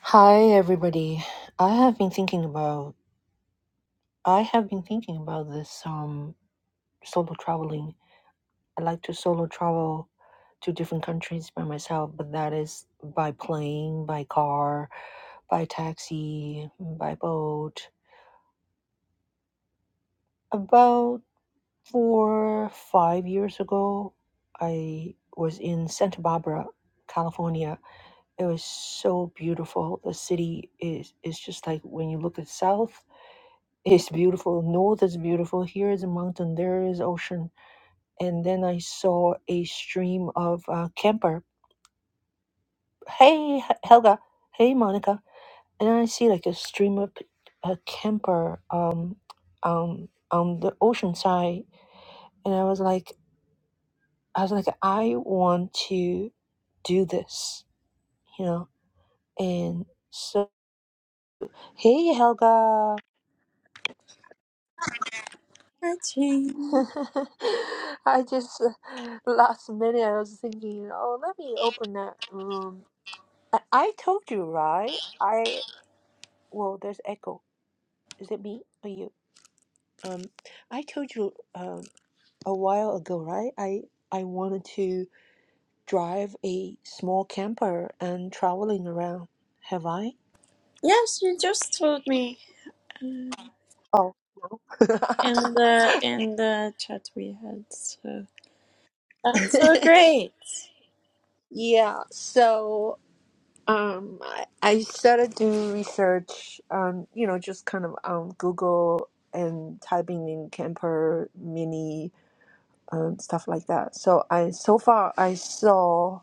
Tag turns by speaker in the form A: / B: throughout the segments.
A: Hi everybody. I have been thinking about I have been thinking about this um solo traveling. I like to solo travel to different countries by myself, but that is by plane, by car, by taxi, by boat. About 4 5 years ago, I was in Santa Barbara, California. It was so beautiful. The city is is just like when you look at south It's beautiful. North is beautiful. Here is a mountain. There is ocean. And then I saw a stream of uh, camper. Hey, H- Helga. Hey, Monica. And I see like a stream of a camper um, um, on the ocean side. And I was like, I was like, I want to do this, you know. And so, hey, Helga.
B: Catching.
A: I just uh, last minute I was thinking, oh, let me open that room. I, I told you, right? I well, there's echo. Is it me or you? Um, I told you um a while ago, right? I I wanted to drive a small camper and traveling around. Have I?
B: Yes, you just told me uh,
A: Oh, no.
B: in the in the chat we had. So that's so great.
A: Yeah, so. Um, I I started doing research on, you know, just kind of on Google and typing in camper mini um, stuff like that. So I so far I saw,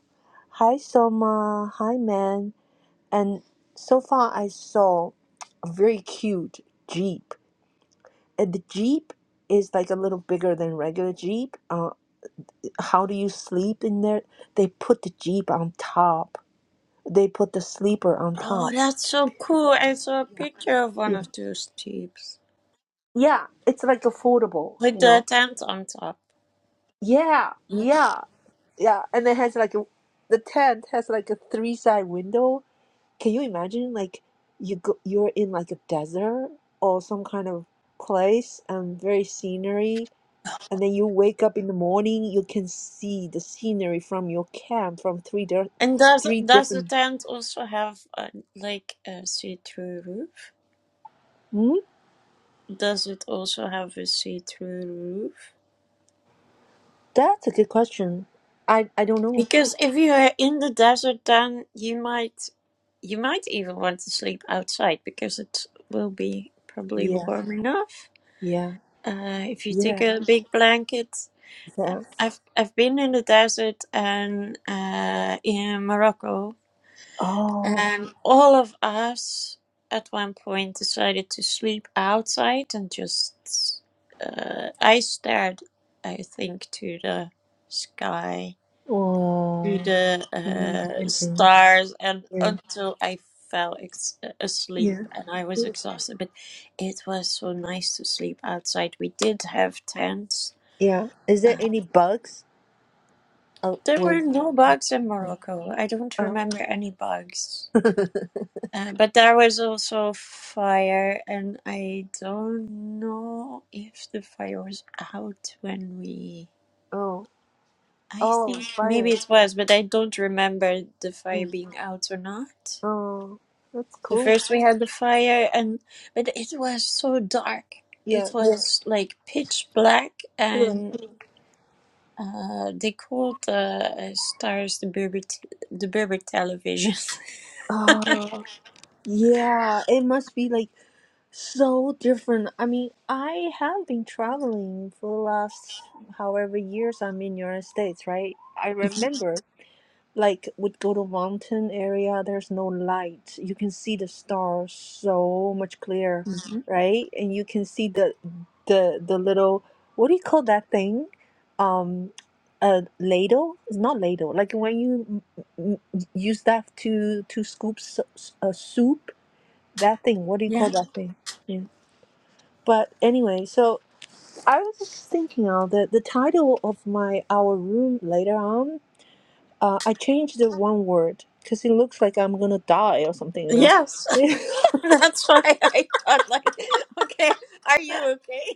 A: hi Soma, hi man, and so far I saw a very cute Jeep, and the Jeep is like a little bigger than regular Jeep. Uh, how do you sleep in there? They put the Jeep on top. They put the sleeper on
B: Oh,
A: top.
B: that's so cool. I saw a picture of one of those tubes
A: Yeah, it's like affordable,
B: with
A: you
B: the
A: know.
B: tent on top.
A: Yeah,
B: Yeah.
A: yeah, yeah. And it has like a, the tent has like a three side window. Can you imagine like you go, you're in like a desert or some kind of place and very scenery, and then you wake up in the morning, you can see the scenery from your camp from three di-
B: And does
A: three
B: does the
A: different.
B: tent also have uh, like a see-through roof?
A: Hmm?
B: Does it also have a see-through roof?
A: That's a good question. I I don't know.
B: Because if you are in the desert, then you might You might even want to sleep outside because it will be probably
A: Yeah,
B: warm enough.
A: yeah,
B: Uh, if you
A: yeah,
B: take a big blanket, I-
A: yeah.
B: I've I've been in the desert and uh, in Morocco,
A: Oh,
B: and all of us at one point decided to sleep outside and just uh, I stared, I think, to the sky to
A: oh.
B: the
A: Mm,
B: uh,
A: renting.
B: stars and
A: Yeah.
B: until I fell ex- asleep
A: Yeah.
B: and I was
A: Yeah.
B: exhausted. But it was so nice to sleep outside. We did have tents.
A: Yeah. Is there
B: Uh,
A: any bugs? Oh,
B: there
A: or,
B: were no bugs in Morocco. I don't
A: oh.
B: remember any bugs. Uh, but there was also fire, and I don't know if the fire was out when we.
A: oh.
B: I
A: Oh,
B: think maybe
A: fire.
B: it was, but I don't remember the fire
A: Mm.
B: being out or not.
A: Oh, that's
B: So
A: cool.
B: first we had the fire and but it was so dark.
A: Yeah.
B: It was like pitch black
A: Yeah.
B: and uh, they called the uh, stars the Berber t- the Berber television.
A: Oh, yeah. It must be like so different. I mean, I have been traveling for the last however years I'm in United States, right? I remember like would go to mountain area there's no light you can see the stars so much clearer
B: Mhm.
A: right and you can see the the the little what do you call that thing um a ladle it's not ladle like when you m- m- use that to to scoop s- s- a soup that thing what do you call
B: Yeah.
A: that thing yeah but anyway so i was just thinking of the the title of my our room later on uh, I changed the one word because it looks like I'm gonna die or something, you know.
B: Yes. That's why I thought like, okay, are you okay?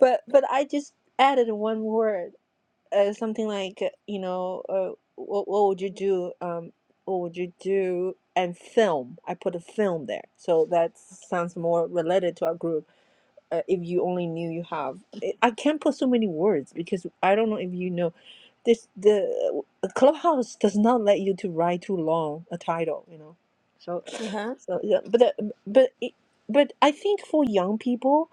A: but but I just added one word, uh, something like uh, you know, uh, what what would you do? Um, what would you do? And film. I put a film there, so that sounds more related to our group. Uh, if you only knew you have, I I can't put so many words because I don't know if you know this the clubhouse does not let you to write too long a title you know so
B: Uh huh.
A: so yeah but uh, but it, but i think for young people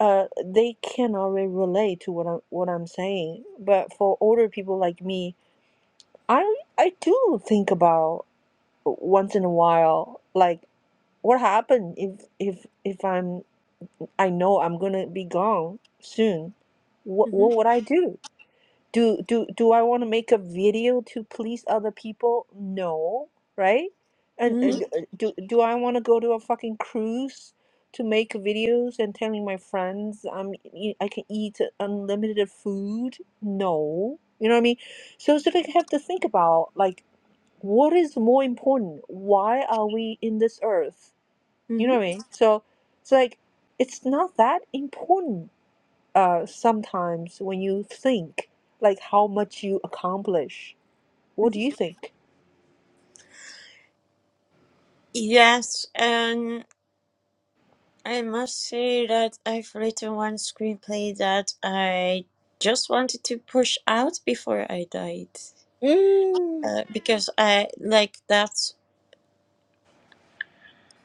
A: uh they can already relate to what i'm what i'm saying but for older people like me i i do think about once in a while like what happened if if if i'm i know i'm gonna be gone soon what
B: hmm
A: what would i do do do do I want to make a video to please other people? No, right? And,
B: hmm
A: and uh, do do I want to go to a fucking cruise to make videos and telling my friends I'm e- e, I can eat unlimited food? No, you know what I mean. So it's like I have to think about like what is more important. Why are we in this earth? You know what I
B: hmm
A: mean. So it's like it's not that important uh, sometimes when you think like how much you accomplish what do you think
B: Yes, I must say that I've written one screenplay that I just wanted to push out before I died.
A: mm.
B: Uh, because I like that's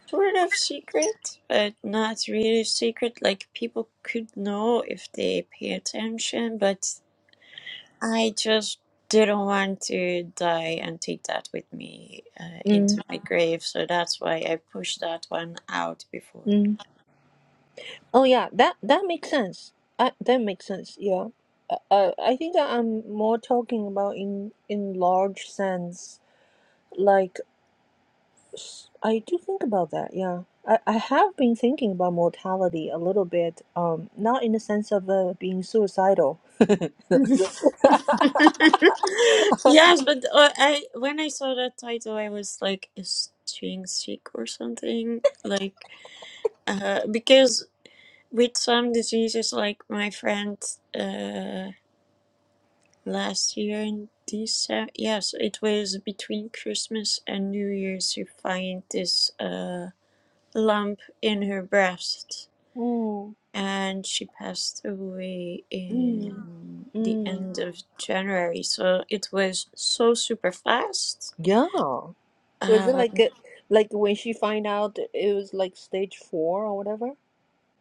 B: sort of secret, but not really secret. Like people could know if they pay attention, but I just didn't want to die and take that with me uh,
A: Mm,
B: into my grave. So that's why I pushed that one out before.
A: mm. oh yeah that that makes sense I, that makes sense yeah uh, uh, i think that i'm more talking about in in large sense like s- i do think about that yeah I, I have been thinking about mortality a little bit um not in the sense of uh, being suicidal
B: yes, but uh, I when I saw that title, I was like, "Is Ching sick or something?" Like, uh, because with some diseases, like my friend uh, last year in December, yes, it was between Christmas and New Year's, you find this uh, lump in her breast.
A: mm,
B: and she passed away
A: mm,
B: in the
A: mm.
B: end of January. So it was so super fast.
A: yeah Was it
B: Um,
A: like a, like when she find out it was like stage four or whatever?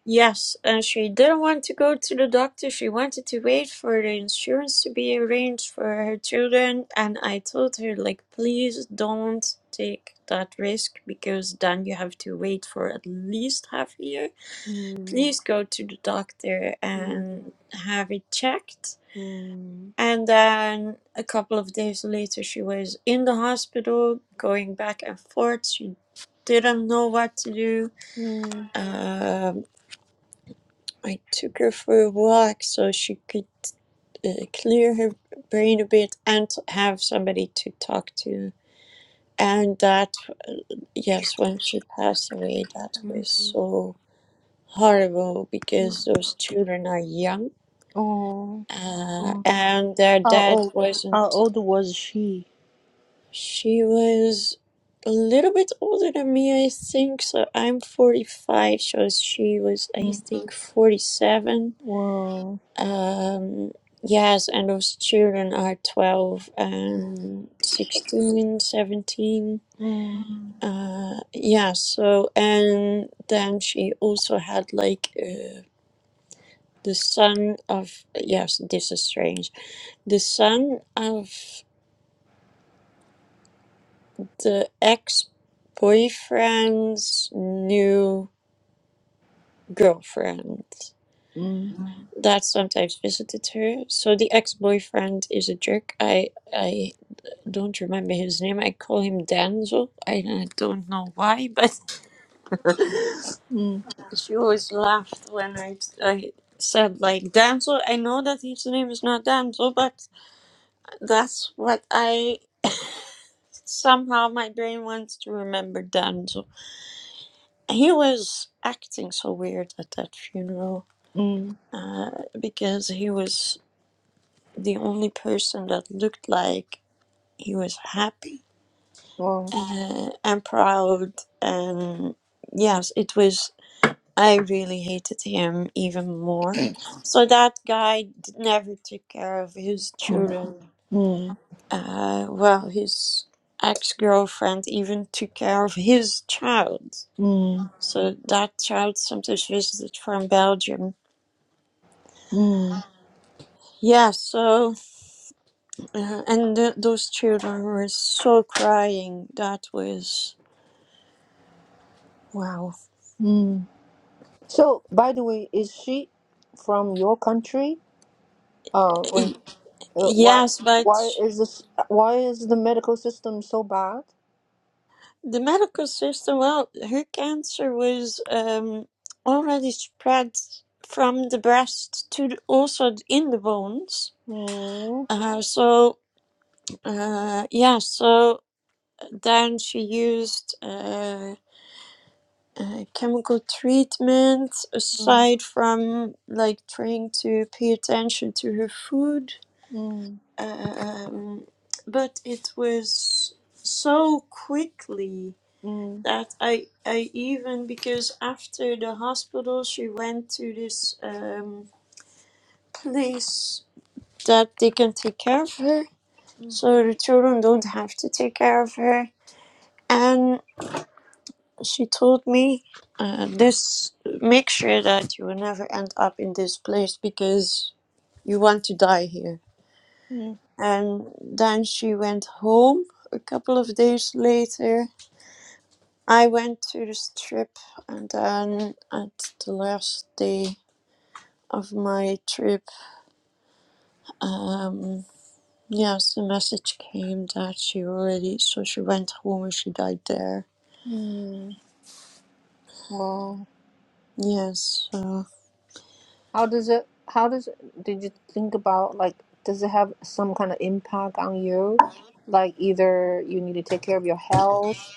B: yes, and she didn't want to go to the doctor. She wanted to wait for the insurance to be arranged for her children. And I told her, like, please don't take that risk because then you have to wait for at least half a year.
A: Mm,
B: Please go to the doctor
A: mm,
B: and have it checked
A: mm,
B: And then a couple of days later, she was in the hospital going back and forth. She didn't know what to do.
A: mm,
B: Um, I took her for a walk so she could uh, clear her brain a bit and have somebody to talk to. And that, yes, when she passed away, that
A: mm,
B: was so horrible
A: mm.
B: because those children are young
A: Oh,
B: uh,
A: oh.
B: and their
A: how
B: dad
A: old?
B: wasn't
A: How old was she?
B: She was a little bit older than me, I think. So I'm 45, so she was, I
A: Mm.
B: think, 47.
A: Wow.
B: Um, yes, and those children are 12 and 16, 17.
A: Mm,
B: Uh, yeah, so, and then she also had like uh, the son of, yes, this is strange, the son of the ex boyfriend's new. girlfriend
A: mm,
B: that sometimes visited her. So the ex-boyfriend is a jerk. I I don't remember his name. I call him Denzel. I uh, don't know why, but
A: mm,
B: she always laughed when I I said like Denzel. I know that his name is not Denzel, but that's what I somehow my brain wants to remember Denzel. He was acting so weird at that funeral
A: mm.
B: uh, because he was the only person that looked like he was happy
A: Wow.
B: uh, and proud and yes it was i really hated him even more so that guy d- never took care of his
A: Mm,
B: children
A: mm,
B: uh, well his ex-girlfriend even took care of his child
A: mm,
B: so that child sometimes visited from belgium
A: mm,
B: yeah so uh, and th- those children were so crying that was Wow.
A: mm. So, by the way, is she from your country? Uh, Uh, why
B: Yes, but
A: why is this why is the medical system so bad?
B: the medical system, well, her cancer was um, already spread from the breast to the, also in the bones.
A: Oh,
B: Uh, so, uh, yeah, so then she used uh, uh, chemical treatment
A: mm,
B: aside from like trying to pay attention to her food.
A: mm,
B: Um, but it was so quickly
A: mm,
B: that I I even because after the hospital she went to this um place that they can take care of her
A: mm,
B: so the children don't have to take care of her and she told me uh, this make sure that you will never end up in this place because you want to die here
A: mm,
B: and then she went home a couple of days later i went to this trip and then at the last day of my trip, um, yes, the message came that she already, so she went home and she died there.
A: mm. Well,
B: Yes, so,
A: how does it how does it, did you think about like does it have some kind of impact on you? Like either you need to take care of your health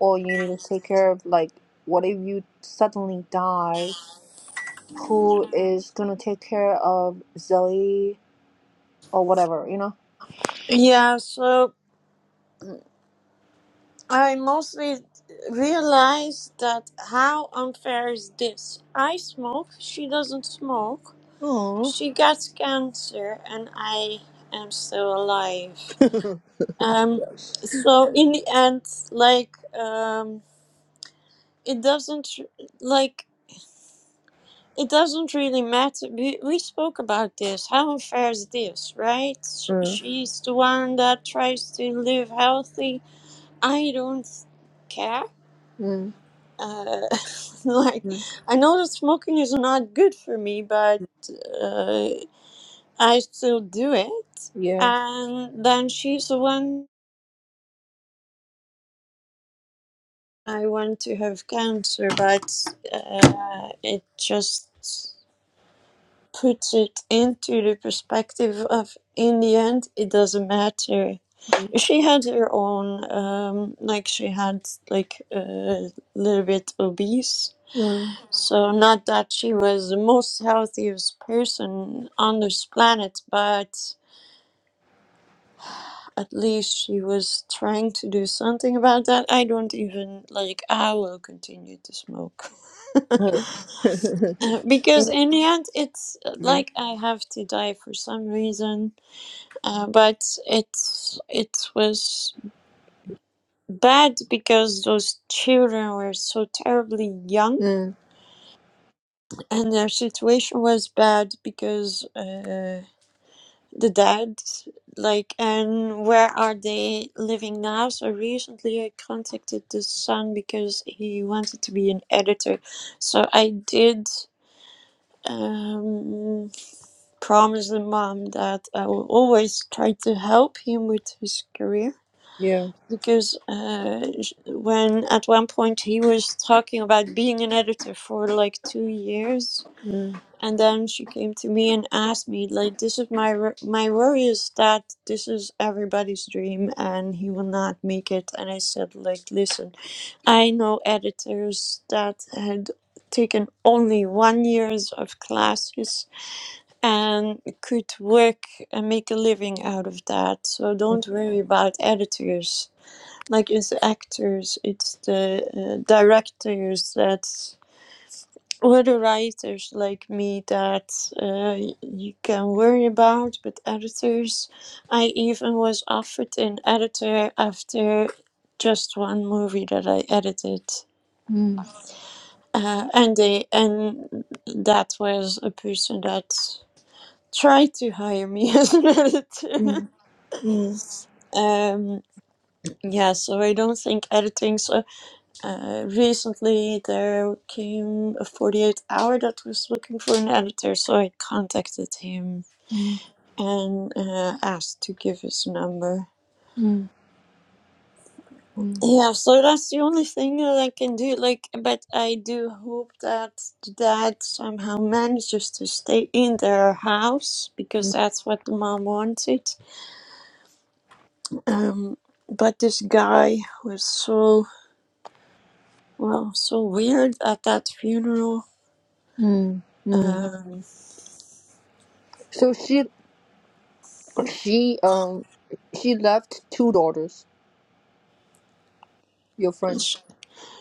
A: or you need to take care of like what if you suddenly die? Who is gonna take care of Zoe or whatever, you
B: yeah, so I mostly realized that how unfair is this? I smoke, she doesn't smoke,
A: know?
B: she gets cancer, and I am still alive.
A: Oh.
B: Um, so in the end, like, um, it doesn't like it doesn't really matter. We, we spoke about this. How unfair is this, right? Sh-
A: Mm,
B: She's the one that tries to live healthy. I don't care.
A: mm,
B: Uh, like,
A: mm.
B: I know that smoking is not good for me, but uh, I still do it.
A: Yeah.
B: And then she's the one I want to have cancer, but uh, it just. puts it into the perspective of in the end it doesn't matter
A: Mm.
B: she had her own um like she had like a little bit obese
A: Mm.
B: so not that she was the most healthiest person on this planet but at least she was trying to do something about that i don't even like i will continue to smoke Uh, because in the end it's uh,
A: yeah.
B: like i have to die for some reason Uh, but it it was bad because those children were so terribly young,
A: Mm,
B: and their situation was bad because uh, the dad, like, and where are they living now? So recently, I contacted the son because he wanted to be an editor. So I did um promise the mom that I will always try to help him with his career
A: yeah.
B: because uh, sh- when at one point he was talking about being an editor for like two years
A: Mm,
B: and then she came to me and asked me like this is my wor- my worry is that this is everybody's dream and he will not make it and i said like listen i know editors that had taken only one years of classes and could work and make a living out of that so
A: mm,
B: don't worry about editors like it's the actors, it's the uh, directors that or the writers like me that uh, y- you can worry about, but editors, I even was offered an editor after just one movie that I edited, uh, and they and that was a person that tried to hire me as an editor.
A: mm, mm,
B: Um, yeah, so I don't think editing. So Uh, recently, there came a 48 hour that was looking for an editor, so I contacted him
A: mm,
B: and uh, asked to give his number.
A: mm,
B: Yeah, so that's the only thing that I can do. Like, but I do hope that the dad somehow manages to stay in their house because
A: mm,
B: that's what the mom wanted. Um, but this guy was so well, so weird at that funeral.
A: mm, mm.
B: Um,
A: So she she um she left two daughters. Your friend.
B: sh-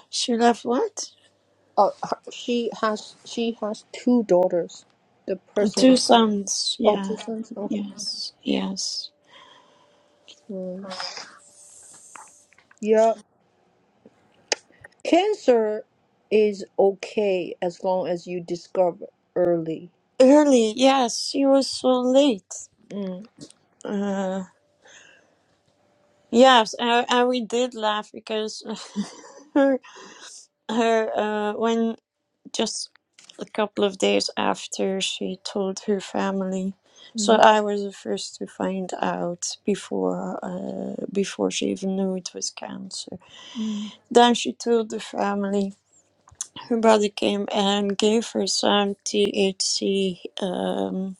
B: she left what?
A: Uh, her, she has she has two daughters. The
B: Two
A: person.
B: sons,
A: Oh, two
B: yeah,
A: sons. Okay.
B: yes, yes.
A: Mm. Yeah. Cancer is okay as long as you discover early.
B: Early, yes, She was so late.
A: Mm,
B: Uh, yes, and, and we did laugh because her, her, uh, when just a couple of days after she told her family, so
A: Mm,
B: I was the first to find out before, uh, before she even knew it was cancer.
A: mm.
B: Then she told the family. Her brother came and gave her some THC. Um,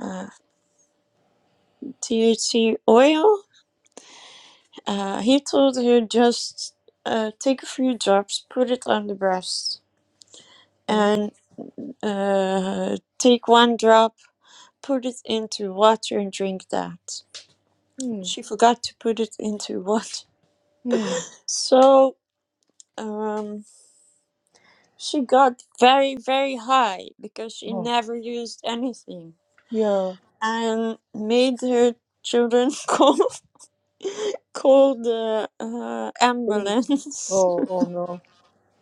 B: uh, THC oil. Uh, he told her just uh, take a few drops, put it on the breast,
A: mm,
B: and uh, take one drop, put it into water, and drink that.
A: mm,
B: She forgot to put it into water.
A: mm.
B: So um, she got very, very high because she
A: Oh,
B: never used anything
A: yeah.
B: and made her children call, call the uh,
A: Please.
B: ambulance
A: Oh, oh no.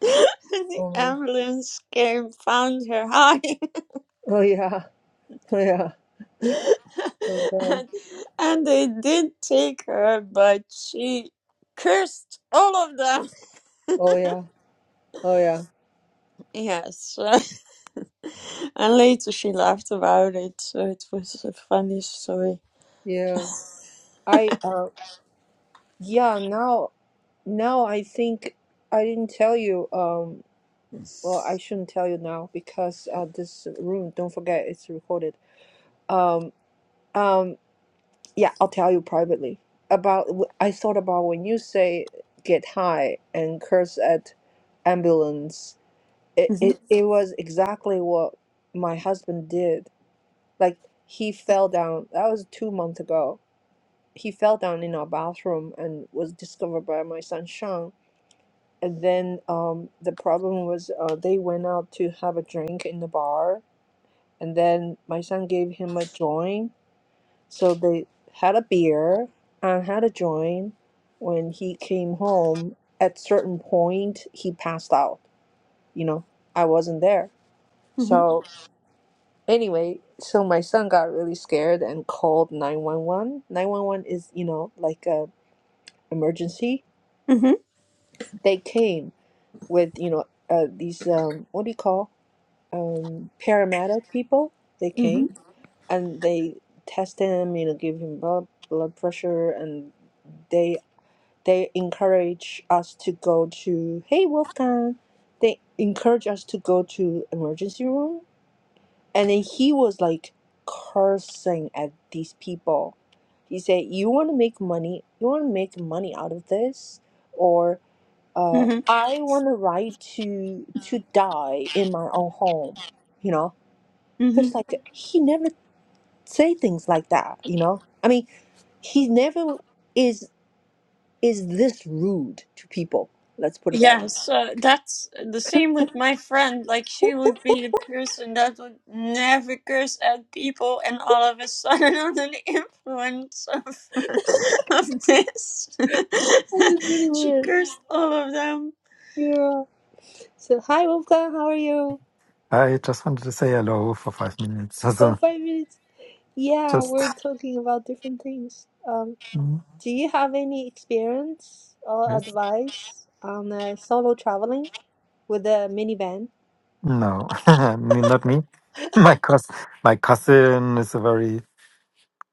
B: the
A: Oh no.
B: ambulance came, found her high,
A: Oh yeah. Oh yeah. Oh god.
B: and, and they did take her, but she cursed all of them.
A: Oh yeah. Oh yeah.
B: Yes, and later she laughed about it, so it was a funny story.
A: Yeah. I uh yeah, now now I think I didn't tell you um well, I shouldn't tell you now because uh this room, don't forget it's recorded. Um um Yeah, I'll tell you privately. About I thought about when you say get high and curse at ambulance. It it, it was exactly what my husband did. Like he fell down. That was two months ago. He fell down in our bathroom and was discovered by my son Sean. And then um, the problem was uh, they went out to have a drink in the bar, and then my son gave him a joint So they had a beer and had a joint. When he came home, at certain point he passed out. You know, I wasn't there.
B: Mhm, mhm,
A: So anyway, so my son got really scared and called 911. 911 is, you know, like a emergency.
B: mhm,
A: They came with, you know, uh, these um what do you call? Um paramedic people. They
B: mhm,
A: came and they tested him, you know, give him blood blood pressure and they. They encourage us to go to, hey, Wolfgang. They encourage us to go to emergency room. And then he was like cursing at these people. He said, you want to make money? You want to make money out of this? Or uh,
B: mhm,
A: I want the right to to die in my own home. You know,
B: mhm.
A: it's like he never say things like that. You know, I mean, he never is is this rude to people. Let's put it that way.
B: Yes, uh, that's the same with my friend. Like, she would be the person that would never curse at people, and all of a sudden, under the influence of, of this,
A: That was really
B: she
A: weird.
B: cursed all of them.
A: Yeah. So, hi, Wolfgang, how are you?
C: I just wanted to say hello for five minutes.
A: Oh,
C: Also,
A: five minutes. Yeah,
C: just
A: we're talking about different things. Um,
C: Mm,
A: do you have any experience or
C: yes,
A: advice on uh, solo traveling with a minivan?
C: no, I mean, not me. My cous my cousin is a very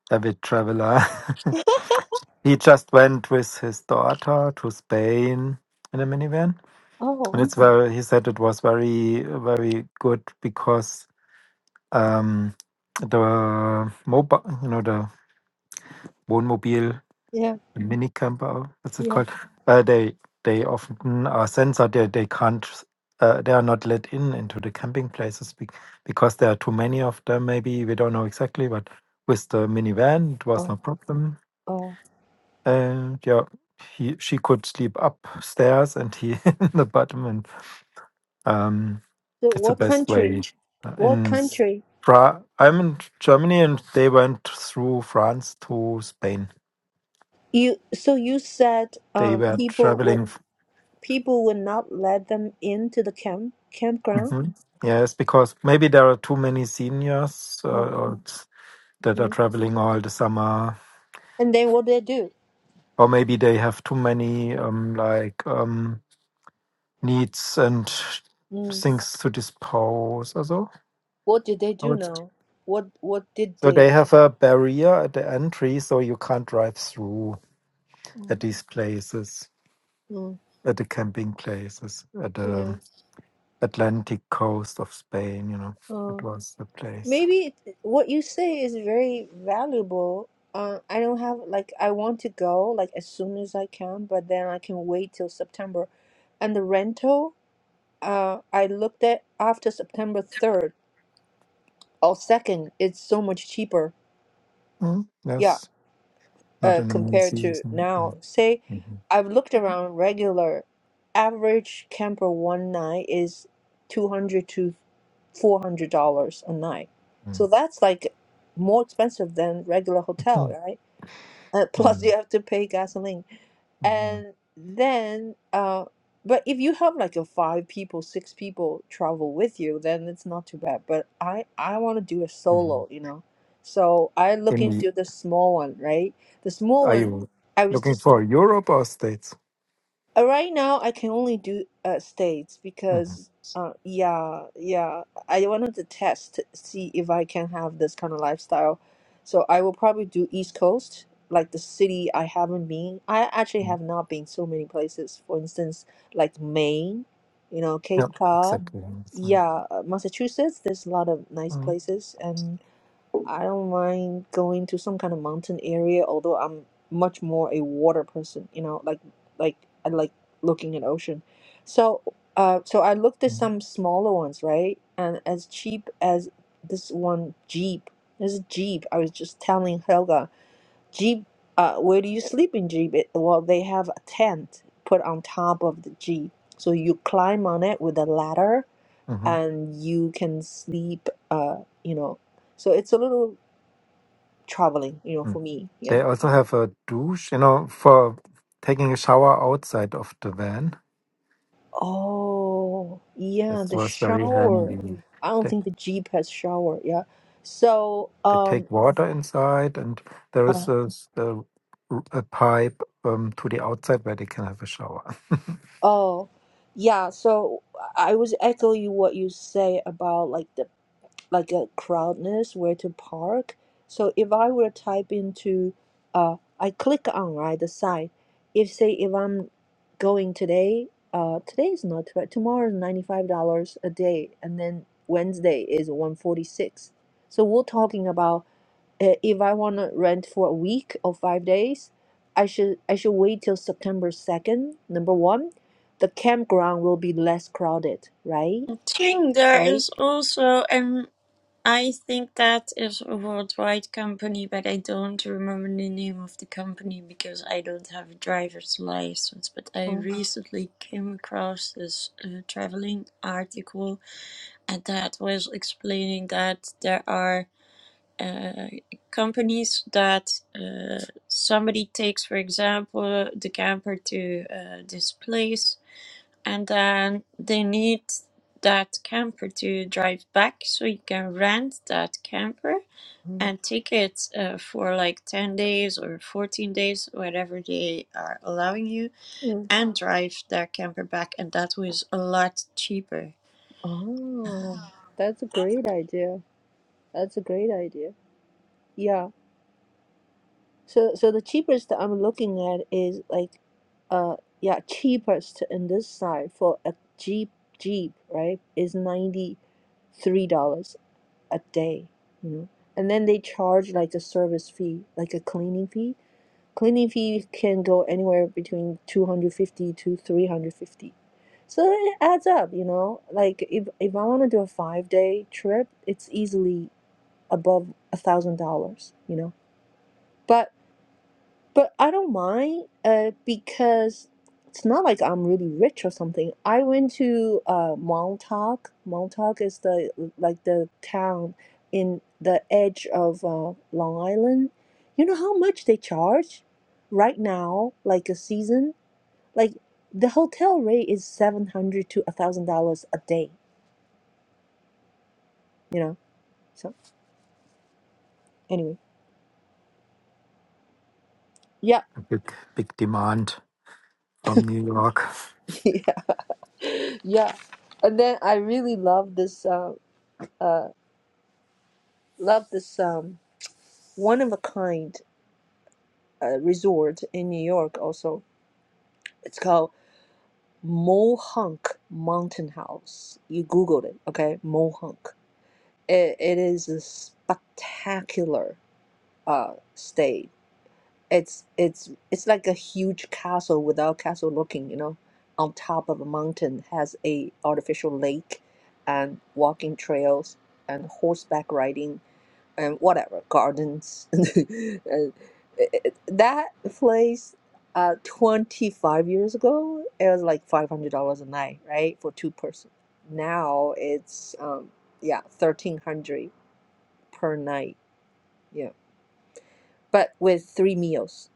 C: avid traveler. he just went with his daughter to Spain in a minivan,
A: Oh,
C: and it's very. He said it was very, very good because um, the mobile, you know, the Wohnmobil
A: yeah,
C: mini camper what's it
A: yeah.
C: called uh, they they often are censored they, they can't uh, they are not let in into the camping places be- because there are too many of them maybe we don't know exactly but with the minivan it was
A: Oh,
C: no problem
A: oh.
C: and yeah he she could sleep upstairs and he in the bottom and um
A: So,
C: it's the
A: what
C: best
A: country?
C: way Uh,
A: What
C: in S-
A: country?
C: Fra- i'm in germany and they went through france to spain
A: You so you said
C: they
A: um
C: were
A: people would
C: traveling
A: people would not let them into the camp campground.
C: Mhm. Yes, because maybe there are too many seniors uh,
A: Oh,
C: or it's- that are
A: mm.
C: traveling all the summer,
A: And then what they do?
C: or maybe they have too many um, like um, needs and
A: Hmm.
C: things to dispose. Or so.
A: What did they
C: So
A: do
C: it's-
A: now? What what did
C: so
A: they?
C: they have a barrier at the entry, so you can't drive through at
A: Mm,
C: these places,
A: mm,
C: at the camping places, at
A: yeah.
C: the Atlantic coast of Spain. You know,
A: Uh,
C: that was the place.
A: maybe it, what you say is very valuable. Uh, I don't have like I want to go like as soon as I can, but then I can wait till September. And the rental, uh, I looked at after September 3rd or 2nd, it's so much cheaper.
C: Mm,
A: Yeah.
C: Yes, not
A: uh,
C: in the main
A: compared to
C: season.
A: now. Say,
C: yeah.
A: I've looked around regular average camper one night is 200 to 400 dollars a night. So
C: Mm,
A: that's like more expensive than regular hotel,
C: mm,
A: right? Uh, plus you
C: mm,
A: have to pay gasoline
C: mhm,
A: and then uh but if you have like a five people six people travel with you then it's not too bad but i i want to do a solo
C: mhm.
A: you know so i look
C: In the,
A: into the small one right the small
C: are
A: one
C: you
A: i was
C: looking
A: just
C: for Europe or States?
A: uh, Right now, I can only do uh, states
C: Mhm.
A: because uh, yeah, yeah, I wanted to test see if I can have this kind of lifestyle. So I will probably do East Coast, like the city I haven't been. I actually
C: Mm.
A: have not been so many places. For instance, like Maine, you know,
C: Yeah,
A: Cape Cod.
C: exactly. So,
A: Yeah, uh, Massachusetts, there's a lot of nice
C: mm,
A: places. and. I don't mind going to some kind of mountain area, although I'm much more a water person, you know, like like I like looking at ocean. So uh so I looked at
C: mm,
A: some smaller ones, right? And as cheap as this one Jeep. This is Jeep, I was just telling Helga, Jeep, uh where do you sleep in Jeep? It, well, they have a tent put on top of the Jeep. So you climb on it with a ladder
C: mhm,
A: and you can sleep uh, you know, so it's a little traveling, you know,
C: mm.
A: for me. Yeah.
C: They also have a douche, you know, for taking a shower outside of the van.
A: Oh,
C: That
A: yeah, the
C: was very
A: shower.
C: handy.
A: I don't think the Jeep has shower. Yeah. So,
C: They take
A: um,
C: water inside, and there is
A: uh,
C: a, s- a- a pipe um, to the outside where they can have a shower.
A: oh, yeah. So I was echoing what you say about like the like a crowd is, where to park. So if I were type into, uh, I click on right the site. If say if I'm going today, uh, today is not but tomorrow is ninety five dollars a day, and then Wednesday is one forty six. So we're talking about uh, if I want to rent for a week or five days, I should I should wait till September second. Number one, the campground will be less crowded, right?
B: Thing there
A: Right.
B: is also, I think that is a worldwide company, but I don't remember the name of the company because I don't have a driver's license. But I
A: Mm.
B: recently came across this uh, traveling article, and that was explaining that there are uh, companies that uh, somebody takes, for example, the camper to uh, this place and then they need that camper to drive back so you can rent that camper and take it uh, for like 10 days or 14 days whatever they are allowing you
A: Mm.
B: and drive that camper back and that was a lot cheaper
A: Oh, that's a great idea. That's a great idea. Yeah. So so the cheapest I'm looking at is like uh yeah, cheapest in this side for a Jeep Jeep, right? Is $93 a day, you know. And then they charge like a service fee, like a cleaning fee. Cleaning fee can go anywhere between 250 to 350. So it adds up, you know. Like if if I want to do a five day trip, it's easily above a thousand dollars, you know. but. But I don't mind uh, because it's not like I'm really rich or something. I went to uh, Montauk. Montauk is the like the town in the edge of uh, Long Island. You know how much they charge right now, like a season? Like the hotel rate is seven hundred to a thousand dollars a day. You know. So anyway, yeah,
C: a big, big demand from New York.
A: yeah, yeah. And then I really love this. Uh, uh, love this. Um, one of a kind uh, resort in New York also. It's called Mohonk Mountain House. You googled it, okay? Mohonk. It, it is a spectacular uh stay. It's it's it's like a huge castle without castle looking, you know, on top of a mountain has a artificial lake and walking trails and horseback riding and whatever gardens. And it- that place, uh, 25 years ago, it was like $500 a night, right, for two person. Now it's um, yeah, 1300 per night. Yeah, but with three meals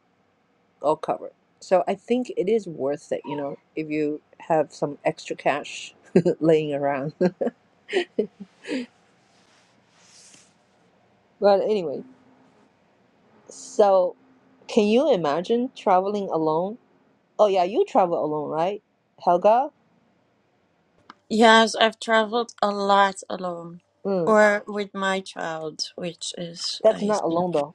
A: all covered. So I think it is worth it, you know, if you have some extra cash laying around. But anyway, so can you imagine traveling alone? Oh yeah, you travel alone, right, Helga?
B: yes i've traveled a lot alone
A: Mm.
B: or with my child which is
A: That's
B: i
A: not
B: think
A: alone though.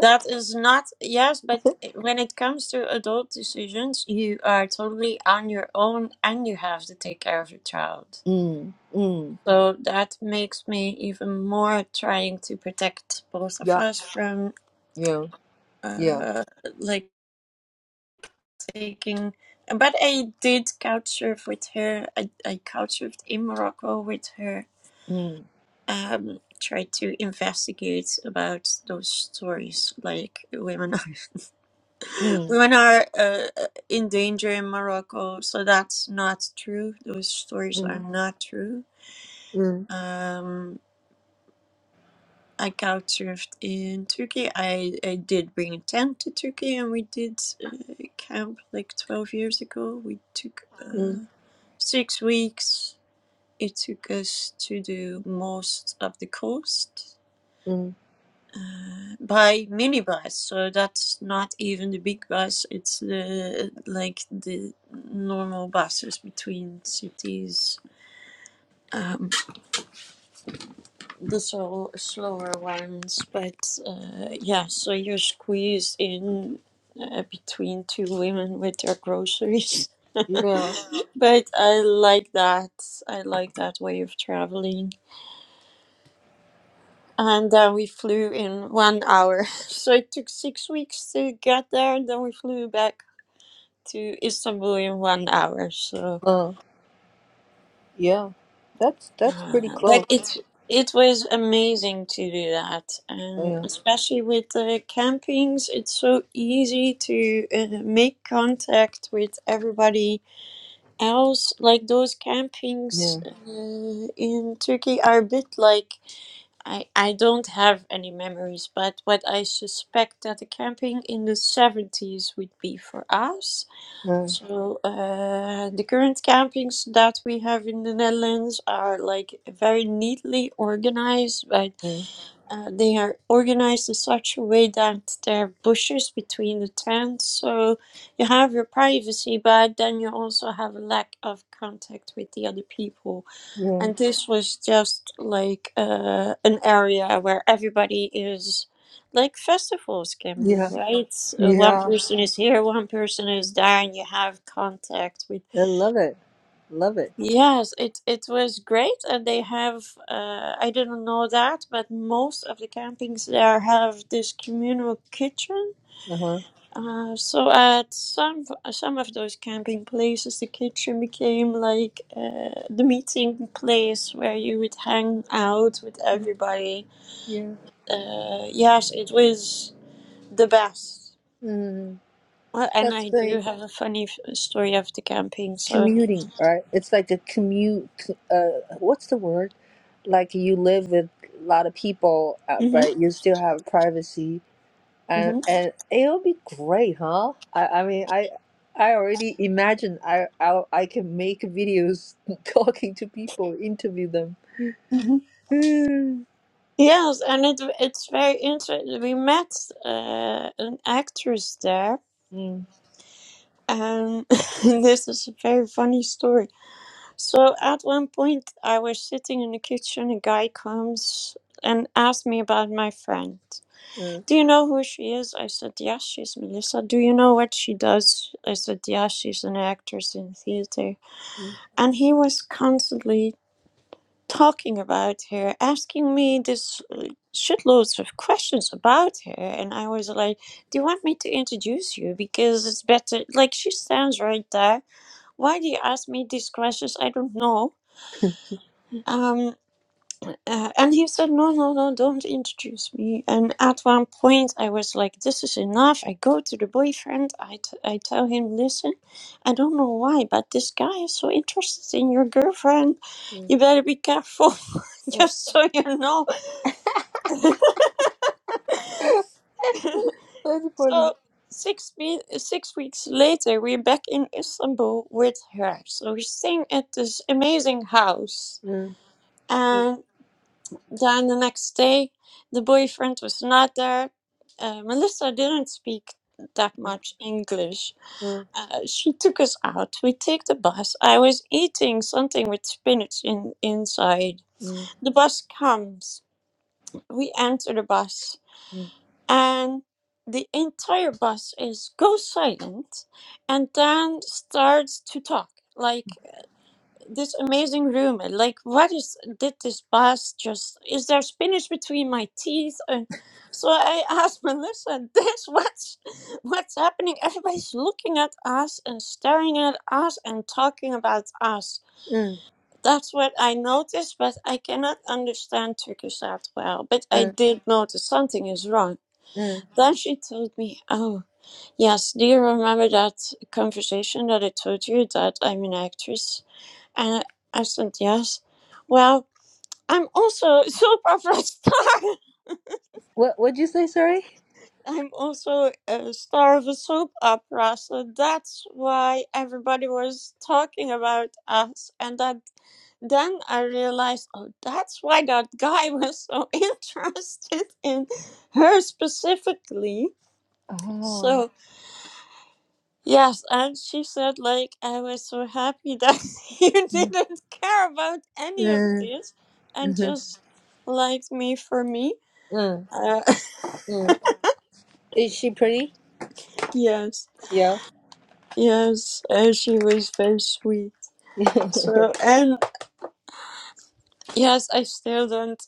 B: That is not, yes, but eh, when it comes to adult decisions, you are totally on your own and you have to take care of your child.
A: Mm. Mm.
B: So that makes me even more trying to protect both of
A: Yeah.
B: us from
A: Yeah. Yeah.
B: uh like taking but I did couch surf with her. I, I couch surfed in Morocco with her.
A: Mm.
B: Um tried to investigate about those stories like women
A: Mm.
B: Women are uh, uh, in danger in Morocco, so that's not true. Those stories are
A: Mm.
B: not true.
A: Mm.
B: Um, I couchsurfed in Turkey. I, I did bring a tent to Turkey, and we did uh, camp like twelve years ago. We took
A: Mm.
B: uh, six weeks. It took us to do most of the coast.
A: Mm.
B: by minibus, so that's not even the big bus. It's the like the normal buses between cities, um, the slow, slower ones. But uh, yeah, so you're squeezed in uh, between two women with their groceries.
A: Yeah.
B: but I like that. I like that way of traveling. And uh, we flew in one hour. So it took six weeks to get there, and then we flew back to Istanbul in one hour. So,
A: Uh. Yeah. That's that's pretty
B: uh,
A: close.
B: but it it was amazing to do that, and
A: Yeah.
B: especially with the campings, it's so easy to uh, make contact with everybody else. Like those campings
A: Yeah.
B: uh, in Turkey are a bit like. I, I don't have any memories, but what I suspect that the camping in the 70s would be for us
A: Uh,
B: So uh, the current campings that we have in the Netherlands are like very neatly organized, but
A: yeah.
B: uh, they are organized in such a way that there are bushes between the tents, so you have your privacy, but then you also have a lack of contact with the other people.
A: Yeah.
B: And this was just like uh, an area where everybody is like festivals can be,
A: Yeah.
B: right? So one
A: Yeah.
B: person is here, one person is there, and you have contact with.
A: I love it. Love it.
B: Yes, it it was great, and they have. Uh, I didn't know that, but most of the campings there have this communal kitchen
A: Uh huh.
B: uh, so at some some of those camping places, the kitchen became like uh, the meeting place where you would hang out with everybody.
A: Yeah.
B: Uh, yes, it was the best.
A: Mm.
B: Well, and
A: That's
B: I do
A: great.
B: have a funny f- story of the camping. So
A: Commuting, right? It's like a commute. Uh, what's the word? like you live with a lot of people, uh,
B: hmm
A: but you still have privacy, and
B: hmm
A: and it'll be great, huh? I I mean I. I already imagine I, I I can make videos talking to people, interview them.
B: hmm
A: Mm,
B: yes, and it it's very interesting. We met uh, an actress there,
A: mm,
B: and this is a very funny story So at one point, I was sitting in the kitchen. A guy comes and asked me about my friend.
A: mm,
B: Do you know who she is? I said, Yes, she's Melissa. Do you know what she does? I said, Yes, she's an actress in theater.
A: mm,
B: And he was constantly talking about her, asking me this uh, shitloads of questions about her. And I was like, Do you want me to introduce you? Because it's better. Like, she stands right there. Why do you ask me these questions? I don't know. Um, Uh, and he said, no, no, no, don't introduce me. And at one point, I was like, this is enough. I go to the boyfriend. I, t- I tell him, listen, I don't know why, but this guy is so interested in your girlfriend.
A: mm.
B: You better be careful,
A: Uh,
B: just so you know.
A: That's funny.
B: so six, me- six weeks later, we're back in Istanbul with her. So we're staying at this amazing house.
A: Mm, mm,
B: Then the next day, the boyfriend was not there. Uh, Melissa didn't speak that much English.
A: mm,
B: Uh, she took us out. We take the bus. I was eating something with spinach in inside.
A: mm,
B: The bus comes. We enter the bus,
A: mm,
B: and the entire bus is go silent, and then starts to talk. Like this amazing room. Like, what is did this boss just? Is there spinach between my teeth? And so I asked Melissa, "This what's what's happening? Everybody's looking at us and staring at us and talking about us."
A: mm,
B: That's what I noticed, but I cannot understand Turkish that well. But I
A: mm,
B: did notice something is wrong.
A: mm.
B: Then she told me, "Oh, yes. Do you remember that conversation that I told you that I'm an actress?" And I I said, Yes. Well, I'm also a soap opera star.
A: What what'd you say? Sorry.
B: I'm also a star of a soap opera. So that's why everybody was talking about us. And that, then I realized, oh, that's why that guy was so interested in her specifically.
A: Oh.
B: So. Yes, and she said, like, I was so happy that you
A: Mm,
B: didn't care about any of
A: mm,
B: this and
A: mhm,
B: just liked me for me.
A: mm,
B: Uh,
A: mm. Is she pretty?
B: yes,
A: Yeah.
B: yes, uh, she was very sweet. So, and yes, I still don't,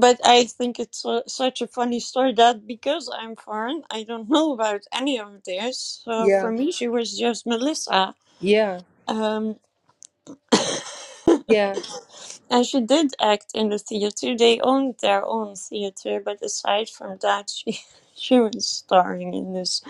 B: but I think it's su- such a funny story that because I'm foreign, I don't know about any of this. So
A: Yeah.
B: for me, she was just Melissa.
A: Yeah,
B: Um,
A: yeah.
B: And she did act in the theater. They owned their own theater, but aside from that, she she was starring in this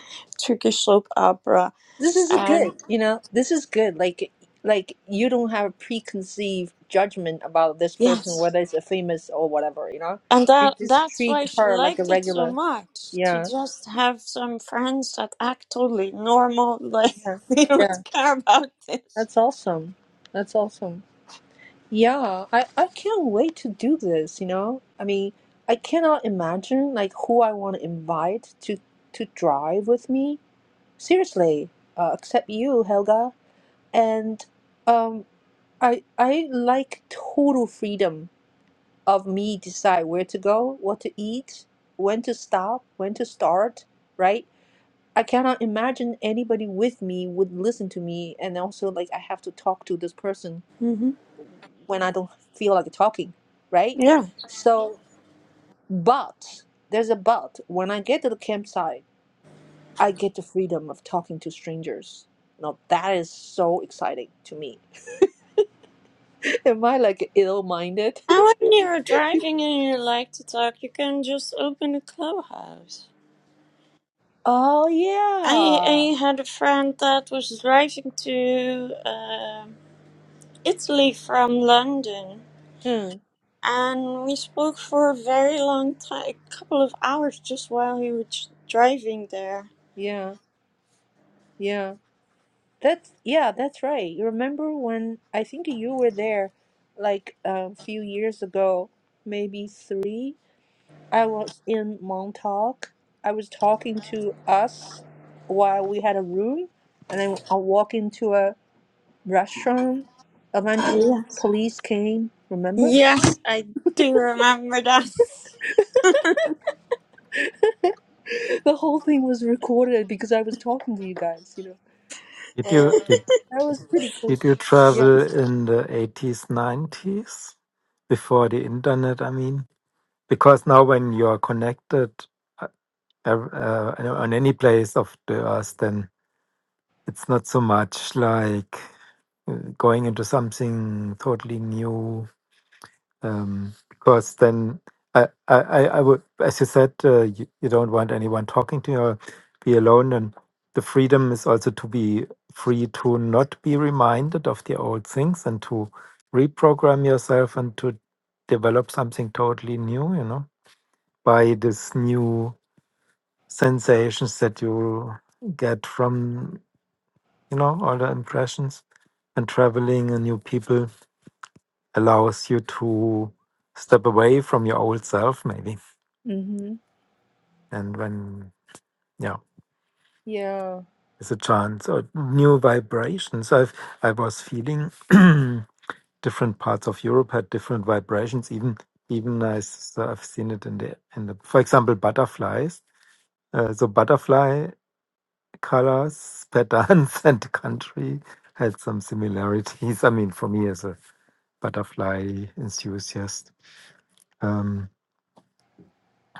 B: Turkish soap opera.
A: This is a
B: And
A: good, you know. This is good. Like, like you don't have a preconceived judgment about this person,
B: yes,
A: whether it's a famous or whatever, you know.
B: and
A: You
B: that
A: just
B: that's
A: treat
B: why she
A: her like a
B: liked it so
A: regular.
B: much to
A: Yeah,
B: just have some friends that act totally normal, like
A: yeah,
B: they
A: yeah.
B: don't care about this.
A: That's awesome. That's awesome. Yeah, I I can't wait to do this, you know. I mean, I cannot imagine like who I want to invite to to drive with me. Seriously, uh, except you, Helga, and. um. I I like total freedom of me decide where to go, what to eat, when to stop, when to start, right? I cannot imagine anybody with me would listen to me and also like I have to talk to this person
B: hmm
A: when I don't feel like talking, right?
B: Yeah.
A: So but there's a but when I get to the campsite, I get the freedom of talking to strangers. Now that is so exciting to me. Am I like ill-minded?
B: And when you're driving and you like to talk, you can just open a clubhouse.
A: Oh
B: I
A: yeah.
B: I had a friend that was driving to um Italy from London,
A: Mm,
B: and we spoke for a very long time, a couple of hours, just while he was driving there.
A: yeah, yeah. That's yeah, that's right. You remember when I think you were there like a few years ago, maybe 3. I was in Montauk. I was talking to us while we had a room and then I walked into a restaurant. Eventually
B: Yes,
A: police came, remember?
B: yes, I do remember that.
A: The whole thing was recorded because I was talking to you guys, you know.
C: Did you
A: Uh,
C: did
A: that was pretty
C: did
A: crazy.
C: you
A: Yeah.
C: travel in the eighties, nineties before the internet? I mean. because now when you are connected uh, ev- uh, you on any place of the earth then it's not so much like uh, going into something totally new um, because then I, I, I I would as you said uh, you, you don't want anyone talking to you or be alone and the freedom is also to be free to not be reminded of the old things and to reprogram yourself and to develop something totally new you know by this new sensations that you get from you know all the impressions and traveling and new people allows you to step away from your old self maybe
A: Mm-hmm.
C: and when yeah
A: Yeah.
C: it's a chance or new vibrations i've i was feeling different parts of europe had different vibrations even even nice so i've seen it in the in the for example butterflies uh, so butterfly colors, patterns, and country had some similarities. I mean, for me as a butterfly enthusiast, um,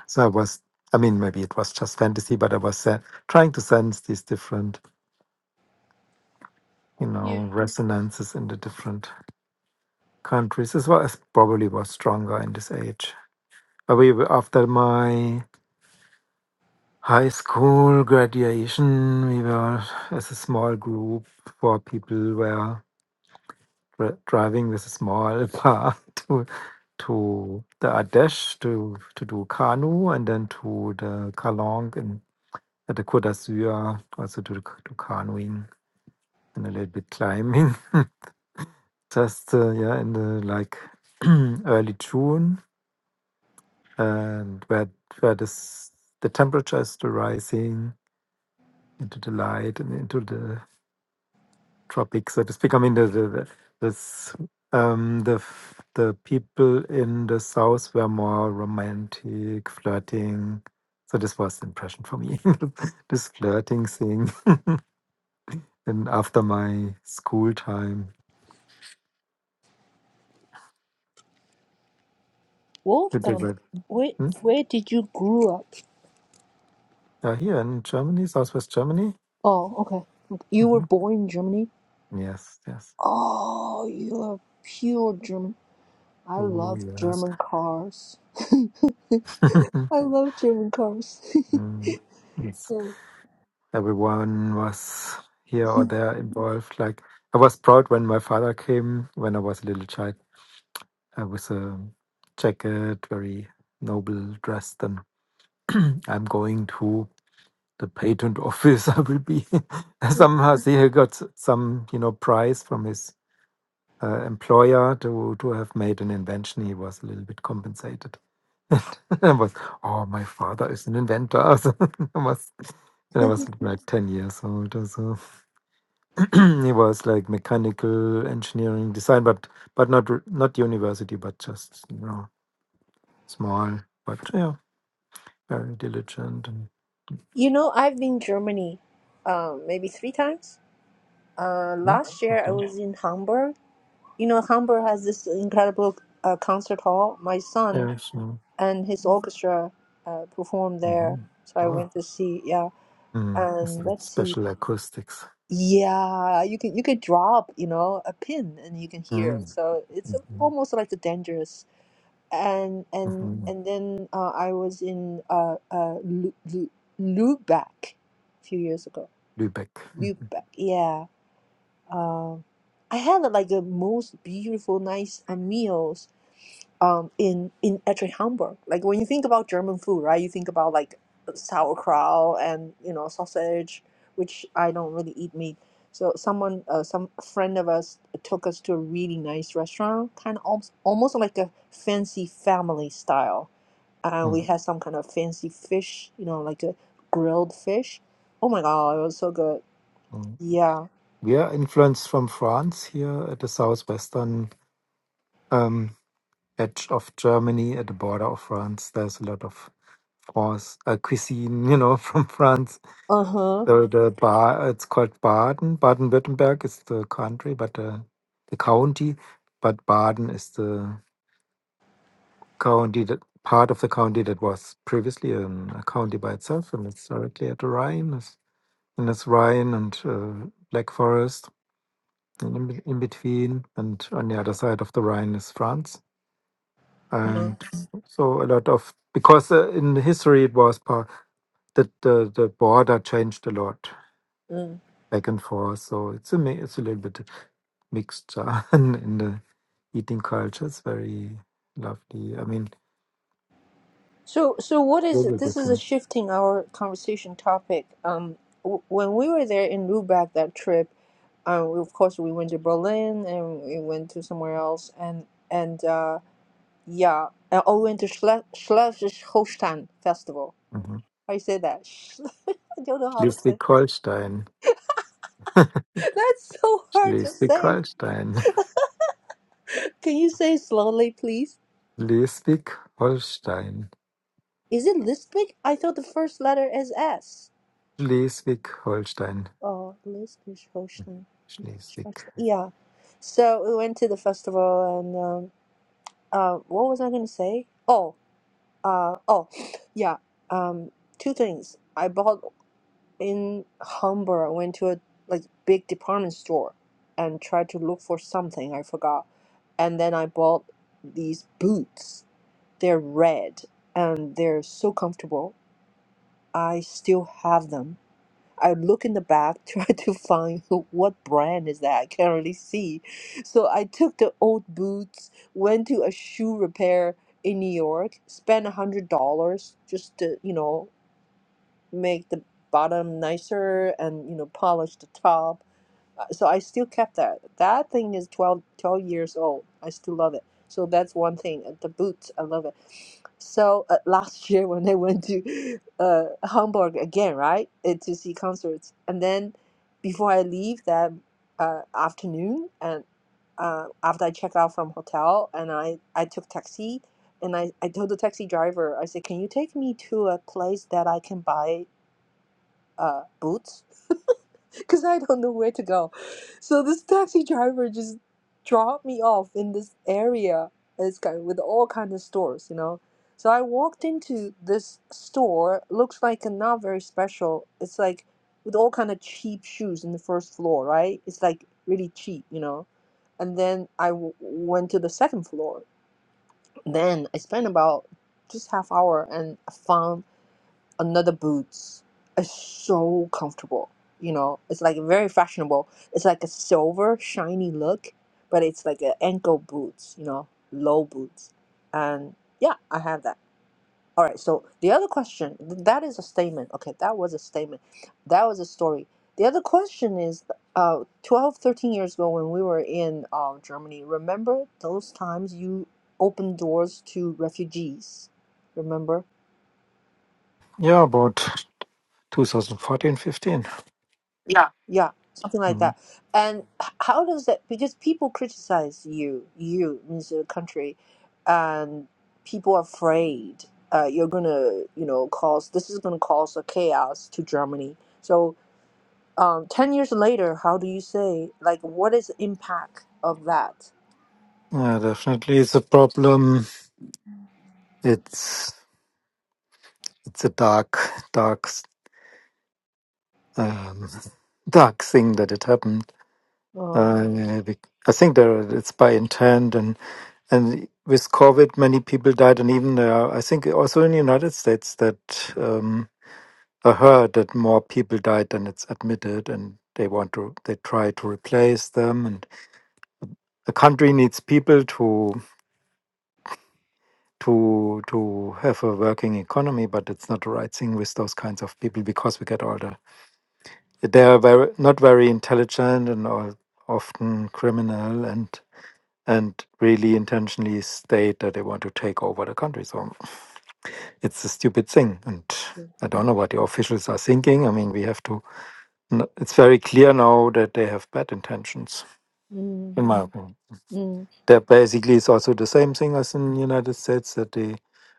C: so I was. I mean, maybe it was just fantasy, but I was se- trying to sense these different, you
A: Yeah.
C: know, resonances in the different countries, as well as probably was stronger in this age. But we were, after my high school graduation, we were as a small group, four people were dri- driving with a small car to to the Ardèche to to do canoe and then to the Kalong and at the Côte d'Azur also to do do canoeing and a little bit climbing. Just uh, yeah, in the like early June and where where this the temperature is still rising into the light and into the tropic, so to speak. I mean, the the the, this, um, the f- the people in the south were more romantic, flirting. So this was the impression for me, this flirting thing. And after my school time, to do
A: Wolfgang,
C: that.
A: where
C: Hmm?
A: where did you grew up?
C: Uh, here in Germany, Southwest Germany.
A: Oh, okay. You were
C: hmm
A: born in Germany?
C: Yes, yes.
A: Oh, you are pure German. I
C: Oh,
A: love
C: yes.
A: German cars. I love German cars.
C: Mm, yes.
A: Mm.
C: everyone was here or there involved. Like I was proud when my father came when I was a little child uh, with a jacket, very noble dressed, and I'm going to the patent office. I will be somehow. See, he got some you know prize from his uh, employer to to have made an invention. He was a little bit compensated. I was, oh, my father is an inventor. So I was, and I was like ten years old or so. he was like mechanical engineering design, but but not r- not university, but just you know small, but yeah, very diligent and
A: You know, I've been Germany, um, maybe three times. Uh,
C: Mm,
A: last year I
C: okay,
A: was in Hamburg. You know, Hamburg has this incredible uh, concert hall. My son
C: yeah, so
A: and his orchestra uh, performed there,
C: hmm
A: so I
C: wow,
A: went to see. yeah.
C: mm. it's
A: and
C: like
A: let's see
C: special acoustics,
A: yeah you can you could drop you know a pin and you can hear
C: mm.
A: it so it's
C: hmm
A: almost like the dangerous and and
C: hmm
A: and then uh, I was in uh uh Lu- Lu- Lubeck a few years ago
C: Lübeck. Mhm.
A: Lubeck yeah um I had like the most beautiful nice uh, meals um, in in actually Hamburg. Like when you think about German food, right? You think about like sauerkraut and you know sausage, which I don't really eat meat. So someone, uh, some friend of us took us to a really nice restaurant, kind of almost, almost like a fancy family style. Uh, we
C: Mm,
A: had some kind of fancy fish, you know, like a grilled fish. Oh my god, it was so good.
C: mm.
A: Yeah.
C: We are influenced from France here at the southwestern um, edge of Germany, at the border of France. There's a lot of France uh, cuisine, you know, from France
A: Uh
C: So the ba- it's called Baden. Baden-Württemberg is the country, but uh, the county, but Baden is the county that part of the county that was previously an, a county by itself, and it's directly at the Rhine, it's- and it's Rhine and uh, Black Forest and in, be- in between, and on the other side of the Rhine is France, and
A: huh.
C: Mhm. so a lot of because uh, in history it was part that the the border changed a lot back and forth. So it's a mi- it's a little bit mixture in in the eating culture. It's very lovely. I mean,
A: So, so what is it?
C: very
A: This is a
C: different.
A: shifting our conversation topic. Um, w- when we were there in Lubeck that trip, um, we- of course we went to Berlin and we went to somewhere else, and and uh, yeah, and oh, we went to Schle- Schleswig-Holstein Festival.
C: Mhm.
A: How you say that? Schle- I don't know how to say.
C: Schleswig-Holstein,
A: That's so hard to say.
C: Schleswig-Holstein,
A: Can you say it slowly, please?
C: Schleswig-Holstein.
A: Is it Lisbon? I thought the first letter is S.
C: Schleswig-Holstein.
A: Oh, Lisbeth Hochstein.
C: Schleswig.
A: Yeah. So we went to the festival and um uh what was I gonna say? Oh, uh oh yeah. Um two things. I bought in Hamburg, I went to a like big department store and tried to look for something I forgot. And then I bought these boots. They're red and they're so comfortable. I still have them I look in the back, try to find what brand is that. I can't really see. So I took the old boots, went to a shoe repair in New York, spent a hundred dollars just to, you know, make the bottom nicer and, you know, polish the top uh, So I still kept that. That thing is 12, 12 years old. I still love it. So that's one thing. Uh, The boots, I love it. So uh, last year when I went to uh, Hamburg again, right, uh, to see concerts, and then before I leave that uh, afternoon, and uh, after I check out from hotel and I, I took taxi and I, I told the taxi driver, I said, can you take me to a place that I can buy uh, boots? because I don't know where to go. So this taxi driver just dropped me off in this area. It's kind with all kind of stores, you know. So I walked into this store. Looks like not very special. It's like with all kind of cheap shoes in the first floor, right? It's like really cheap, you know. And then I w- went to the second floor. Then I spent about just half hour and found another boots is so comfortable. You know, it's like very fashionable. It's like a silver shiny look, but it's like a ankle boots. You know, low boots, and yeah, I have that. All right. So the other question th- that is a statement. Okay, that was a statement. That was a story. The other question is, uh, 12, 13 years ago when we were in uh, Germany, remember those times you opened doors to refugees? Remember?
C: Yeah, about 2014, 15. Yeah.
A: Yeah, something like
C: Mhm.
A: that. And h- how does that? Because people criticize you, you in the country, and people are afraid uh, you're gonna, you know, cause this is gonna cause a chaos to Germany. So, um, ten years later, how do you say like what is the impact of that?
C: Yeah, definitely it's a problem. It's it's a dark, dark, s- um, dark thing that it happened.
A: Oh,
C: Uh, be- I think there it's by intent, and and with COVID, many people died, and even there, are- I think also in the United States that um, I heard that more people died than it's admitted, and they want to they try to replace them, and the country needs people to to to have a working economy, but it's not the right thing with those kinds of people because we get older. They are very not very intelligent and are often criminal and and really intentionally state that they want to take over the country. So it's a stupid thing, and I don't know what the officials are thinking. I mean, we have to. n- It's very clear now that they have bad intentions,
A: mm,
C: in my opinion.
A: mm,
C: that basically is also the same thing as in United States that they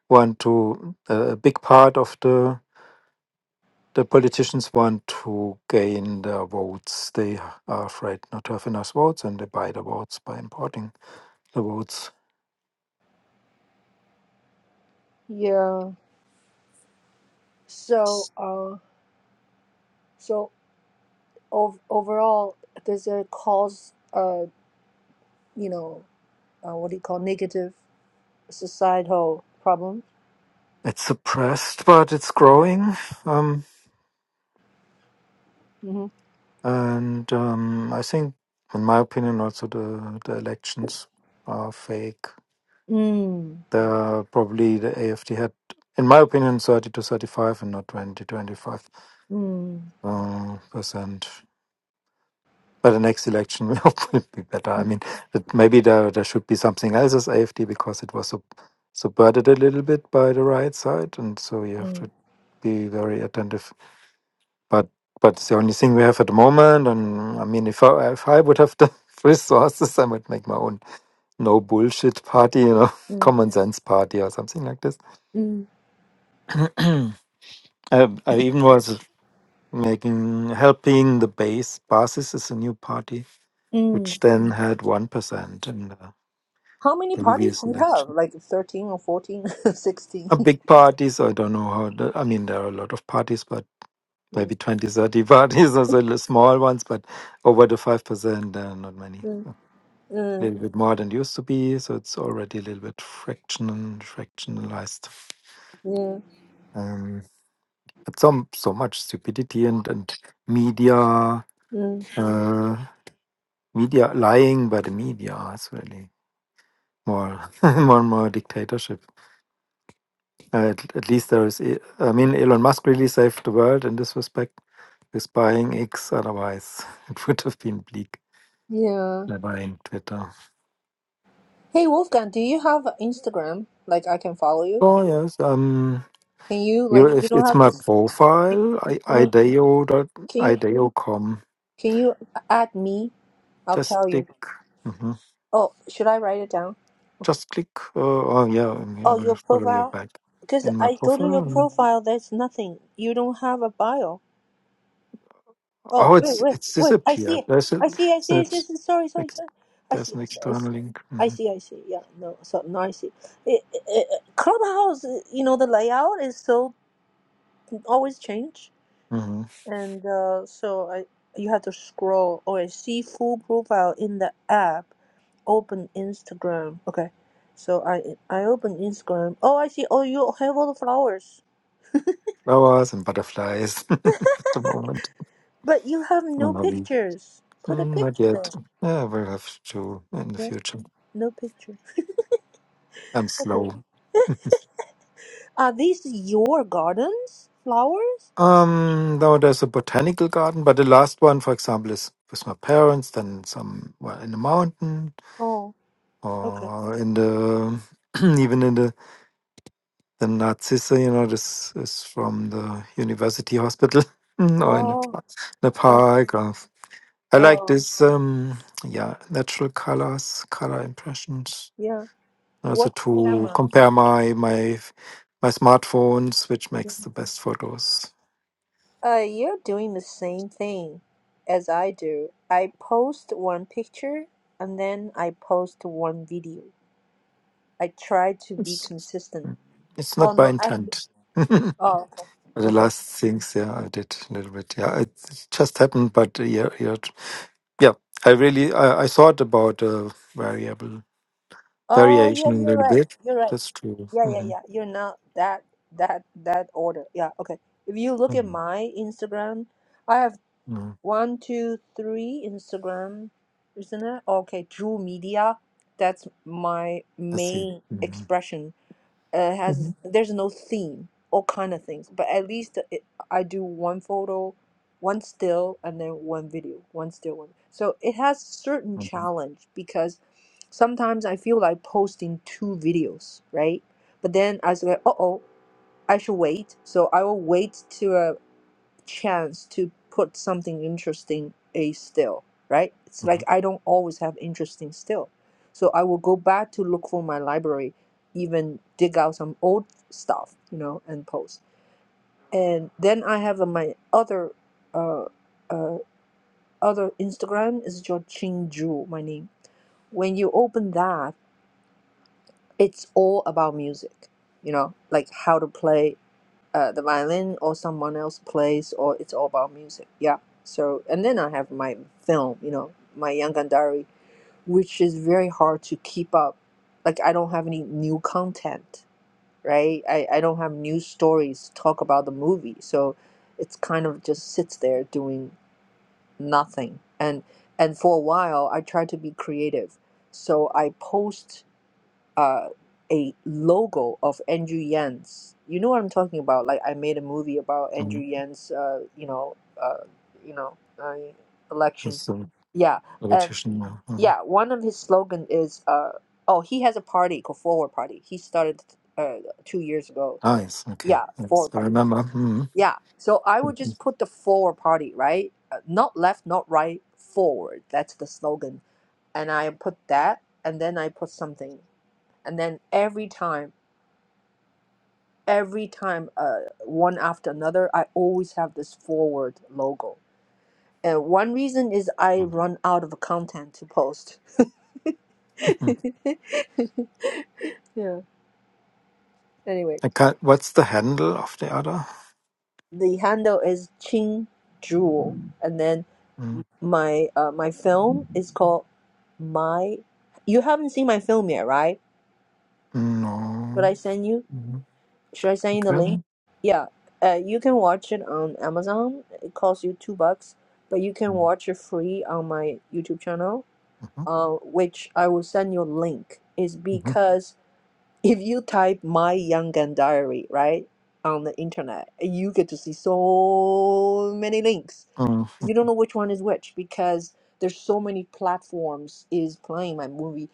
C: want to a big part of the the politicians want to gain the votes. They are afraid not to have enough votes, and they buy the votes by importing the votes.
A: yeah. So, uh, so ov- overall, does it cause, uh, you know, uh, what do you call negative? societal problems.
C: It's suppressed, but it's growing, um,
A: hmm
C: and um, I think, in my opinion, also the the elections are fake.
A: Mm,
C: The probably the AFD had, in my opinion, thirty to thirty five, and not 20, 25
A: mm,
C: uh, percent. By the next election will be better. I
A: mm,
C: mean, that maybe there there should be something else as AFD because it was sub subverted a little bit by the right side, and so you have
A: mm,
C: to be very attentive. But but it's the only thing we have at the moment, and I mean, if I if I would have the resources, I would make my own no bullshit party, you know,
A: mm,
C: common sense party or something like this.
A: mm.
C: I, I even was making helping the base. Basis is a new party
A: mm.
C: which then had 1% in the
A: How many parties
C: previous
A: do you have?
C: election.
A: Like 13 or 14, sixteen. 16?
C: A big party, so I don't know how, the, I mean, there are a lot of parties, but
A: Mm,
C: maybe twenty thirty 30 parties, also the small ones, but over the 5%, uh, not many.
A: mm,
C: A
A: mm,
C: little bit more than used to be, so it's already a little bit fractional, fractionalized.
A: yeah,
C: Um, but some, so much stupidity and, and media,
A: mm,
C: uh, media lying by the media is really more, more and more dictatorship. Uh, At, at least there is, e- I mean, Elon Musk really saved the world in this respect with buying X. Otherwise, it would have been bleak
A: yeah.
C: by buying Twitter.
A: Hey, Wolfgang, do you have Instagram? Like, I can follow you?
C: Oh yes, um,
A: Can you,
C: you,
A: like, you
C: if
A: don't
C: it's
A: have to,
C: my
A: s- you,
C: profile,
A: you
C: I,
A: know,
C: ideo dot
A: can you,
C: ideo.com.
A: can you add me? I'll
C: Just
A: tell you.
C: click, hmm
A: Oh, should I write it down?
C: just click. Uh, oh yeah, I
A: Oh,
C: will
A: your
C: follow you
A: profile?
C: back
A: Because
C: in my
A: I go to your
C: profile.
A: profile, there's nothing. You don't have a bio. Oh,
C: Oh,
A: wait,
C: it's
A: wait,
C: it's
A: wait. I see
C: disappeared.
A: it.
C: There's a,
A: I see, I
C: it's,
A: see, I see. I
C: it's,
A: see. Sorry, sorry,
C: ex-
A: sorry. I
C: there's
A: see,
C: an
A: I see, I see.
C: external link.
A: I see, I see. Yeah, no, so now I see. It, it, Clubhouse, you know, the layout is so always change.
C: hmm
A: And uh, so I you have to scroll. Oh, I see full profile in the app. Open Instagram. Okay. So I I open Instagram. Oh, I see. Oh, you have all the flowers.
C: flowers and butterflies at the moment.
A: But you have
C: No
A: no
C: hobby.
A: pictures. Put a
C: Mm, Not
A: picture
C: yet.
A: there.
C: Yeah, we'll have to in the
A: No,
C: future.
A: no picture.
C: I'm
A: Okay.
C: slow.
A: Are these your gardens? Flowers?
C: Um, now there's a botanical garden, but the last one, for example, is with my parents, then some well, in the mountain
A: Oh, okay.
C: or in the even in the the Narcisse, you know, this is from the university hospital or in the,
A: Oh,
C: pa- the
A: oh,
C: park. Or, I like
A: oh.
C: this, um, yeah, natural colors, color impressions
A: Yeah.
C: also
A: What
C: to
A: camera?
C: compare my my my smartphones, which makes the best photos.
A: Uh, you're doing the same thing as I do. I post one picture and then I post one video. I try to be
C: It's
A: consistent.
C: it's
A: Oh
C: not by
A: no, I.
C: intent. the
A: Oh, okay. Okay.
C: last things, yeah, I did a little bit. Yeah, it, it just happened, but uh, yeah, yeah, t- yeah. I really I, I thought about uh, variable
A: Oh, yeah,
C: variation a
A: you're
C: little
A: right.
C: bit.
A: You're right.
C: That's true.
A: Yeah, yeah,
C: hmm
A: yeah. You're not that that that order. Yeah, okay. If you look
C: hmm
A: at my Instagram, I have
C: Yeah,
A: one, two, three Instagram, isn't it? Okay, Drew Media. That's my
C: I see.
A: main
C: hmm
A: expression uh,
C: hmm
A: has there's no theme, all kind of things. But at least it, I do one photo, one still, and then one video, one still one. So it has certain
C: hmm
A: challenge because sometimes I feel like posting two videos, right? But then I was like, uh oh, I should wait. So I will wait to uh, chance to put something interesting a still right it's like i don't always have interesting still so i will go back to look for my library even dig out some old stuff you know and post and then i have uh, my other uh, uh, other instagram is Ching Ju, my name when you open that it's all about music you know like how to play uh, the violin or someone else plays or it's all about music yeah so and then i have my film you know my young Gandhari, which is very hard to keep up like i don't have any new content right i, I don't have new stories to talk about the movie so it's kind of just sits there doing nothing and and for a while i try to be creative so i post uh, a logo of Andrew Yan's. You know what I'm talking about? Like I made a movie about
C: hmm
A: Andrew Yan's, uh, you know, uh, you know, uh, election.
C: He's a
A: Yeah, and
C: politician now. Mhm.
A: yeah, one of his slogan is, uh, oh, he has a party called Forward Party. He started uh, two years ago.
C: Ah, yes. Okay.
A: Yeah, the
C: Yes,
A: Forward
C: I
A: Party.
C: remember. hmm
A: Yeah, so I would just put the Forward Party, right? Uh, not left, not right, forward. That's the slogan, and I put that, and then I put something, and then every time. every time uh, one after another i always have this forward logo and one reason is i run out of content to post
C: Mm.
A: yeah anyway
C: I can't. What's the handle of the other?
A: the handle is ching jewel and then
C: Mm.
A: my uh, my film is called my you haven't seen my film yet right should i
C: No.
A: send you
C: Mm.
A: Should I send you the
C: Okay.
A: link? Yeah. Uh, you can watch it on Amazon. It costs you two bucks, but you can
C: Mm.
A: watch it free on my YouTube channel.
C: Mhm.
A: Uh, which I will send you a link. Is
C: Mhm.
A: because if you type "my young gun diary" right on the internet, you get to see so many links. You
C: Mhm.
A: don't know which one is which because there's so many platforms is playing my movie,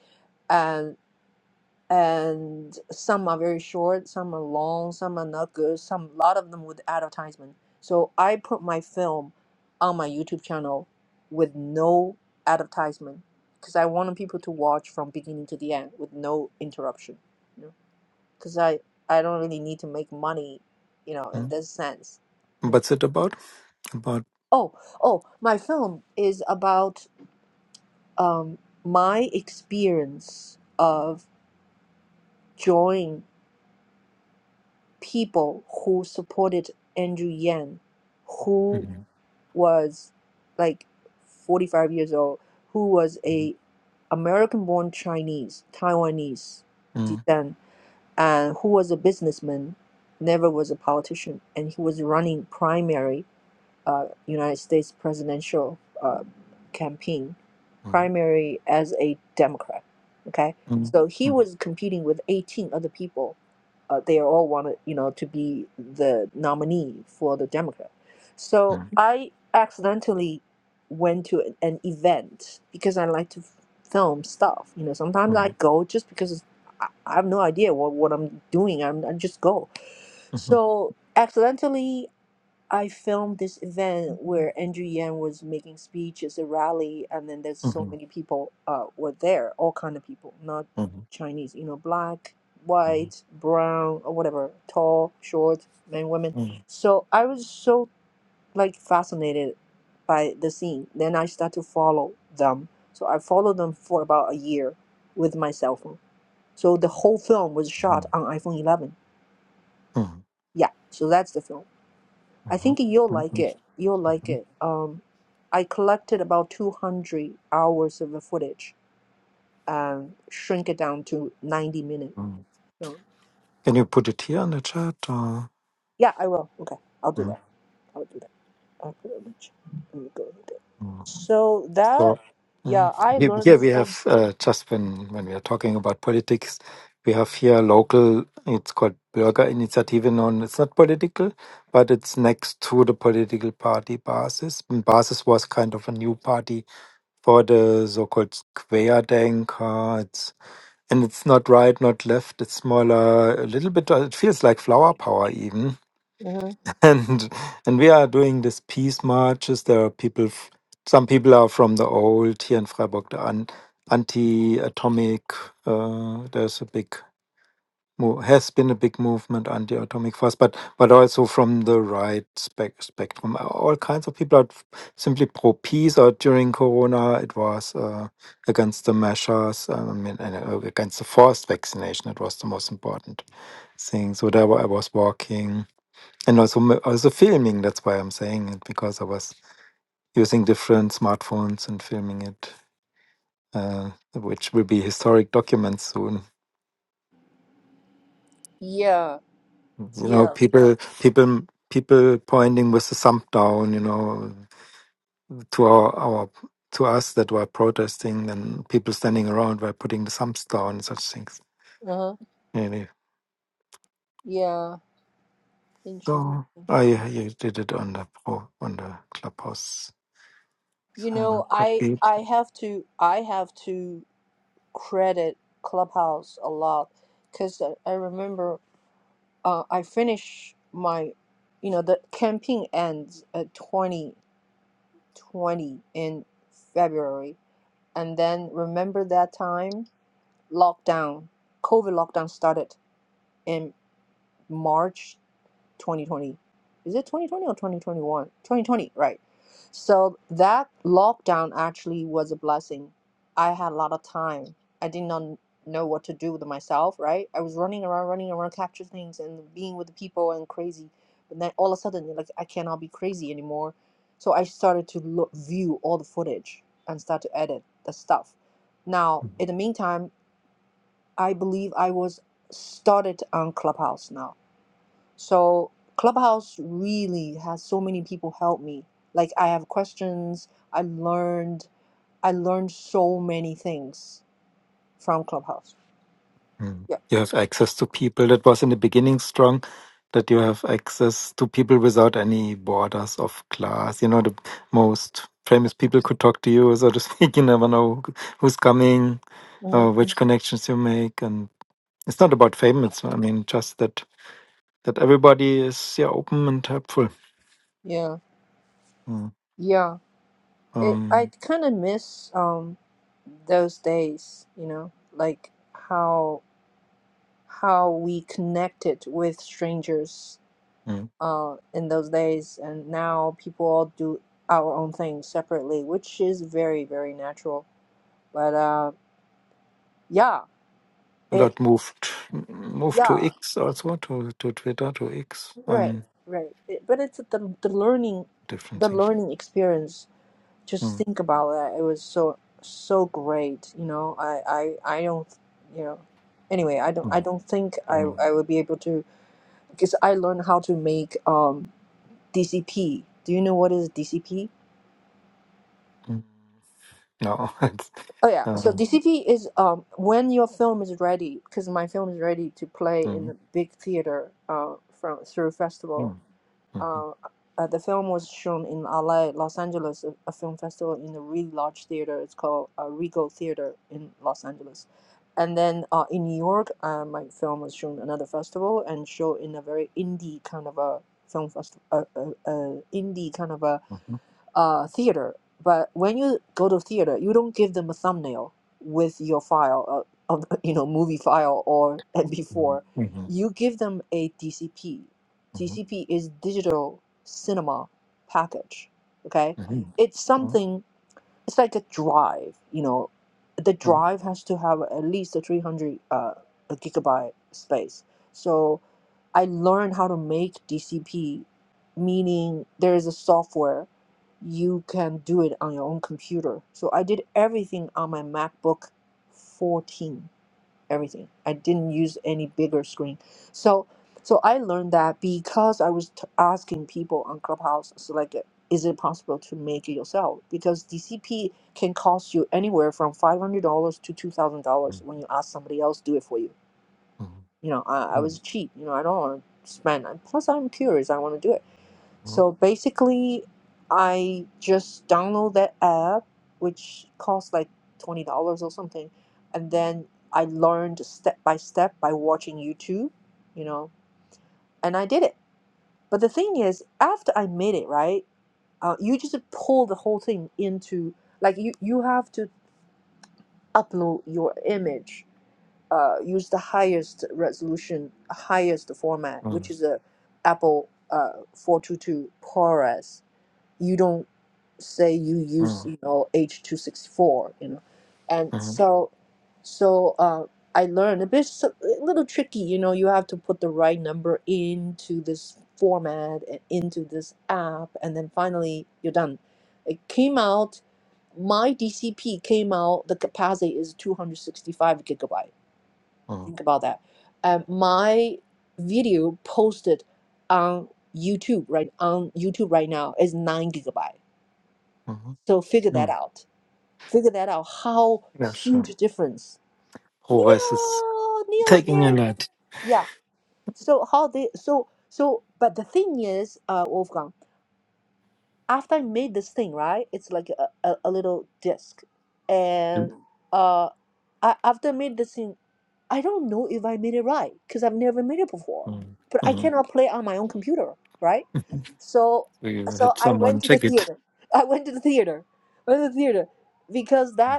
A: and some are very short, some are long, some are not good, some a lot of them with advertisement. So I put my film on my YouTube channel with no advertisement because I wanted people to watch from beginning to the end with no interruption. You know, because I I don't really need to make money, you know, in
C: Mm.
A: this sense. You know,
C: What's it about? About.
A: oh oh, my film is about um my experience of joining people who supported Andrew Yang, who
C: Mhm.
A: was like 45 years old, who was
C: Mm.
A: a American-born Chinese, Taiwanese
C: Mm.
A: descent, and who was a businessman, never was a politician, and he was running primary uh, United States presidential uh, campaign primary as a Democrat. Okay,
C: Mm.
A: so he
C: Mm.
A: was competing with 18 other people. Uh, they all wanted, you know, to be the nominee for the Democrat. So
C: Mm.
A: I accidentally went to an, an event because I like to f- film stuff. You know, sometimes I
C: Mm.
A: go just because I, I have no idea what, what I'm doing. I'm, I just go.
C: Mhm.
A: So accidentally I filmed this event where Andrew Yang was making speeches, a rally, and then there's so
C: Mhm. Mhm.
A: many people uh, were there, all kind of people, not
C: Mhm.
A: Chinese, you know, black,
C: Mhm.
A: white, brown, or whatever, tall, short, men, women.
C: Mhm.
A: So I was so like fascinated by the scene. Then I start to follow them. So I followed them for about a year with my cell phone. So the whole film was shot
C: Mhm.
A: on iPhone 11. Yeah, so that's the film. I
C: Mhm.
A: think you'll like it. You'll like
C: Mhm.
A: it. Um, I collected about 200 hours of the footage and shrink it down to 90 minutes.
C: Mhm.
A: So,
C: Can you put it here in the chat? Or?
A: yeah, I will. Okay, I'll do that. I'll do that. I'll put it in the chat. Let me go with it.
C: Mm.
A: So that,
C: So mm,
A: yeah, I
C: here,
A: learned
C: here we
A: so
C: have uh, just when when we are talking about politics, we have here local. It's called Bürgerinitiative, Initiative. it's not political, but it's next to the political party Basis. And Basis was kind of a new party for the so-called Querdenker. It's and it's not right, not left. It's smaller, a little bit. uh, It feels like flower power even
A: Uh-huh.
C: and and we are doing this peace marches. There are people. f- Some people are from the old here in Freiburg. The an, anti-atomic. Uh, there's a big mo- has been a big movement anti-atomic force, but but also from the right spec- spectrum. Uh, All kinds of people are f- simply pro peace. Or during Corona, it was uh, against the measures. uh, I mean, and, uh, against the forced vaccination. It was the most important thing. So there wa- I was walking and also m- also filming. That's why I'm saying it because I was using different smartphones and filming it, uh, which will be historic documents soon.
A: Yeah,
C: You know,
A: yeah,
C: people people people pointing with the thumb down. You know, to our our to us that were protesting, and people standing around were putting the thumbs down and such things.
A: Uh-huh.
C: Really.
A: yeah. Interesting.
C: So I, I did it on the pro on the clubhouse. So
A: You
C: I will
A: know, I
C: copy.
A: I have to I have to credit Clubhouse a lot because I I remember uh, I finish my, you know, the campaign ends at 2020 in February. And then remember that time? Lockdown, COVID lockdown started in March 2020. Is it 2020 or 2021? 2020, right. So that lockdown actually was a blessing. I had a lot of time. I did not know what to do with myself, right? I was running around, running around, capture things and being with the people and crazy. But then all of a sudden, like, I cannot be crazy anymore. So I started to look, view all the footage and start to edit the stuff. Now,
C: Mhm.
A: in the meantime, I believe I was started on Clubhouse now so Clubhouse really has so many people help me. Like I have questions. I learned. I learned so many things from Clubhouse.
C: Mm.
A: Yeah.
C: You have access to people that was in the beginning strong, that you have access to people without any borders of class. You know, the most famous people could talk to you, so to speak. You never know who- who's coming,
A: hmm
C: uh, which connections you make. And it's not about fame, it's, I mean, just that that everybody is yeah open and helpful.
A: Yeah.
C: Mm.
A: Yeah. It, I
C: Um,
A: kind of miss um those days. You know, like how how we connected with strangers
C: mm.
A: uh in those days, and now people all do our own things separately, which is very very natural. But uh, yeah
C: A lot moved moved to
A: Yeah,
C: X also to to Twitter to X.
A: right,
C: Um,
A: right. It- but it's the the learning,
C: different
A: the
C: thing.
A: learning experience. Just
C: Mm.
A: think about that. It was so so great. You know, I I I don't. You know, anyway, I don't
C: Mm.
A: I don't think I
C: Mm.
A: I will be able to because I learned how to make um DCP. Do you know what is DCP?
C: Mm. No, it's
A: Oh yeah, so
C: um.
A: DCP is um when your film is ready because my film is ready to play in
C: Mm.
A: the big theater uh from through festival
C: Mm. Mhm.
A: Uh, uh, the film was shown in LA, Los Angeles, a, a film festival in a really large theater. It's called uh, Regal Theater in Los Angeles. And then uh, in New York, uh, my film was shown another festival and shown in a very indie kind of a film festival, uh, uh, uh, indie kind of a uh, theater. But when you go to theater, you don't give them a thumbnail with your file of, of you know movie file or
C: Mhm.
A: MP4.
C: Mhm.
A: You give them a DCP.
C: Mhm.
A: DCP is digital cinema package. Okay,
C: Mhm.
A: it's
C: Mhm.
A: something. It's like a drive. You know, the drive has to have at least a 300 uh, gigabyte space. So I learned how to make DCP, meaning there is a software you can do it on your own computer. So I did everything on my MacBook 14, everything. I didn't use any bigger screen. So so I learned that because I was t- asking people on Clubhouse, so like, is it possible to make it yourself? Because DCP can cost you anywhere from five hundred dollars to two thousand
C: Mm.
A: dollars when you ask somebody else do it for you
C: Mm.
A: you know, I,
C: Mm.
A: I was
C: Mhm.
A: cheap. You know, I don't want to spend. And plus, I'm curious. I want to do it.
C: Mm.
A: So basically, I just download that app, which costs like twenty dollars or something, and then I learned step by step by watching YouTube. You know, and I did it. But the thing is, after I made it, right? Uh, you just pull the whole thing into like you. You have to upload your image uh, use the highest resolution, highest format,
C: Mm.
A: which is a Apple uh, 422 ProRes. You don't say you
C: Mm.
A: use
C: Mm.
A: you know H264, you know, and
C: Mhm.
A: so so uh, I learned a bit s- a little tricky. You know, you have to put the right number into this format and into this app, and then finally you're done. It came out. My DCP came out. The capacity is 265 gigabyte
C: Mm.
A: think about that. Um, my video posted on YouTube right on YouTube right now is nine gigabyte.
C: Mhm.
A: So figure that
C: Mm.
A: out. Figure that out. How
C: Yeah, sure.
A: huge difference.
C: Progress is
A: Neo, Neo is
C: taking a
A: here.
C: lot.
A: Yeah. So how they so so but the thing is, uh, Wolfgang, after I made this thing, right? It's like a, a, a little disc, and uh. I, after I made this thing, I don't know if I made it right because I've never made it before.
C: Mm.
A: But I
C: Mm.
A: cannot play on my own computer, right? So,
C: We
A: so
C: had
A: I
C: someone
A: went to the
C: check it.
A: theater. I went to the theater. went to the theater because that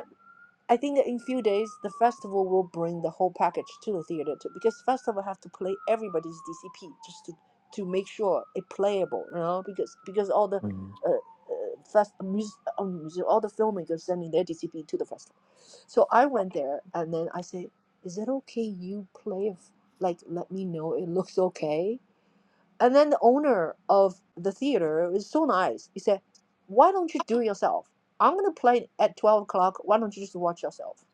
A: I think that in few days the festival will bring the whole package to the theater too, because festival have to play everybody's DCP just to to make sure it playable, you know, because because all the
C: Mm.
A: uh, uh, fest music, um, all the filmmakers sending their DCP to the festival. So I went there and then I said, "Is it okay you play if like let me know it looks okay?" And then the owner of the theater was so nice. He said, "Why don't you do it yourself? I'm gonna play at twelve o'clock. Why don't you just watch yourself?"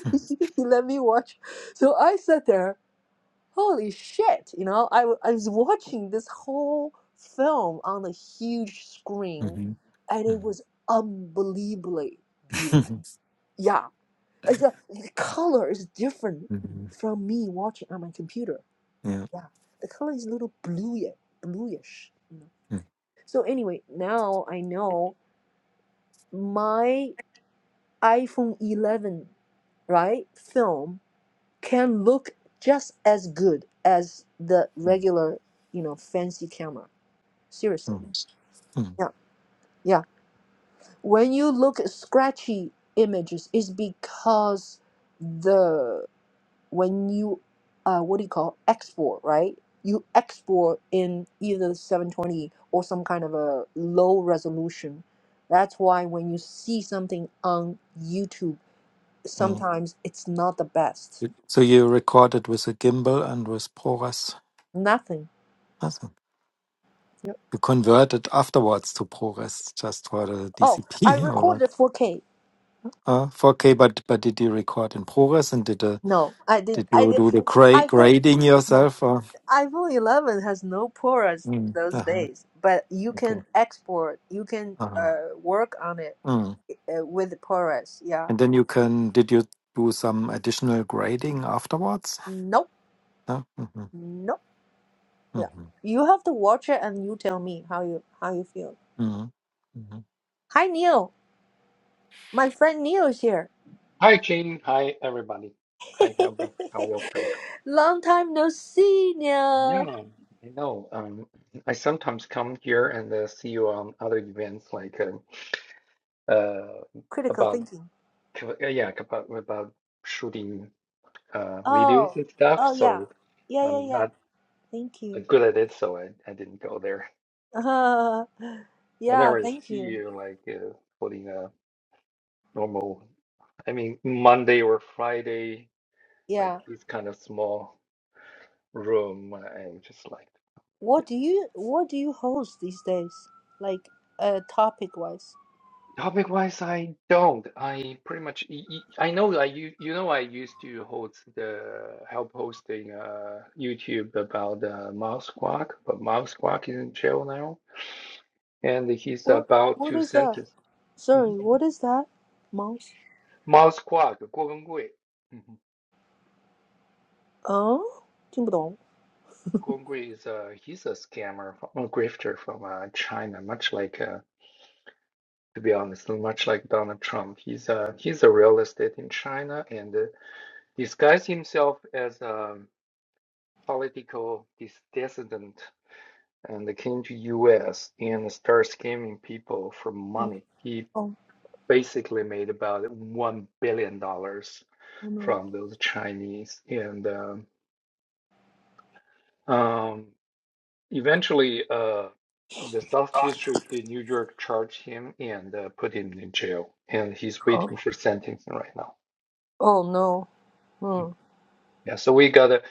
A: he let me watch. So I sat there, holy shit, you know, I, w- I was watching this whole film on a huge screen
C: Mhm.
A: and it
C: Mm.
A: was unbelievably beautiful. Yeah. It's a- the color is different
C: Mhm.
A: from me watching on my computer.
C: Yeah.
A: Yeah. The color is a little bluey, bluish. You know?
C: Mm.
A: So anyway, now I know my iPhone 11, right, film can look just as good as the
C: Mm.
A: regular, you know, fancy camera. Seriously.
C: Mm.
A: Yeah. Yeah. When you look at scratchy images, it's because the when you uh what do you call export, right? You export in either 720 or some kind of a low resolution. That's why when you see something on YouTube,
C: Mm.
A: sometimes it's not the best.
C: You- So you recorded with a gimbal and with ProRes.
A: Nothing.
C: Awesome.
A: Yep.
C: You converted afterwards to ProRes just for the
A: Oh, I
C: DCP or what?
A: recorded 4K.
C: Uh, 4K, but but did you record in progress and did uh,
A: No, I did.
C: did
A: I
C: you
A: did.
C: do the gra-
A: iPhone,
C: grading
A: yeah,
C: yourself? Or?
A: iPhone 11 has no ports
C: Mm.
A: those
C: Uh-huh.
A: days, but you
C: Okay.
A: can export, you can
C: Uh-huh.
A: uh, work on it
C: Mm.
A: uh, with ports. Yeah.
C: And then you can did you do some additional grading afterwards?
A: Nope.
C: No? Mm-hmm.
A: Nope. Yeah.
C: Mm-hmm.
A: You have to watch it and you tell me how you how you feel.
C: Mm-hmm. Mm-hmm.
A: Hi Neil, my friend Neil is here.
D: Hi, Jane. Hi, everybody. Hi, Helga. How welcome.
A: Long time no see,
D: Yeah,
A: Neil.
D: I know. Um, I sometimes come here and uh, see you on other events like um uh,
A: Critical
D: about
A: thinking.
D: uh, yeah like, about about shooting uh, videos
A: Oh.
D: and stuff.
A: Oh yeah.
D: So
A: Yeah
D: I'm
A: yeah yeah.
D: not
A: Thank
D: uh,
A: you.
D: good at it, so I, I didn't go there.
A: Uh, yeah.
D: Whenever I
A: Thank
D: see
A: you.
D: you like uh, holding a normal, I mean Monday or Friday, like
A: Yeah.
D: this kind of small room, I'm just like.
A: What do you what do you host these days? Like uh topic wise.
D: Topic wise, I don't. I pretty much y- y- I know I you you know I used to host the help hosting uh YouTube about uh, Mouse Squawk, but Mouse Squawk is in jail now, and he's
A: What
D: about
A: what
D: to
A: is that?
D: sentence Mhm.
A: Sorry, what is that? Mouse?
D: Mouse Squawk 郭文贵. Mm-hmm.
A: Oh? 听不懂.
D: Guo Gongui is uh he's a scammer, from, a grifter from uh, China, much like uh, to be honest, much like Donald Trump. He's uh he's a real estate in China and uh, disguised himself as um. political dissident and came to US and started scamming people for
A: Oh,
D: money. He
A: oh,
D: basically made about one billion dollars
A: oh no.
D: from those Chinese, and um, um, eventually, uh, the South District in New York charged him and uh, put him in jail, and he's
A: Oh,
D: waiting for sentencing right now.
A: oh no. Mm,
D: Mm. Yeah, so we got a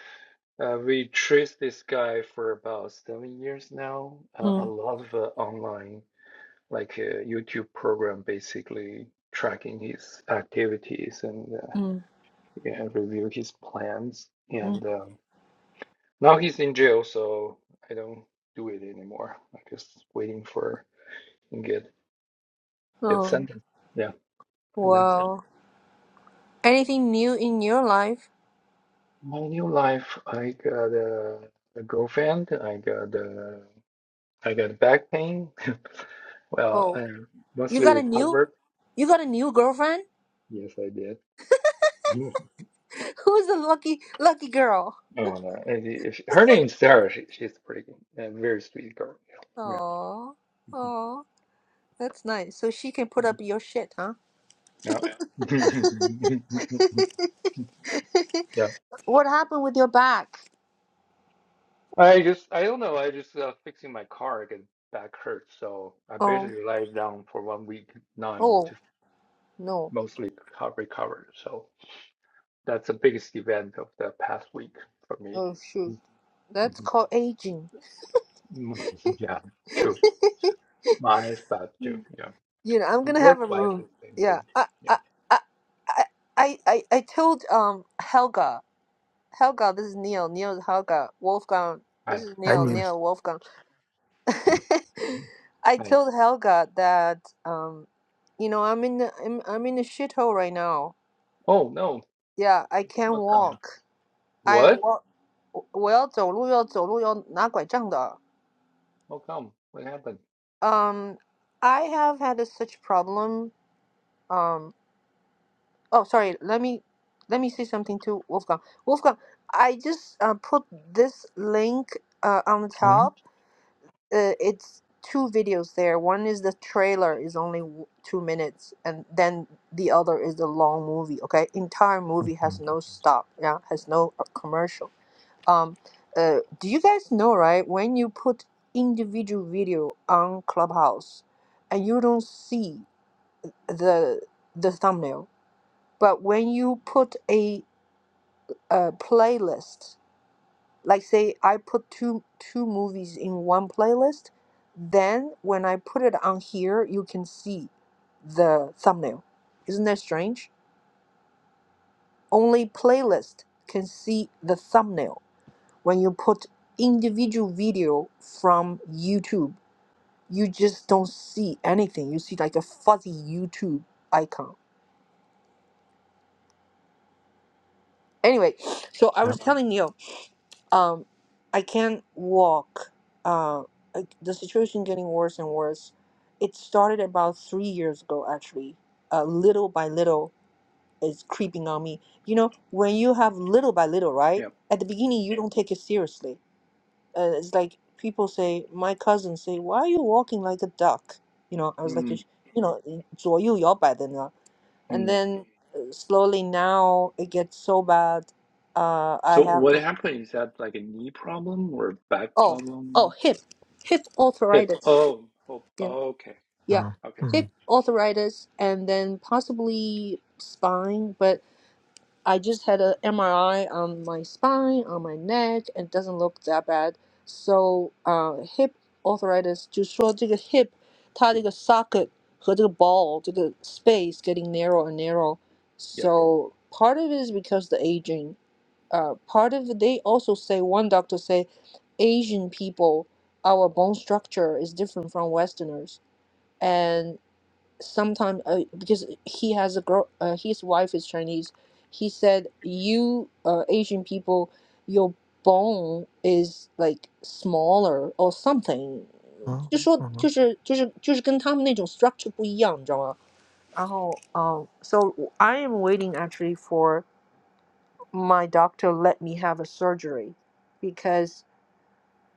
D: uh, we traced this guy for about seven years now. Uh, a
A: mm,
D: lot of uh, online like a YouTube program basically tracking his activities and uh,
A: mm,
D: yeah, review his plans.
A: mm.
D: And um, now he's in jail, so I don't do it anymore. I'm just waiting for and get get
A: Oh.
D: sentenced. Yeah, and that's it.
A: Wow. Anything new in your life?
D: My new life. I got a, a girlfriend. I got a, I got back pain. well,
A: Oh.
D: I
A: You
D: mostly
A: got a new
D: recovered.
A: you got a new girlfriend?
D: Yes, I did.
A: Who's the lucky lucky girl?
D: No, no. If, if, her name's Sarah. She, she's a pretty, a very sweet girl. Yeah.
A: Oh. Oh. That's nice. So she can put up your shit, huh?
D: Yeah. Mhm. Yeah. Yeah.
A: What happened with your back?
D: I just, I don't know. I just uh, fixing my car because back hurts. So I
A: Oh,
D: basically laid down for one week. Now I'm
A: oh,
D: just
A: no.
D: mostly co- recovered. So that's the biggest event of the past week for me.
A: Oh, shoot.
D: Mhm.
A: That's
D: Mhm.
A: called aging.
D: Mhm. Yeah, true. My is bad too.
A: Hmm.
D: Yeah.
A: You know, I'm gonna have a
D: Work-wise,
A: room.
D: it's the same
A: Yeah.
D: thing.
A: I,
D: Yeah.
A: I, I, I, I, I I told um Helga. Helga, this is Neil. Neil is Helga. Wolfgang. This
D: Hi.
A: is
C: I
A: Neil.
C: mean,
A: Neil Wolfgang. I
D: Hi.
A: told Helga that um, you know, I'm in the, I'm, I'm in a shithole right now.
D: Oh, no.
A: Yeah, I can't
D: What kind?
A: walk. I
D: What?
A: walk. 我要走路，要走路，要拿拐杖的。
D: How come? What happened?
A: Um, I have had a such problem. Um, oh, sorry. Let me let me say something to Wolfgang. Wolfgang, I just uh, put this link uh, on the top.
C: mm-hmm.
A: Uh, it's two videos there. One is the trailer is only w- two minutes, and then the other is the long movie. Okay, entire movie
C: Mm-hmm.
A: has no stop. Yeah, has no uh, commercial. Um, uh, do you guys know right when you put individual video on Clubhouse? and you don't see. the the thumbnail. But when you put a, uh playlist, like say I put two two movies in one playlist, then when I put it on here, you can see the thumbnail. Isn't that strange? Only playlist can see the thumbnail. When you put individual video from YouTube, you just don't see anything. You see like a fuzzy YouTube icon. Anyway, so I
C: yeah.
A: was telling you. um i can't walk uh I- the situation getting worse and worse it started about three years ago actually uh, little by little it's creeping on me you know when you have little by little right
D: Yeah.
A: at the beginning you don't take it seriously uh, it's like people say my cousins say why are you walking like a duck you know i was like you
D: mm
A: sh- you know 左右摇摆的呢 and
D: Hmm.
A: then uh, slowly now it gets so bad uh, i
D: So
A: have to
D: what happened? Is that like a knee problem or back
A: Oh, oh,
D: problem?
A: hip, hip
D: Hip.
A: arthritis.
D: Oh, oh,
A: Yeah,
D: oh, okay.
A: yeah,
C: Uh,
D: Okay.
C: mm-hmm.
A: hip arthritis, and then possibly spine. But I just had a MRI on my spine, on my neck, and it doesn't look that bad. So, uh, hip arthritis 就说这个 hip 它这个 socket 和这个 ball 这个 space getting narrow and narrow.
D: Yep.
A: So part of it is because the aging uh, part of it. they also say one doctor say asian people our bone structure is different from westerners and sometimes uh, because he has a girl uh, his wife is chinese he said you uh, asian people your bone is like smaller or something
C: Mm-hmm.
A: 就说就是就是就是跟他们那种structure 不一样，你知道吗？然后，um, so I am waiting actually for my doctor let me have a surgery because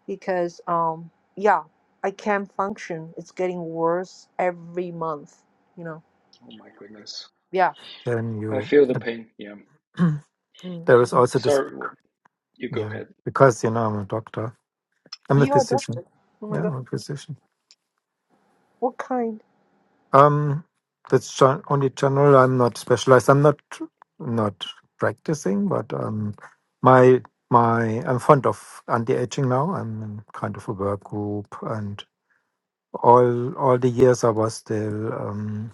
A: because um yeah i can't function it's getting worse every month you know
D: Oh my goodness.
A: yeah
C: Then
D: I
C: you
D: feel the pain. Yeah.
A: mm.
C: there is also this
D: Sorry. Well, you go
C: yeah
D: ahead.
C: because you know I'm a doctor I'm a
A: you're a
C: physician
A: doctor oh my
C: yeah I'm
A: god
C: a physician
A: what kind
C: Um, that's the only channel I'm not specialized. I'm not not practicing, but um, my my I'm fond of anti-aging now. I'm in kind of a work group, and all all the years I was still um,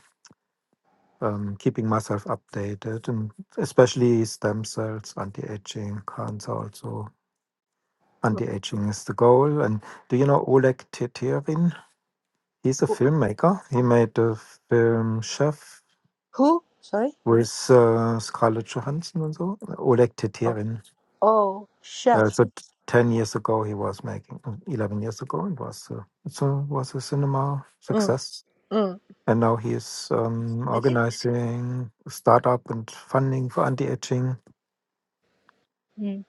C: um, keeping myself updated, and especially stem cells, anti-aging, cancer also. Anti-aging is the goal. And do you know Oleg Tetirin? He's a filmmaker. He made the film Chef
A: who sorry
C: with uh, Scarlett Johansson and so, Oleg
A: oh,
C: Teterin.
A: oh
C: Uh,
A: chef
C: so t- ten years ago, he was making mm, eleven years ago, it was uh, it's a, was a cinema
A: mm,
C: success,
A: mm.
C: and now he is um,
A: i think
C: organizing a startup and funding for anti-aging.
A: mm,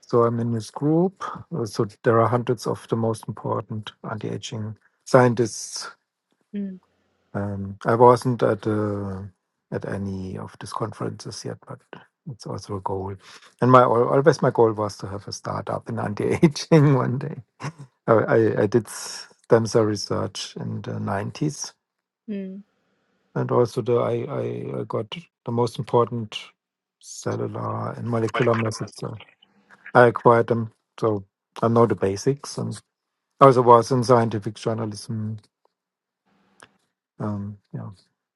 C: So I'm in his group. Uh, So there are hundreds of the most important anti-aging scientists
A: mm,
C: Um, I wasn't at uh, at any of these conferences yet, but it's also a goal. And my al- always my goal was to have a startup in anti-aging one day. I, I, I did stem cell research in the nineties,
A: mm,
C: and also the I, I I got the most important cellular and molecular methods. So I acquired them, so I know the basics. And also was in scientific journalism. Um, yeah.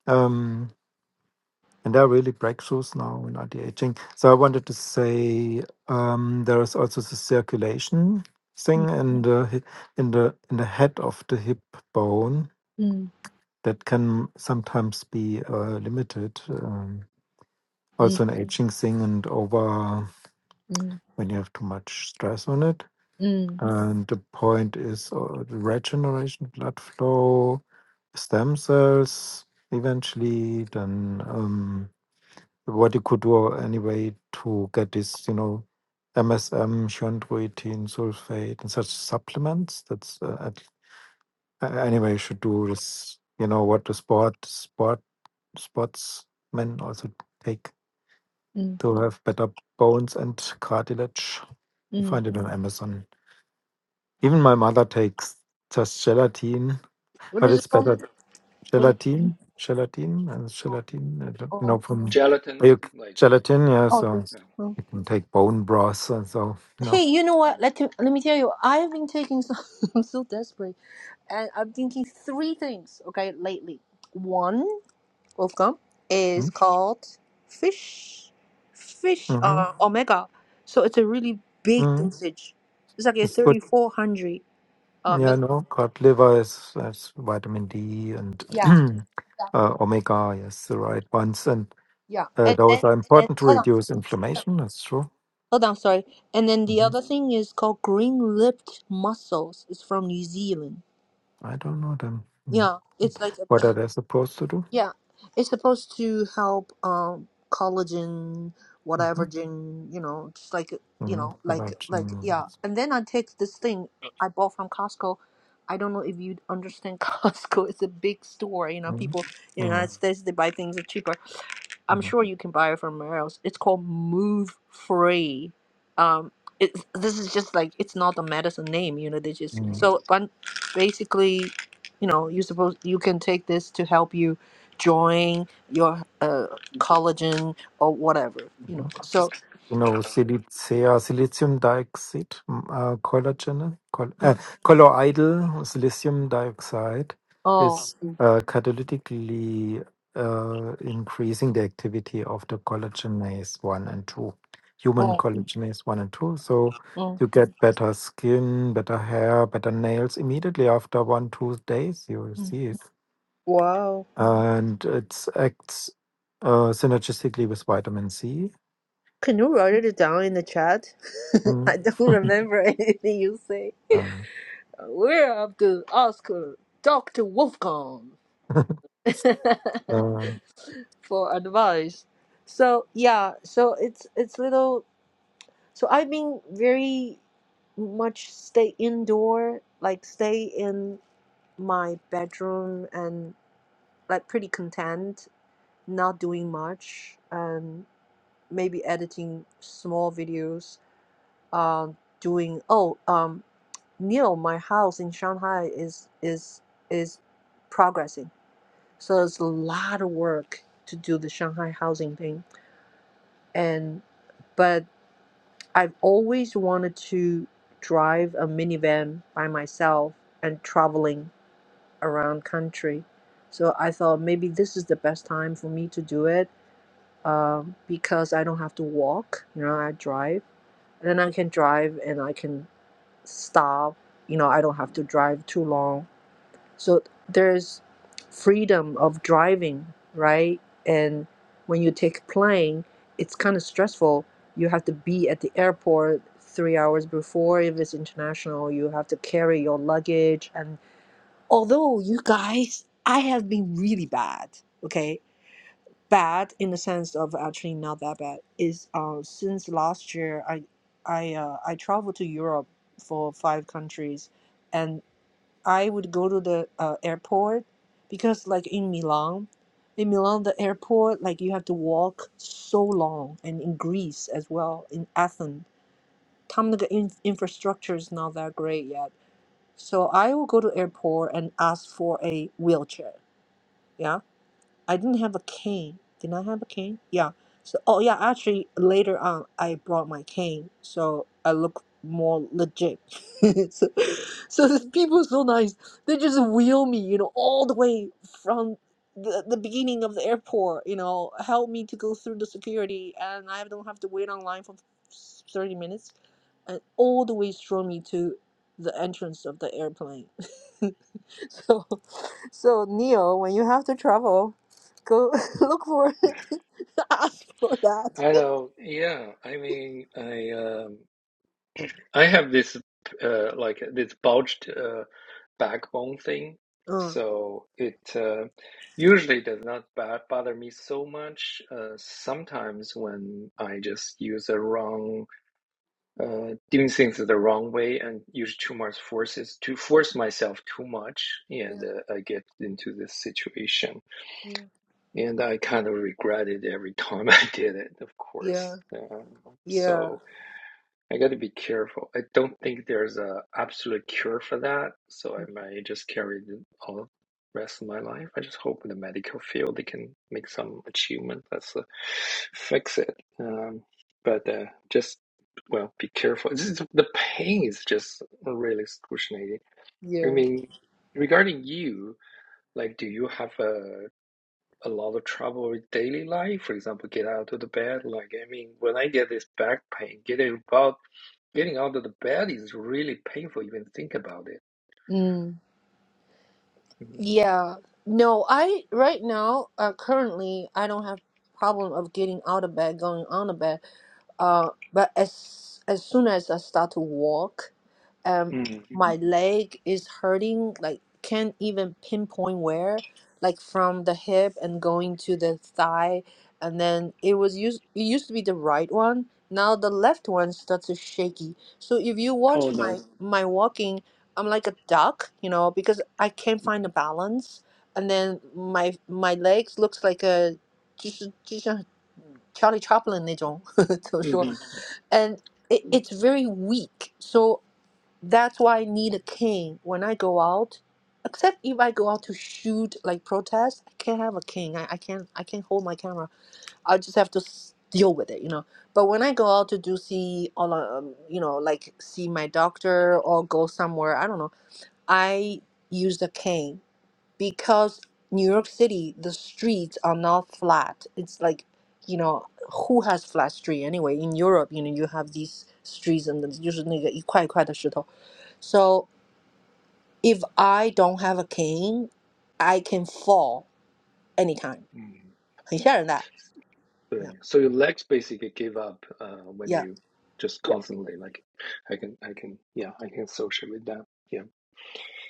C: Um, And there are really breakthroughs now in anti-aging. So I wanted to say um, there is also the circulation thing in the hi- in the in the head of the hip bone
A: mm,
C: that can sometimes be uh, limited. Um, also
A: mm,
C: an Mm. aging thing and over
A: mm,
C: when you have too much stress on it.
A: mm,
C: And the point is uh, the regeneration, blood flow, stem cells eventually, then. Um, what you could do anyway to get this, you know, MSM, chondroitin, sulfate, and such supplements. That's uh, at- a- anyway you should do is, You know what the sport sport sportsmen also take
A: mm,
C: to have better bones and cartilage. You
A: mm.
C: find it on Amazon. Even my mother takes just gelatin,
A: what
C: but
A: is it
C: it's
A: called
C: better
A: what is it
C: Gelatin, gelatin, and
A: called?
C: gelatin. I don't know
A: oh
C: from are
D: Gelatin,
C: you
D: like,
C: gelatin.
D: yeah.
C: Yeah,
A: oh
C: so
A: the-
D: yeah.
A: oh.
C: you can take bone broth and so no.
A: hey you know
D: Mm,
A: what let,
D: mm.
A: me- let me tell you i've been taking some i'm so desperate and I'm thinking three things, okay, lately. One, Wolfgang, is called fish, fish
C: Mm-hmm.
A: uh, omega. So it's a really big
C: hmm
A: dosage. It's like a
C: It's good.
A: 3400 uh,
C: Yeah,
A: milligrams.
C: no. Cod liver is that's vitamin D and
A: Yeah, yeah,
C: uh, omega. Yes, the right ones, and
A: yeah.
C: uh,
A: And
C: those
A: then,
C: are
A: and then
C: important to
A: hold on,
C: reduce
A: hold on,
C: inflammation. That's true.
A: hold on, sorry. And then the
C: hmm
A: other thing is called green lipped mussels. It's from New Zealand.
C: I don't know them. Mm.
A: Yeah, it's like a
C: What are they supposed to do?
A: Yeah, it's supposed to help um collagen,
C: Mm-hmm.
A: whatever gene, you know, just like you
C: Mm-hmm.
A: know, like like
C: Collagen.
A: yeah. And then I take this thing uh, I bought from Costco. I don't know if you understand Costco. It's a big store, you know.
C: Mm-hmm.
A: People in the
C: Mm-hmm.
A: United States they buy things cheaper. I'm
C: mm-hmm,
A: sure you can buy it from somewhere else. It's called Move Free. Um, it, this is just like it's not a medicine name, you know. They just
C: mm-hmm.
A: so but basically, you know, you suppose you can take this to help you join your uh, collagen or whatever, you know. So,
C: Genau, Silice, ja, dioxide, m- äh, Collagen, Col äh,
A: Mm.
C: Colloidal Silicium Dioxide
A: oh,
C: is Mm. uh, catalytically uh, increasing the activity of the collagenase 1 and 2, human Mm.
A: oh,
C: collagenase 1 and 2. So
A: mm,
C: you get better skin, better hair, better nails immediately after one, two days, you will
A: mm.
C: see it.
A: wow.
C: And it acts uh, synergistically with vitamin C.
A: Can you write it down in the chat?
C: Mm.
A: I don't remember anything you say.
C: Uh,
A: We're up to Oscar, Dr. Wolfgang.
C: Uh,
A: for advice. So yeah, so it's it's little. So I've been very much stay indoor, like stay in my bedroom and like pretty content, not doing much, and maybe editing small videos. Um, doing oh um, Neil, my house in Shanghai is is is progressing. So it's a lot of work to do the Shanghai housing thing and but I've always wanted to drive a minivan by myself and traveling around country. So I thought maybe this is the best time for me to do it um, because I don't have to walk. You know, I drive, and then I can drive and I can stop. You know, I don't have to drive too long so there's freedom of driving, right? And when you take plane, it's kind of stressful. You have to be at the airport three hours before if it's international. You have to carry your luggage. And although you guys, I have been really bad, okay? Bad in the sense of actually not that bad is uh, since last year I I uh, I traveled to Europe for five countries and. I would go to the uh, airport because, like in Milan, in Milan, the airport like you have to walk so long, and in Greece as well, in Athens, 他们那个 in infrastructure is not that great yet. So I will go to airport and ask for a wheelchair. Yeah. I didn't have a cane. Did I have a cane? Yeah. So, oh yeah, actually later on I brought my cane, so I look more legit. so, so the people are so nice. They just wheel me, you know, all the way from the, the beginning of the airport, you know, help me to go through the security, and I don't have to wait online for 30 minutes, and all the way throw me to the entrance of the airplane. So, so Neil, when you have to travel, go look for it. ask for that.
D: I know. Yeah. I mean, I um, I have this uh, like this bulged. uh, backbone thing.
A: Uh,
D: So it uh, usually does not ba- bother me so much. Uh, sometimes when I just use the wrong, uh, doing things the wrong way and use too much forces to force myself too much, and
A: yeah,
D: uh, I get into this situation, and I kind of regret it every time I did it, of
A: yeah,
D: course. Uh,
A: yeah,
D: so I got to be careful. I don't think there's a absolute cure for that, so I might just carry it all the rest of my life. I just hope in the medical field they can make some achievement that's uh, fix it. Um, but uh, just well, be careful. This is, the pain is just really excruciating. I
A: yeah.
D: mean, regarding you, like, do you have a a lot of trouble with daily life. For example, get out of the bed. Like, I mean, when I get this back pain, getting about getting out of the bed is really painful. Even think about it.
A: Mm.
D: Mhm.
A: Yeah. No, I right now, uh, currently, I don't have problem of getting out of bed, going on the bed. Uh, but as as soon as I start to walk. um
D: Mm.
A: my leg is hurting like can't even pinpoint where like from the hip and going to the thigh and then it was used it used to be the right one now the left one starts to shaky so if you
D: Oh
A: watch my
D: no.
A: Mm. my walking i'm like a duck you know because i can't find the balance and then my my legs looks like a 就是就像 Charlie Chaplin 那种 怎么说
D: hmm
A: and it, it's very weak. So that's why I need a king when I go out. Except if I go out to shoot like protest, I can't have a king. I, I can't I can't hold my camera. I just have to s- deal with it, you know. But when I go out to do see all um, you know like see my doctor or go somewhere, I don't know. I use the cane because New York City, the streets are not flat. It's like, you know, who has flat street anyway? In Europe, you know, you have these streets and it's usually like 一块一块的石头. So if I don't have a cane, I can fall anytime.
D: mm
A: 很吓人的. Yeah,
D: Yeah. So your legs basically give up uh, when
A: yeah,
D: you just
A: yeah,
D: constantly like, I can, I can, yeah, I can associate with that. Yeah.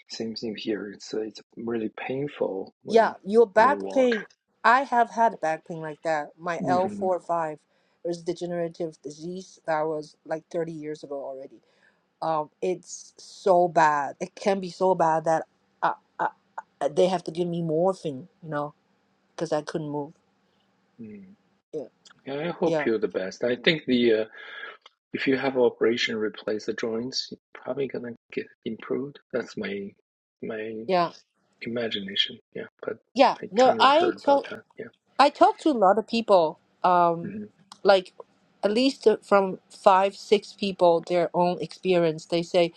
D: Same thing here. It's uh, it's really painful
A: yeah.
D: when
A: Your
D: I
A: back
D: walk.
A: pain. I have had back pain like that. My L
D: hmm
A: four five is degenerative disease. That was like thirty years ago already um, it's so bad. It can be so bad that I, I, they have to give me morphine, you know, because I couldn't move.
D: Mm.
A: Yeah,
D: Yeah, I hope
A: yeah,
D: you're the best. I think the uh, If you have operation replace the joints, you're probably gonna get improved. That's my my
A: yeah,
D: imagination. Yeah, but
A: yeah.
D: I
A: No,
D: kind of
A: I
D: heard
A: to-
D: about that. Yeah.
A: I talk to a lot of people, um,
D: hmm
A: like at least from five, six people, their own experience. They say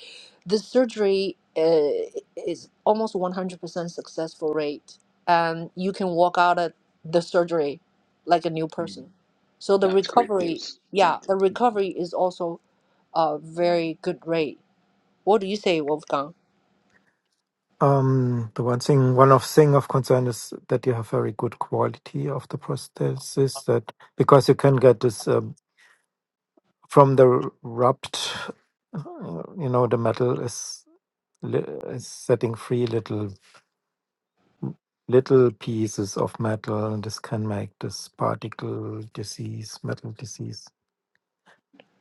A: the surgery uh, is almost 100% successful rate, and you can walk out of the surgery like a new
D: Mm.
A: person. So the
D: That's great
A: recovery,
D: news. Yeah.
A: yeah, the
D: Mm.
A: recovery is also a very good rate. What do you say, Wolfgang?
C: um, the one thing, one of thing of concern is that you have very good quality of the prosthesis. That because you can get this um, from the rubbed, uh, you know, the metal is li- is setting free little little pieces of metal, and this can make this particle disease, metal disease,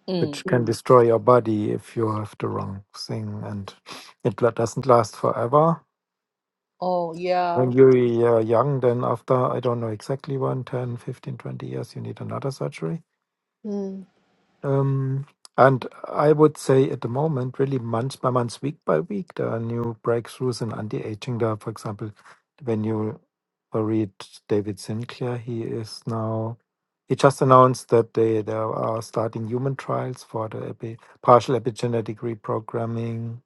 A: Mm.
C: which can Mm. destroy your body if you have the wrong thing, and it la- doesn't last forever
A: Oh, yeah.
C: When you're young, then after, I don't know exactly when, 10, fifteen, twenty years, you need another surgery.
A: Mm.
C: Um, and I would say at the moment, really month by month, week by week, there are new breakthroughs in anti-aging. There, for example, when you read David Sinclair, he is now he just announced that they they are starting human trials for the epi, partial epigenetic reprogramming.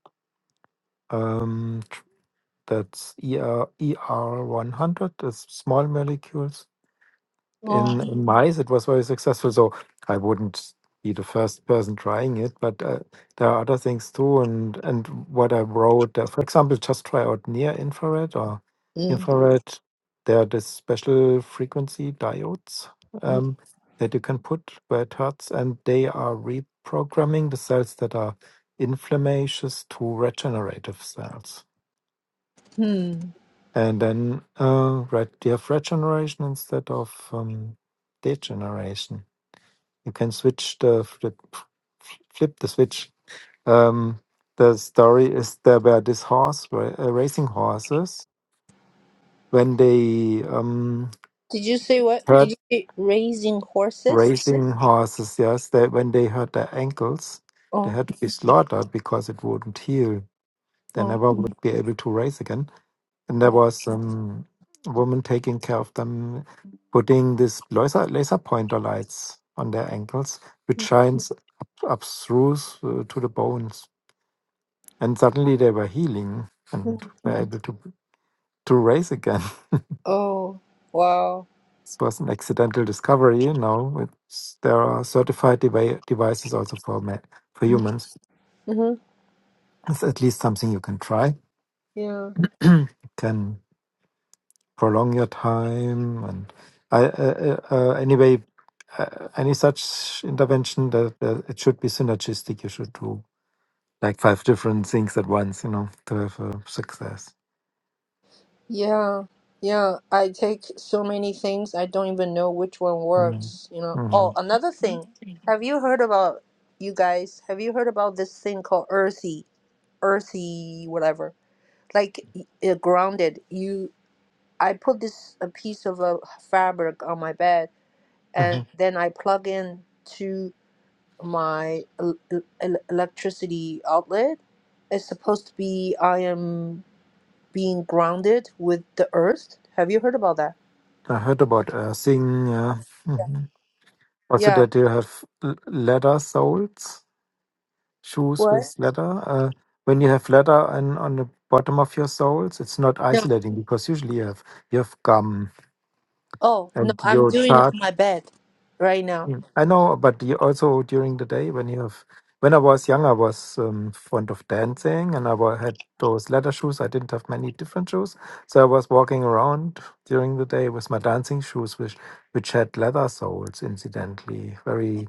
C: Um, that's ER ER one hundred, the small molecules
A: Oh.
C: in, in mice. It was very successful. So I wouldn't be the first person trying it, but uh, there are other things too. And, and what I wrote, uh, for example, just try out near infrared or
A: Mm.
C: infrared. There are these special frequency diodes um, that you can put where it hurts, and they are reprogramming the cells that are inflammations to regenerative cells.
A: Mm.
C: And then uh, right, you have regeneration instead of um, degeneration you can switch the flip flip the switch. Um, the story is there were this horse ra- uh, racing horses when they um
A: Did you say what? Did you
C: hurt
A: say raising horses?
C: racing horses. Yes, they when they hurt their ankles, they
A: Oh,
C: had to be slaughtered because it wouldn't heal. They
A: oh,
C: never would be able to race again. And there
A: oh,
C: was um a woman taking care of them, putting this laser laser pointer lights on their ankles, which shines up, up through uh, to the bones and suddenly they were healing and were able to to race again.
A: oh, wow.
C: This was an accidental discovery. You know, it's, there are certified devi- devices also for ma- for humans.
A: Mm-hmm.
C: It's at least something you can try.
A: Yeah,
C: you can prolong your time, and I, uh, uh, uh, anyway, uh, any such intervention that, that it should be synergistic. You should do like five different things at once. You know, to have a success.
A: yeah, yeah. I take so many things, I don't even know which one
C: Mm-hmm.
A: works, you know.
C: Mm-hmm.
A: Oh, another thing. Have you heard about, you guys, have you heard about this thing called earthy, earthy, whatever? Like uh, grounded. You, I put this a piece of a fabric on my bed,
C: Mm-hmm.
A: and then I plug in to. my el- el- electricity outlet is supposed to be I am being grounded with the earth. Have you heard about that?
C: I heard about uh, seeing uh, mhm. also
A: Yeah.
C: that you have l- leather soles, shoes
A: What?
C: with leather. Uh, when you have leather on, on the bottom of your soles, it's not
A: No.
C: isolating because usually you have you have gum
A: Oh, no,
C: and
A: I'm
C: your
A: doing it on my bed right now.
C: Mm. I know, but you also during the day when you have, when I was young, I was um, fond of dancing and I wa- had those leather shoes. I didn't have many different shoes, so I was walking around during the day with my dancing shoes, which which had leather soles, incidentally, very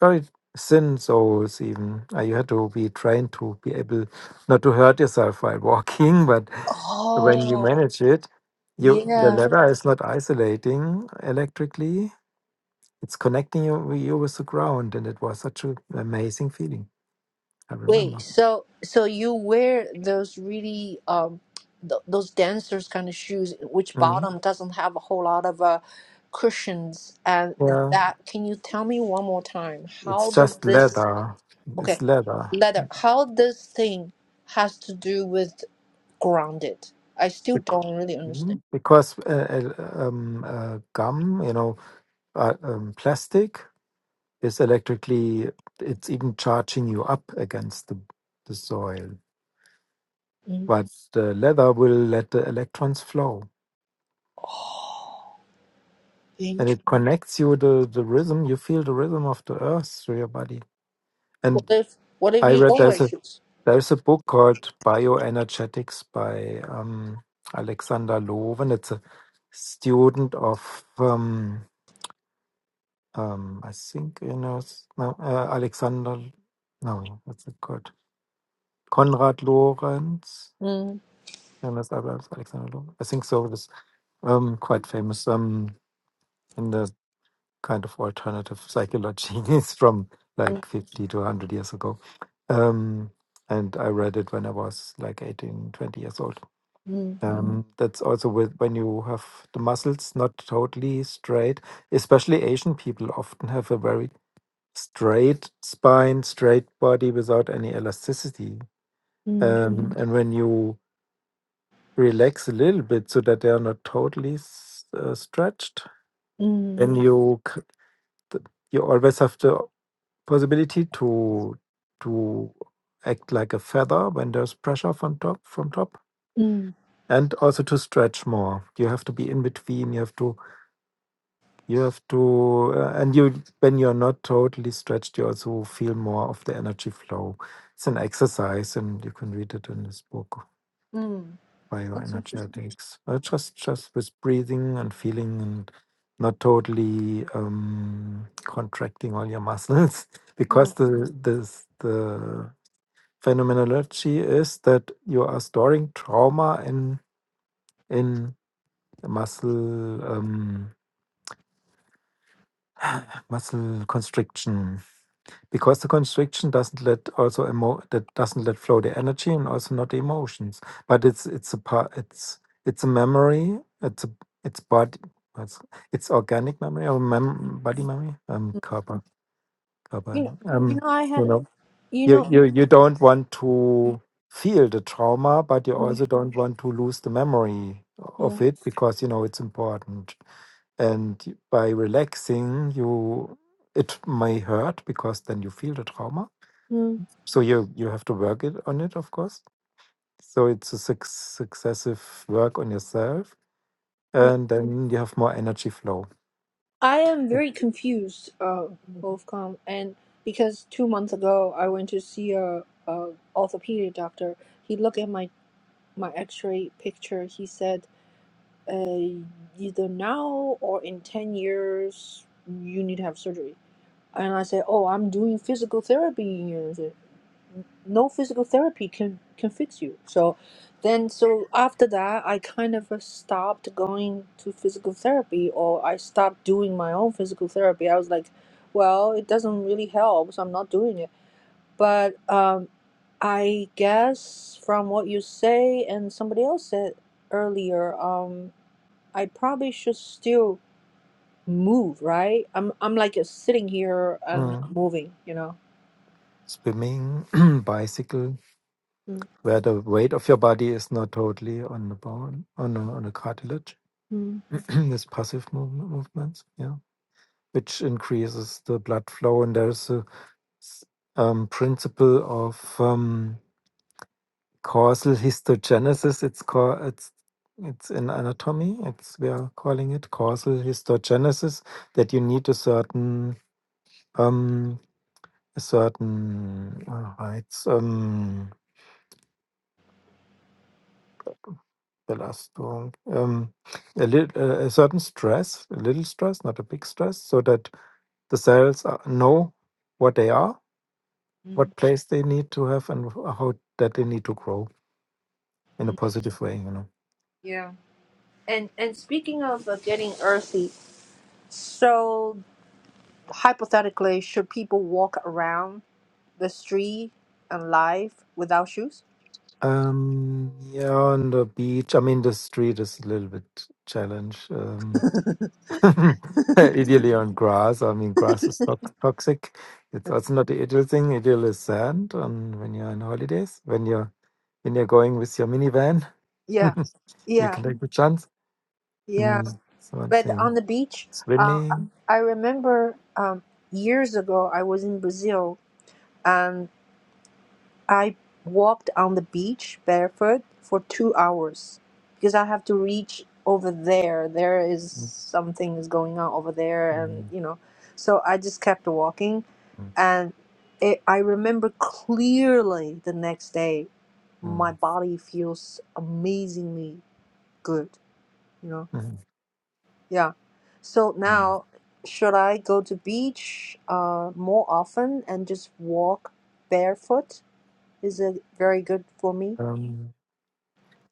C: very thin soles. Even uh, you had to be trained to be able not to hurt yourself while walking, but when you
A: Oh,
C: manage it, you the Mhm.
A: yeah.
C: leather is not isolating electrically it's connecting you you with the ground and it was such an amazing feeling i
A: Wait,
C: remember
A: so so you wear those really um th those dancers kind of shoes which
C: Mhm.
A: bottom doesn't have a whole lot of uh cushions and
C: yeah
A: that can you tell me one more time
C: it's
A: how does
C: just
A: this
C: leather it's
A: Okay,
C: leather
A: leather. How this thing has to do with grounded? I still
C: Bec-
A: don't really understand.
C: Mhm. because uh, uh, um, uh, gum you know uh, um, plastic is electrically it's even charging you up against the, the soil
A: Mm,
C: but the leather will let the electrons flow and
A: int-
C: it connects you to the rhythm you feel the rhythm of the earth through your body
A: What
C: and
A: if what if
C: i
A: you
C: read
A: don't wear
C: there's a
A: shoes?
C: There's a book called Bioenergetics by um, Alexander Loven. It's a student of, um, um, I think, you know, s- no, uh, Alexander, no, what's it called? Konrad Lorenz.
A: Mm,
C: Jonas Abrams, Alexander Lorenz. I think so. This um, quite famous um, in the kind of alternative psychology. It's from
A: mm,
C: like 50 to 100 years ago. Um, and I read it when I was like 18, 20 years old
A: mm,
C: Um, that's also with when you have the muscles not totally straight, especially Asian people often have a very straight spine, straight body without any elasticity.
A: mm,
C: Um, Mhm. And when you relax a little bit so that they are not totally s- uh, stretched,
A: mm,
C: then you c- th- you always have the possibility to to act like a feather when there's pressure from top from top,
A: mm,
C: and also to stretch more. You have to be in between. You have to You have to, uh, and you when you're not totally stretched, you also feel more of the energy flow. It's an exercise, and you can read it in this book,
A: mm. That's interesting.
C: Bioenergetics. Uh, just just with breathing and feeling, and not totally um, contracting all your muscles, because
A: Mm.
C: the this the phenomenology is that you are storing trauma in in muscle um, muscle constriction because the constriction doesn't let also emo- that doesn't let flow the energy and also not the emotions but it's it's a part it's it's a memory it's a it's body it's, it's organic memory or mem- body memory um kappa kappa
A: You know, you
C: um
A: know, I
C: you
A: had,
C: know
A: you
C: you,
A: know,
C: you you don't want to feel the trauma but you
A: mm,
C: also don't want to lose the memory of
A: yeah,
C: it because you know it's important and by relaxing you it may hurt because then you feel the trauma
A: mm,
C: so you you have to work it on it, of course. So it's a suc successive work on yourself,
A: yeah.
C: and Mm. then you have more energy flow.
A: I am
C: Mm.
A: very confused, uh, Wolfcom, and because two months ago I went to see a, a orthopedic doctor. He looked at my my x-ray picture he said uh, either now or in 10 years you need to have surgery and i said oh i'm doing physical therapy and he said, no physical therapy can can fix you so then so after that i kind of uh, stopped going to physical therapy or i stopped doing my own physical therapy i was like well it doesn't really help so i'm not doing it but um, I guess from what you say and somebody else said earlier, um, I probably should still move, right? I'm I'm like uh, sitting here and not
C: Mm.
A: moving, you know.
C: Swimming, bicycle, where the weight of your body is not totally on the bone, on a, on a cartilage.
A: hmm
C: This passive movement, movements, yeah, which increases the blood flow, and there's a s- um, principle of um, causal histogenesis it's called it's it's in anatomy it's we are calling it causal histogenesis that you need a certain um a certain uh, heights um belastung um a little uh, a certain stress a little stress not a big stress so that the cells are, know what they are what place they need to have and how that they need to grow in a positive way you know
A: Yeah. And and speaking of uh, getting earthy, so hypothetically, should people walk around the street and life without shoes?
C: Um, yeah, on the beach. I mean, the street is a little bit challenge. Um, ideally on grass. I mean, grass is not toxic. It's also not the ideal thing. Ideal is sand. And when you're on holidays, when you're when you're going with your minivan,
A: Yeah.
C: you can
A: Yeah.
C: take the chance.
A: Yeah.
C: Mm, it's one
A: But on
C: thing.
A: the beach, uh,
C: Swimming.
A: I remember um, years ago I was in Brazil and I walked on the beach barefoot for two hours because I have to reach over there. There is
C: Mm,
A: something is going on over there, and
C: mm,
A: you know, so I just kept walking,
C: mm,
A: and it, I remember clearly the next day,
C: mm,
A: my body feels amazingly good. You know
C: mm.
A: Yeah. So
C: mm.
A: now, should I go to beach uh, more often and just walk barefoot? Is it very good for me?
C: Um,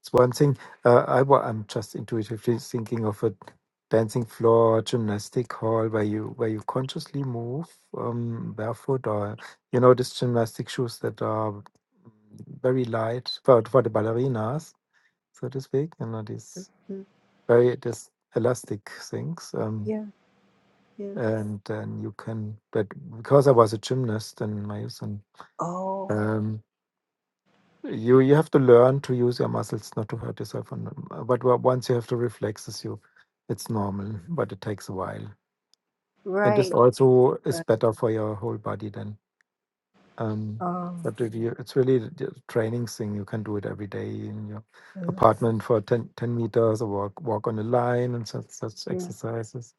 C: It's one thing. Uh, I, wa- I'm just intuitively thinking of a dancing floor, gymnastic hall, where you where you consciously move um, barefoot, or you know, these gymnastic shoes that are very light for for the ballerinas, so to speak. You know, these
A: Mm.
C: very this elastic things. Um,
A: Yeah, yeah.
C: and then you can, but because I was a gymnast in my youth,
A: Oh,
C: and You you have to learn to use your muscles not to hurt yourself. And uh, but wa- once you have the reflexes, you it's normal, but it takes a while. And this
A: right.
C: also is
A: right.
C: better for your whole body then. Um,
A: Um,
C: but if you, it's really the the training thing. You can do it every day in your
A: mm,
C: apartment for 10 10 meters or walk walk on a line and such such
A: yeah.
C: exercises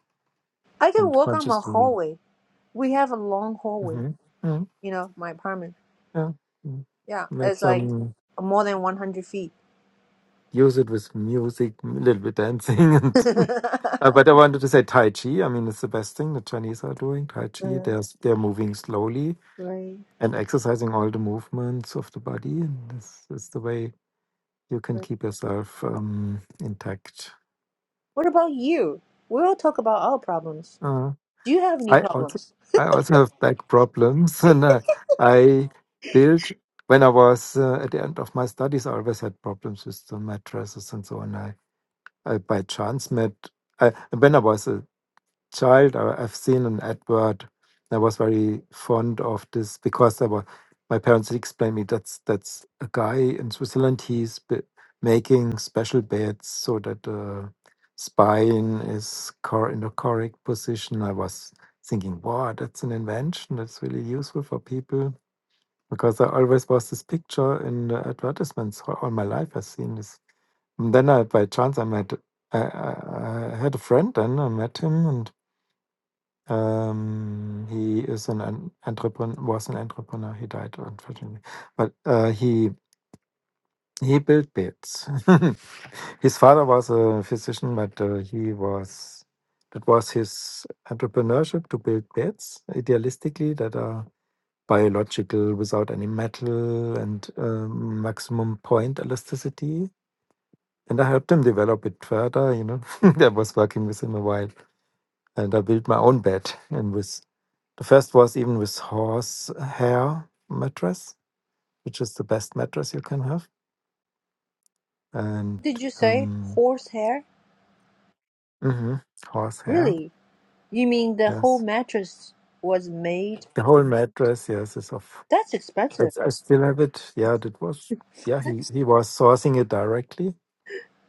A: I can
C: and
A: walk on my
C: consciously.
A: hallway. We have a long hallway,
C: hmm mm
A: you know, my apartment.
C: Yeah. mm.
A: Yeah,
C: Make
A: it's like
C: some
A: more than 100 feet.
C: use it with music, a little bit dancing and. Uh, but I wanted to say Tai Chi. I mean, it's the best thing the Chinese are doing. Tai Chi.
A: Mm,
C: They're s- they're moving slowly
A: right,
C: and exercising all the movements of the body, and this is the way you can
A: right.
C: keep yourself um, intact.
A: What about you? We'll talk about our problems.
C: Uh,
A: Do you have any
C: I also
A: problems?
C: I also have back problems, and uh, I built when I was uh, at the end of my studies. I always had problems with the mattresses and so on. I, I by chance met. I, when I was a child, I, I've seen an advert. I was very fond of this because there were my parents explained me that's that's a guy in Switzerland. He's b- making special beds so that the spine is cor- in the correct position. I was thinking, wow, that's an invention that's really useful for people because there always was this picture in the advertisements all all my life. I've seen this. And then I, by chance, I met I, I I had a friend and I met him and. Um, he is an, an entrepreneur, was an entrepreneur. He died unfortunately, but uh, he he built beds. his father was a physician, but uh, he was that was his entrepreneurship to build beds, idealistically that are biological, without any metal and um, maximum point elasticity. And I helped him develop it further. You know, I was working with him a while and I built my own bed. And with the first was even with horse hair mattress, which is the best mattress you can have, and
A: Did you say
C: um,
A: horsehair?
C: hmm horse hair.
A: Really? You mean the whole
C: Yes,
A: mattress was made?
C: the whole mattress. Yes, is of.
A: That's
C: I,
A: expensive.
C: I still have it. Yeah, that was. Yeah, he he was sourcing it directly,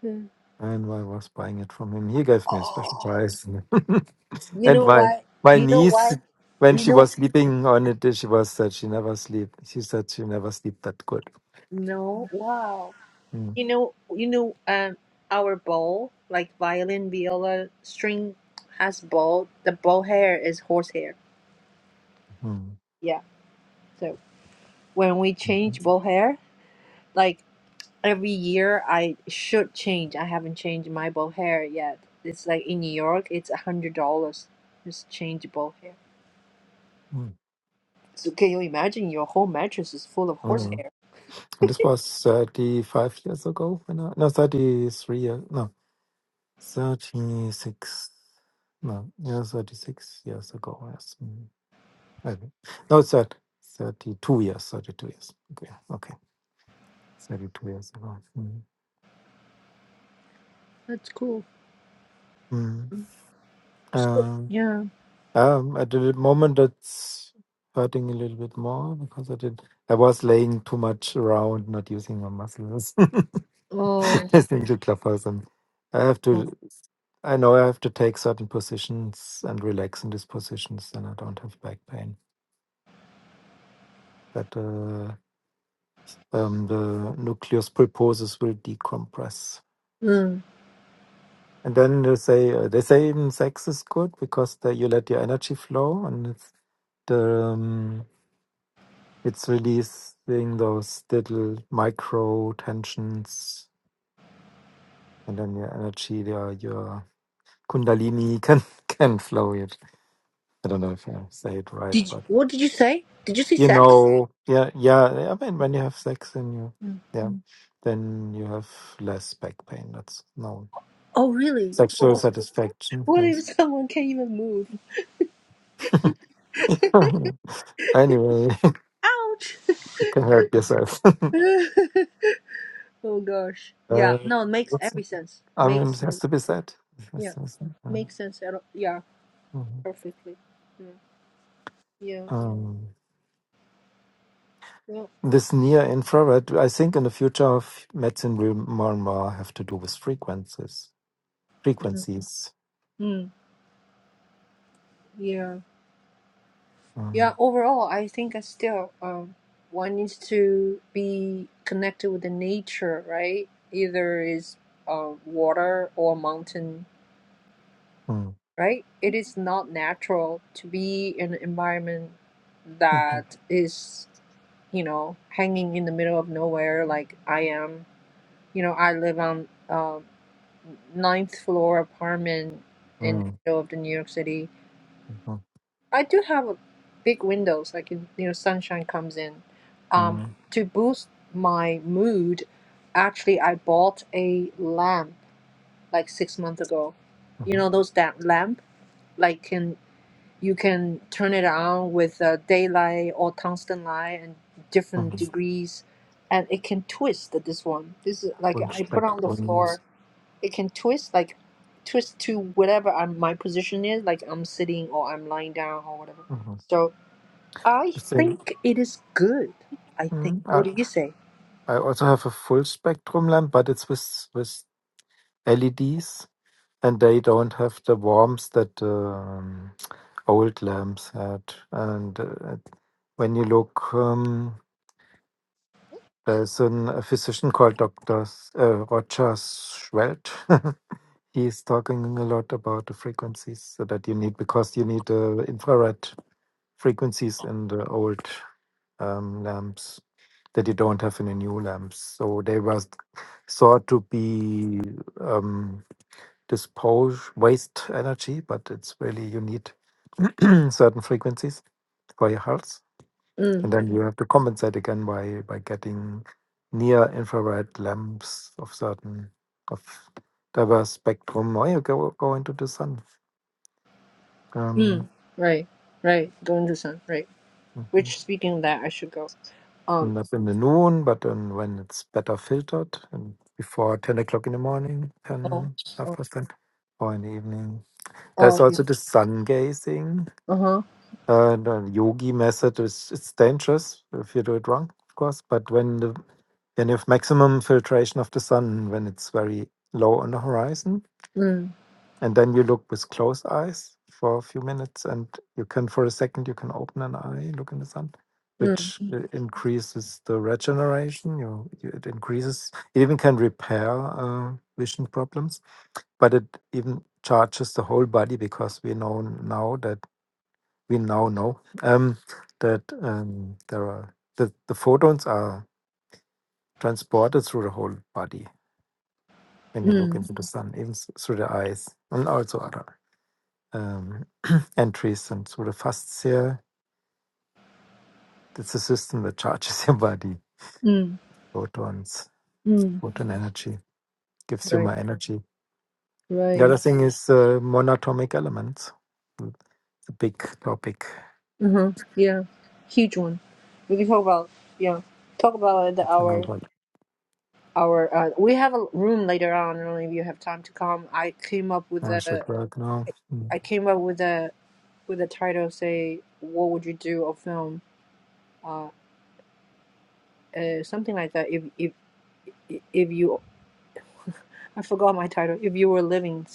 A: Hmm.
C: and I was buying it from him. He gave me a special
A: Oh,
C: price,
A: you
C: and
A: know
C: my
A: why?
C: my
A: You know
C: niece.
A: why?
C: When
A: You
C: she
A: know,
C: was sleeping on it, she was said she never sleep. She said she never sleep that good.
A: no, wow.
C: Mm.
A: You know, you know, um, our bow, like violin, viola, string, has bow. The bow hair is horsehair.
C: Mm,
A: Yeah. So when we
C: mhm,
A: change bow hair, like every year I should change. I haven't changed my bow hair yet. It's like in New York, it's a hundred dollars. Just change bow hair.
C: mm,
A: So can you imagine your whole mattress is full of
C: mm.
A: horsehair?
C: And this was 35 years ago when I, no, 33 years, no, 36, no, yeah, 36 years ago. Yes. Mm, maybe. No, it's at 32 years, 32 years. Okay. Okay. 32 years ago. Mm.
A: That's cool.
C: Mm.
A: Mm. So,
C: Um,
A: yeah.
C: um, at the moment, that's hurting a little bit more because I did, I was laying too much around, not using my muscles.
A: Oh.
C: listening to Clubhouse. And I have
A: oh.
C: to, I know I have to take certain positions and relax in these positions, and I don't have back pain. That uh, um, the nucleus pulposus will decompress.
A: Mm.
C: And then they say uh, they say even sex is good because the, you let your energy flow and it's the um, it's releasing those little micro tensions and then your energy, your your kundalini can can flow. I don't know if I say it right,
A: Did you,
C: but
A: what did you say? Did you say
C: you
A: sex?
C: know, yeah, yeah. I mean, when you have sex and you,
A: Mm.
C: yeah, Mm. then you have less back pain. That's known.
A: Oh really?
C: Sexual
A: What,
C: satisfaction.
A: what if
C: Yes.
A: someone can't even move?
C: anyway,
A: Ouch.
C: you can hurt yourself.
A: oh gosh. Yeah.
C: uh,
A: No, it makes
C: what's,
A: every sense.
C: I mean,
A: Makes
C: it
A: ev-
C: has to be said. It has
A: yeah.
C: to be said, um,
A: Makes sense at all. Yeah.
C: mhm.
A: Perfectly. Mm. Yeah.
C: Um,
A: Yeah.
C: this near infrared, I think, in the future of medicine, will more and more have to do with frequencies. Frequencies.
A: Mm, yeah.
C: Um,
A: Yeah, overall, I think I still um one needs to be connected with the nature, right? Either is uh, water or mountain,
C: mm,
A: right? It is not natural to be in an environment
C: mhm,
A: that is, you know, hanging in the middle of nowhere like I am. You know, I live on um ninth floor apartment in the
C: mm.
A: middle of the New York City
C: Mhm,
A: I do have a big windows, like in, you know, sunshine comes in. Um,
C: mhm,
A: to boost my mood, actually, I bought a lamp like six months ago. You
C: mhm,
A: know those that lamp, like can you can turn it on with uh, daylight or tungsten light and different
C: mhm.
A: degrees, and it can twist. This one, this is like
C: Full
A: I put on the
C: spectrum.
A: floor. It can twist like twist to whatever I'm, my position is, like I'm sitting or I'm lying down or whatever.
C: Mhm.
A: So I
C: The same.
A: think it is good. I think.
C: Mhm. I
A: What do you say?
C: I also have a full spectrum lamp, but it's with with LEDs, and they don't have the warmth that um, old lamps had. And uh, it- when you look, um, there's an, a physician called Dr. S- uh, Roger Schwelt. He's talking a lot about the frequencies so that you need because you need uh, infrared frequencies in the old um, lamps that you don't have in the new lamps. So they were thought to be um, dispose waste energy, but it's really you need certain frequencies for your health,
A: Mm,
C: and then you have to compensate again by by getting near infrared lamps of certain of diverse spectrum, or you go go into the sun. Um,
A: mm, right, right. Going to sun, right.
C: mhm.
A: Which speaking of that, I should go. Um.
C: That's in the noon, but then when it's better filtered and before 10 o'clock in the morning,
A: Oh.
C: 10 half
A: Oh.
C: past 10, or in the evening. There's
A: oh Yeah.
C: also the sun gazing.
A: uh huh.
C: Uh, the yogi method is it's dangerous if you do it wrong, of course, but when the when you have maximum filtration of the sun, when it's very low on the horizon,
A: Mm.
C: and then you look with closed eyes for a few minutes and you can for a second you can open an eye look in the sun
A: Mm.
C: which uh, increases the regeneration you, you it increases it even can repair uh, vision problems but it even charges the whole body because we know now that we now know um, that um, there are the, the photons are transported through the whole body when you look
A: Mm.
C: into the sun even s- through the eyes and also other um, entries and sort of fasts here. It's a system that charges your body
A: Mm.
C: photons,
A: Mm.
C: photon energy, gives you
A: Right.
C: more energy. The other
A: Right.
C: thing is uh, monatomic elements. It's a big topic.
A: Uh huh. Yeah. Huge one. We can talk about yeah. Talk about the,
C: I
A: our
C: know what
A: our. Uh, we have a room later on. I don't know if you have time to come. I came up with
C: I
A: a.
C: should work now. Mm.
A: I came up with a with a title. Say, what would you do? A film. uh, uh, something like that. If if if you, I forgot my title. If you were living,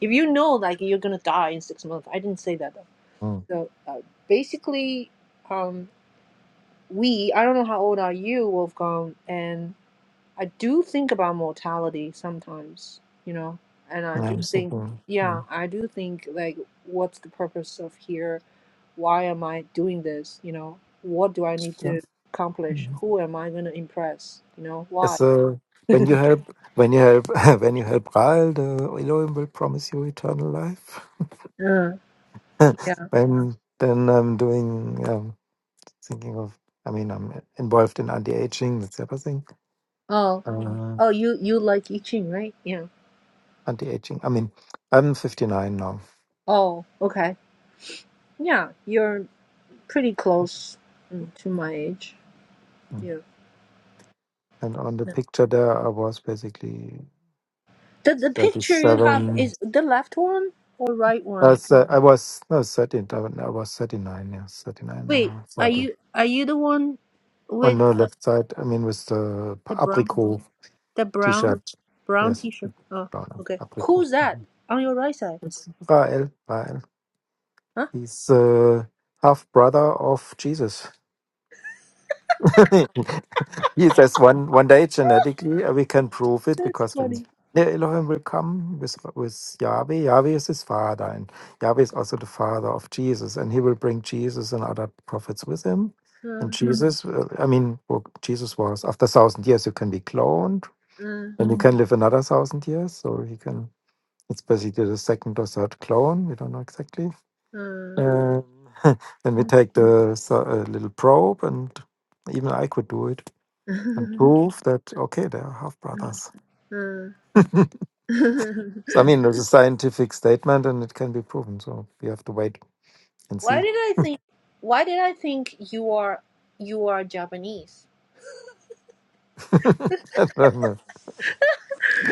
A: if you know like you're gonna die in six months, I didn't say that though.
C: Mm.
A: So uh, basically, um, we I don't know how old are you, Wolfgang, and I do think about mortality sometimes, you know, and I do
C: I'm
A: think,
C: thinking.
A: yeah,
C: mm,
A: I do think like, what's the purpose of here? Why am I doing this? You know, what do I need
C: Yeah.
A: to accomplish?
C: Mm.
A: Who am I gonna impress? You know, why?
C: So when you help, when you help, when you help Raal, the Elohim will promise you eternal life.
A: Yeah.
C: when then I'm doing. um, thinking of i mean i'm involved in anti-aging that type of thing
A: Oh.
C: uh,
A: Oh, you you like I Ching, right? Yeah.
C: anti-aging i mean i'm 59 now
A: Oh, okay. Yeah, you're pretty close mm, to my age.
C: Mm.
A: Yeah.
C: and on the
A: Yeah.
C: picture there i was basically
A: The the picture you have
C: 37
A: is the left one or right
C: uh,
A: one?
C: so i was no 13 i was I was 39 yes 39
A: Wait,
C: or
A: are
C: 40
A: you are you the one
C: on
A: with
C: the
A: the,
C: left side i mean with the p-
A: the brown
C: apricot
A: the brown
C: t-shirt
A: brown
C: yes
A: t-shirt? Oh,
C: brown
A: okay.
C: apricot
A: Who's that
C: Mhm.
A: on your right side?
C: it's rael rael
A: Huh?
C: he's uh, half brother of jesus he says one one day genetically uh, we can prove it
A: That's
C: because when
A: funny.
C: yeah, Elohim will come with with Yahweh. Yahweh is his father, and Yahweh is also the father of Jesus, and he will bring Jesus and other prophets with him. And
A: Uh,
C: Mhm. Jesus, uh, I mean, well, Jesus was after thousand years you can be cloned,
A: uh,
C: and you Mhm. can live another thousand years. So he can. It's basically the second or third clone. We don't know exactly.
A: uh.
C: Um, then we take the so- uh, little probe, and even I could do it and prove that okay they are half brothers
A: uh.
C: so, i mean there's a scientific statement and it can be proven so we have to wait and
A: Why
C: see
A: did I think? Why did I think you are you are Japanese?
C: i don't know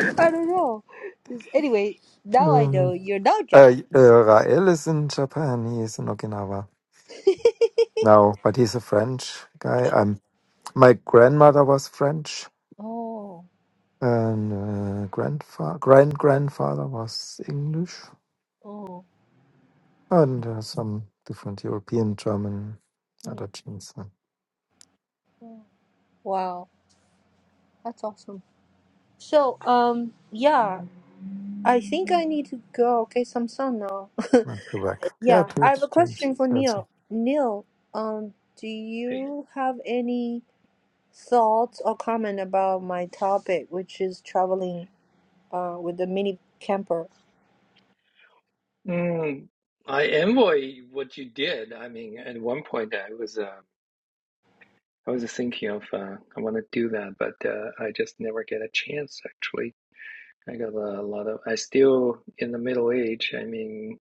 A: I don't know. Anyway, now I know
C: um,
A: you're not
C: uh, uh,
A: Japanese.
C: rael is in japan he is in okinawa now but he's a french guy um, my grandmother was french
A: Oh,
C: and uh, grandfather grand grandfather was english
A: oh,
C: and uh, some different european german other
A: mm,
C: genes uh,
A: mm. wow, that's awesome. So, um, yeah, I think I need to go get some sun now.
C: not the yeah
A: Yeah,
C: two
A: I have a
C: strange
A: question for Neil. Neil, um, do
D: Hey,
A: you have any thoughts or comment about my topic, which is traveling, uh, with a mini camper?
D: mm, I envy what you did. I mean, at one point I was uh, I was thinking of uh, I want to do that, but uh, I just never get a chance. Actually, I got a lot of. I still in the middle age. I mean.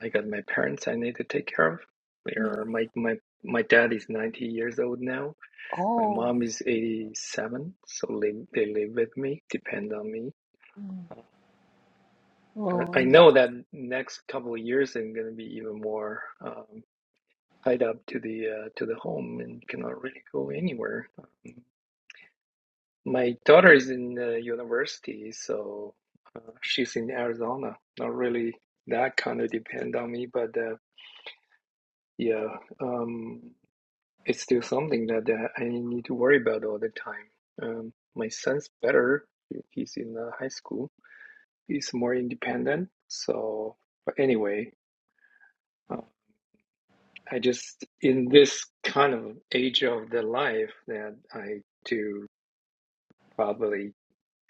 D: I got my parents I need to take care of. They are
A: Mm.
D: my my my dad is 90 years old now. My
A: Oh,
D: mom is 87, so they they live with me, depend on me.
A: Mm.
D: Uh,
A: oh.
D: I I know that next couple of years I'm gonna be even more um, tied up to the uh, to the home and cannot really go anywhere. Um, my daughter is in uh, university, so uh, she's in Arizona. Not really that kind of depend on me, but uh, yeah. Um, it's still something that uh, I need to worry about all the time. Um, my son's better. He's in uh, high school. He's more independent. So, but anyway, uh, I just in this kind of age of the life that I do probably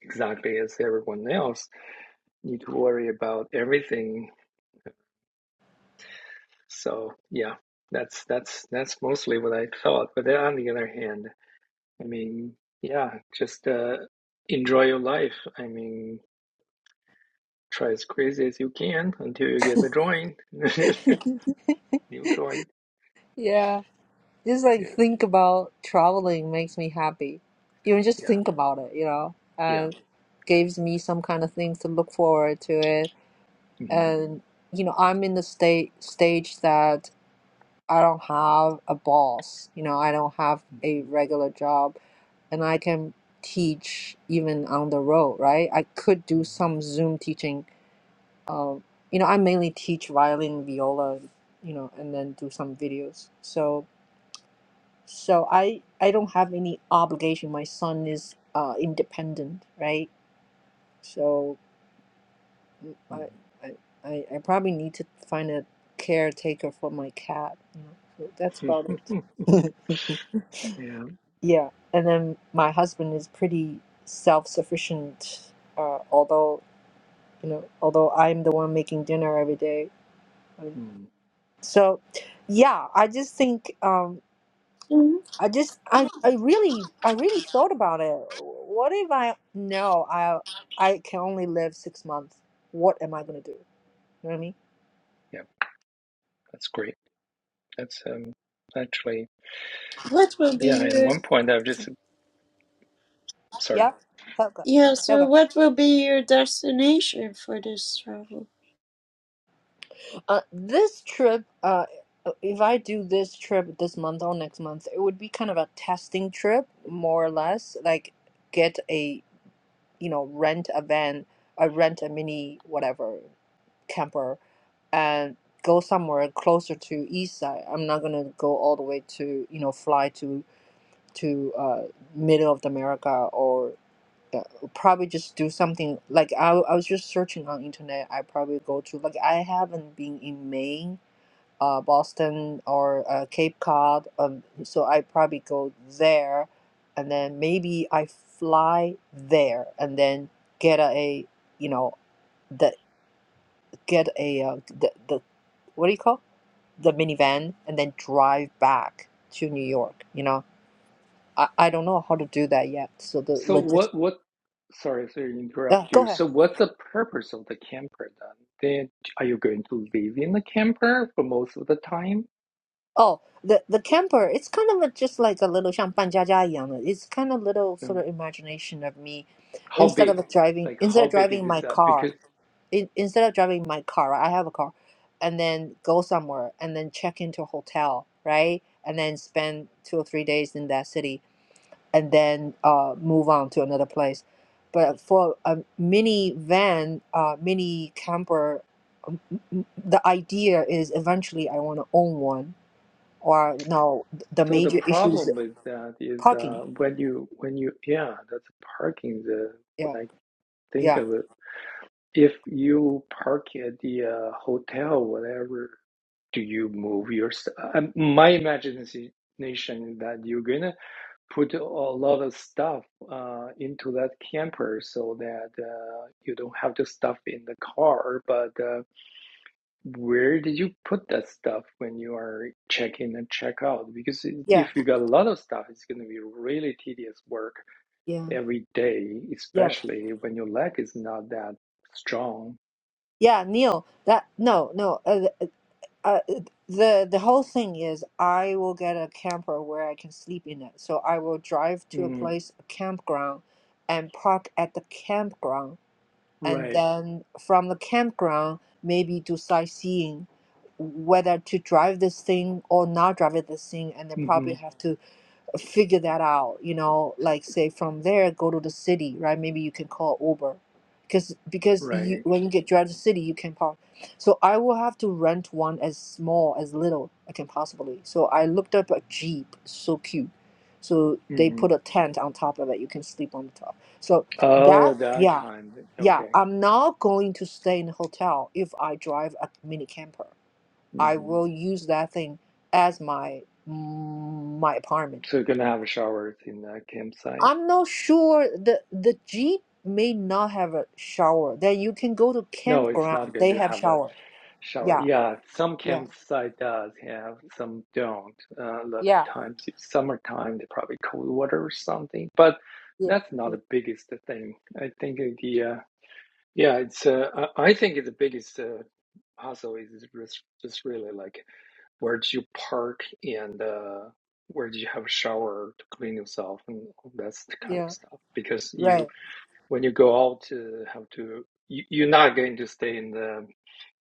D: exactly as everyone else need to worry about everything. So yeah, that's that's that's mostly what I thought. But then on the other hand, I mean, yeah, just uh, enjoy your life. I mean, try as crazy as you can until you get the joint, new joint.
A: yeah. Just like
D: Yeah,
A: think about traveling makes me happy. Even just
D: yeah,
A: think about it, you know,
D: yeah,
A: and
D: yeah.
A: gives me some kind of things to look forward to it.
D: Mhm,
A: And you know, I'm in the state stage that I don't have a boss. You know, I don't have a regular job, and I can teach even on the road, right? I could do
D: mhm,
A: some Zoom teaching Um, you know, I mainly teach violin, viola, you know, and then do some videos. So, so I I don't have any obligation. My son is uh independent, right? So, mm, I I I I probably need to find a caretaker for my cat. You know, so that's
D: mhm,
A: about
D: mhm.
A: it.
D: Yeah,
A: yeah, and then my husband is pretty self-sufficient. Uh, although you know, although I'm the one making dinner every day.
D: mm,
A: So, yeah, I just think um,
B: Mhm.
A: I just I, I really I really thought about it. What if I no I I can only live six months. What am I gonna do? You know what I mean?
D: yeah, that's great. That's um, actually,
B: What will
D: yeah,
B: be
D: at
B: your
D: one point I've just, sorry.
A: Yeah, Helga,
B: yeah? So,
A: Helga.
B: what will be your destination for this travel?
A: Uh, this trip, uh, uh, if I do this trip this month or next month, it would be kind of a testing trip, more or less. Like get a you know rent a van, I rent a mini whatever camper and go somewhere closer to east side. I'm not gonna go all the way to you know fly to to uh, middle of America or the, probably just do something like I, I was just searching on internet. I probably go to like I haven't been in Maine, uh, Boston or uh, Cape Cod, um, so I probably go there, and then maybe I fly there and then get a you know the get a uh, the, the what do you call the minivan and then drive back to New York. You know, I, I don't know how to do that yet. So the
D: So
A: logistics.
D: what what sorry to
A: Uh,
D: interrupt
A: go
D: you.
A: ahead.
D: So what's the purpose of the camper then? Then are you going to live in the camper for most of the time?
A: Oh, the the camper. It's kind of a, just like a little 像搬家家一样的. It's kind of little sort
D: Um,
A: of imagination of me,
D: How
A: instead
D: big?
A: of driving
D: Like
A: instead
D: how
A: of
D: big is
A: driving
D: this?
A: my
D: Uh,
A: car.
D: because
A: In, instead of driving my car, right, I have a car, and then go somewhere and then check into a hotel, right? And then spend two or three days in that city and then uh, move on to another place. But for a mini van, uh, mini camper, m- the idea is eventually I want to own one. Or no, th- the
D: so the
A: major issue is
D: problem with that is
A: parking.
D: uh, when you when you yeah that's parking the
A: Yeah,
D: when I think
A: yeah,
D: of it if you park at the uh, hotel whatever do you move your st- uh, my imagination is that you're gonna put a lot of stuff uh, into that camper so that uh, you don't have the stuff in the car. But uh, where did you put that stuff when you are check in and check out? Because
A: yeah,
D: if you got a lot of stuff, it's going to be really tedious work
A: yeah,
D: every day,
A: yeah,
D: especially when your leg is not that strong.
A: yeah. Neil, that no, no. Uh, th- uh, uh, the the whole thing is I will get a camper where I can sleep in it. So I will drive to a
D: Mm,
A: place, a campground, and park at the campground and
D: right.
A: then from the campground maybe do sightseeing whether to drive this thing or not drive this thing and then probably
D: hmm
A: have to figure that out you know like say from there go to the city right maybe you can call uber because because you
D: Right.
A: when you get drive to the city you can park so i will have to rent one as small as little i can possibly so i looked up a jeep so cute so they
D: hmm
A: put a tent on top of it you can sleep on the top so
D: Oh,
A: that
D: that
A: yeah
D: kind.
A: yeah
D: Okay.
A: i'm not going to stay in a hotel if i drive a mini camper i
D: hmm
A: will use that thing as my my apartment
D: So you're going to have showers in the campsite.
A: I'm not sure the the Jeep may not have a shower. Then you can go to
D: No, it's
A: campground.
D: not going
A: They
D: to
A: have
D: have a
A: shower.
D: shower.
A: Yeah,
D: Yeah, some
A: yeah,
D: campsite does have, some don't. Uh, a lot of
A: yeah,
D: times, it's summertime, they probably cold water or something. But
A: yeah,
D: that's not
A: yeah,
D: the biggest thing. I think the uh, yeah, it's uh, I I think the biggest uh, hassle is just just really like where do you park and uh, where do you have a shower to clean yourself and all that kind of
A: yeah.
D: stuff because you
A: Right.
D: when you go out uh, have to you, you're not going to stay in the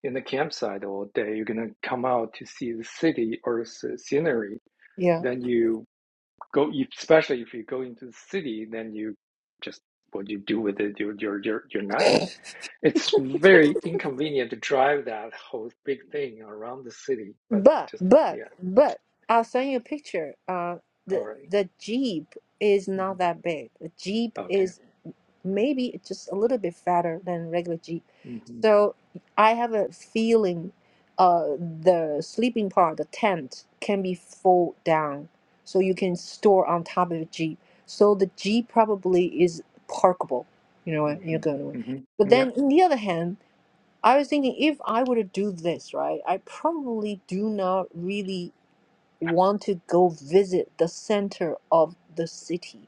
D: in the campsite all day you're going to come out to see the city or s- scenery
A: Yeah.
D: then you go especially if you go into the city then you just what you do with it you're you're you're, you're not it's very inconvenient to drive that whole big thing around the city but
A: But
D: just
A: but
D: yeah
A: but I'll send you a picture. Uh, the
D: alright,
A: the Jeep is not
D: mm-hmm.
A: that big. The Jeep
D: okay
A: is maybe it's just a little bit fatter than regular Jeep.
D: mm-hmm.
A: So I have a feeling uh, the sleeping part, the tent, can be fold down so you can store on top of the Jeep. So the Jeep probably is parkable, you know, and you're going to.
D: Mm-hmm.
A: But
D: Mm-hmm. yeah
A: then on the other hand, I was thinking if I were to do this, right, I probably do not really want to go visit the center of the city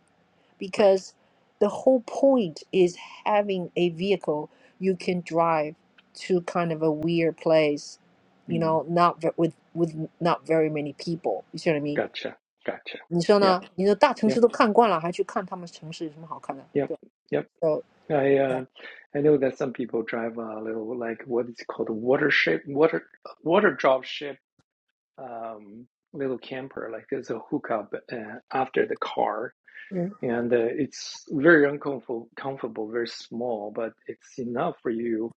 D: right
A: because the whole point is having a vehicle you can drive to kind of a weird place, you
D: mm
A: know, not ve- with with not very many people. You see what I mean?
D: gotcha gotcha yep Yep. Yep,
A: 你说呢？你的大城市都看惯了，还去看他们城市有什么好看的？对吧？So
D: yep. I
A: yeah,
D: uh, I know that some people drive a little like what is called a water ship, water water drop ship, um, little camper. Like there's a hookup uh, after the car,
A: 嗯
D: and uh, it's very uncomfortable, comfortable, very small, but it's enough for you.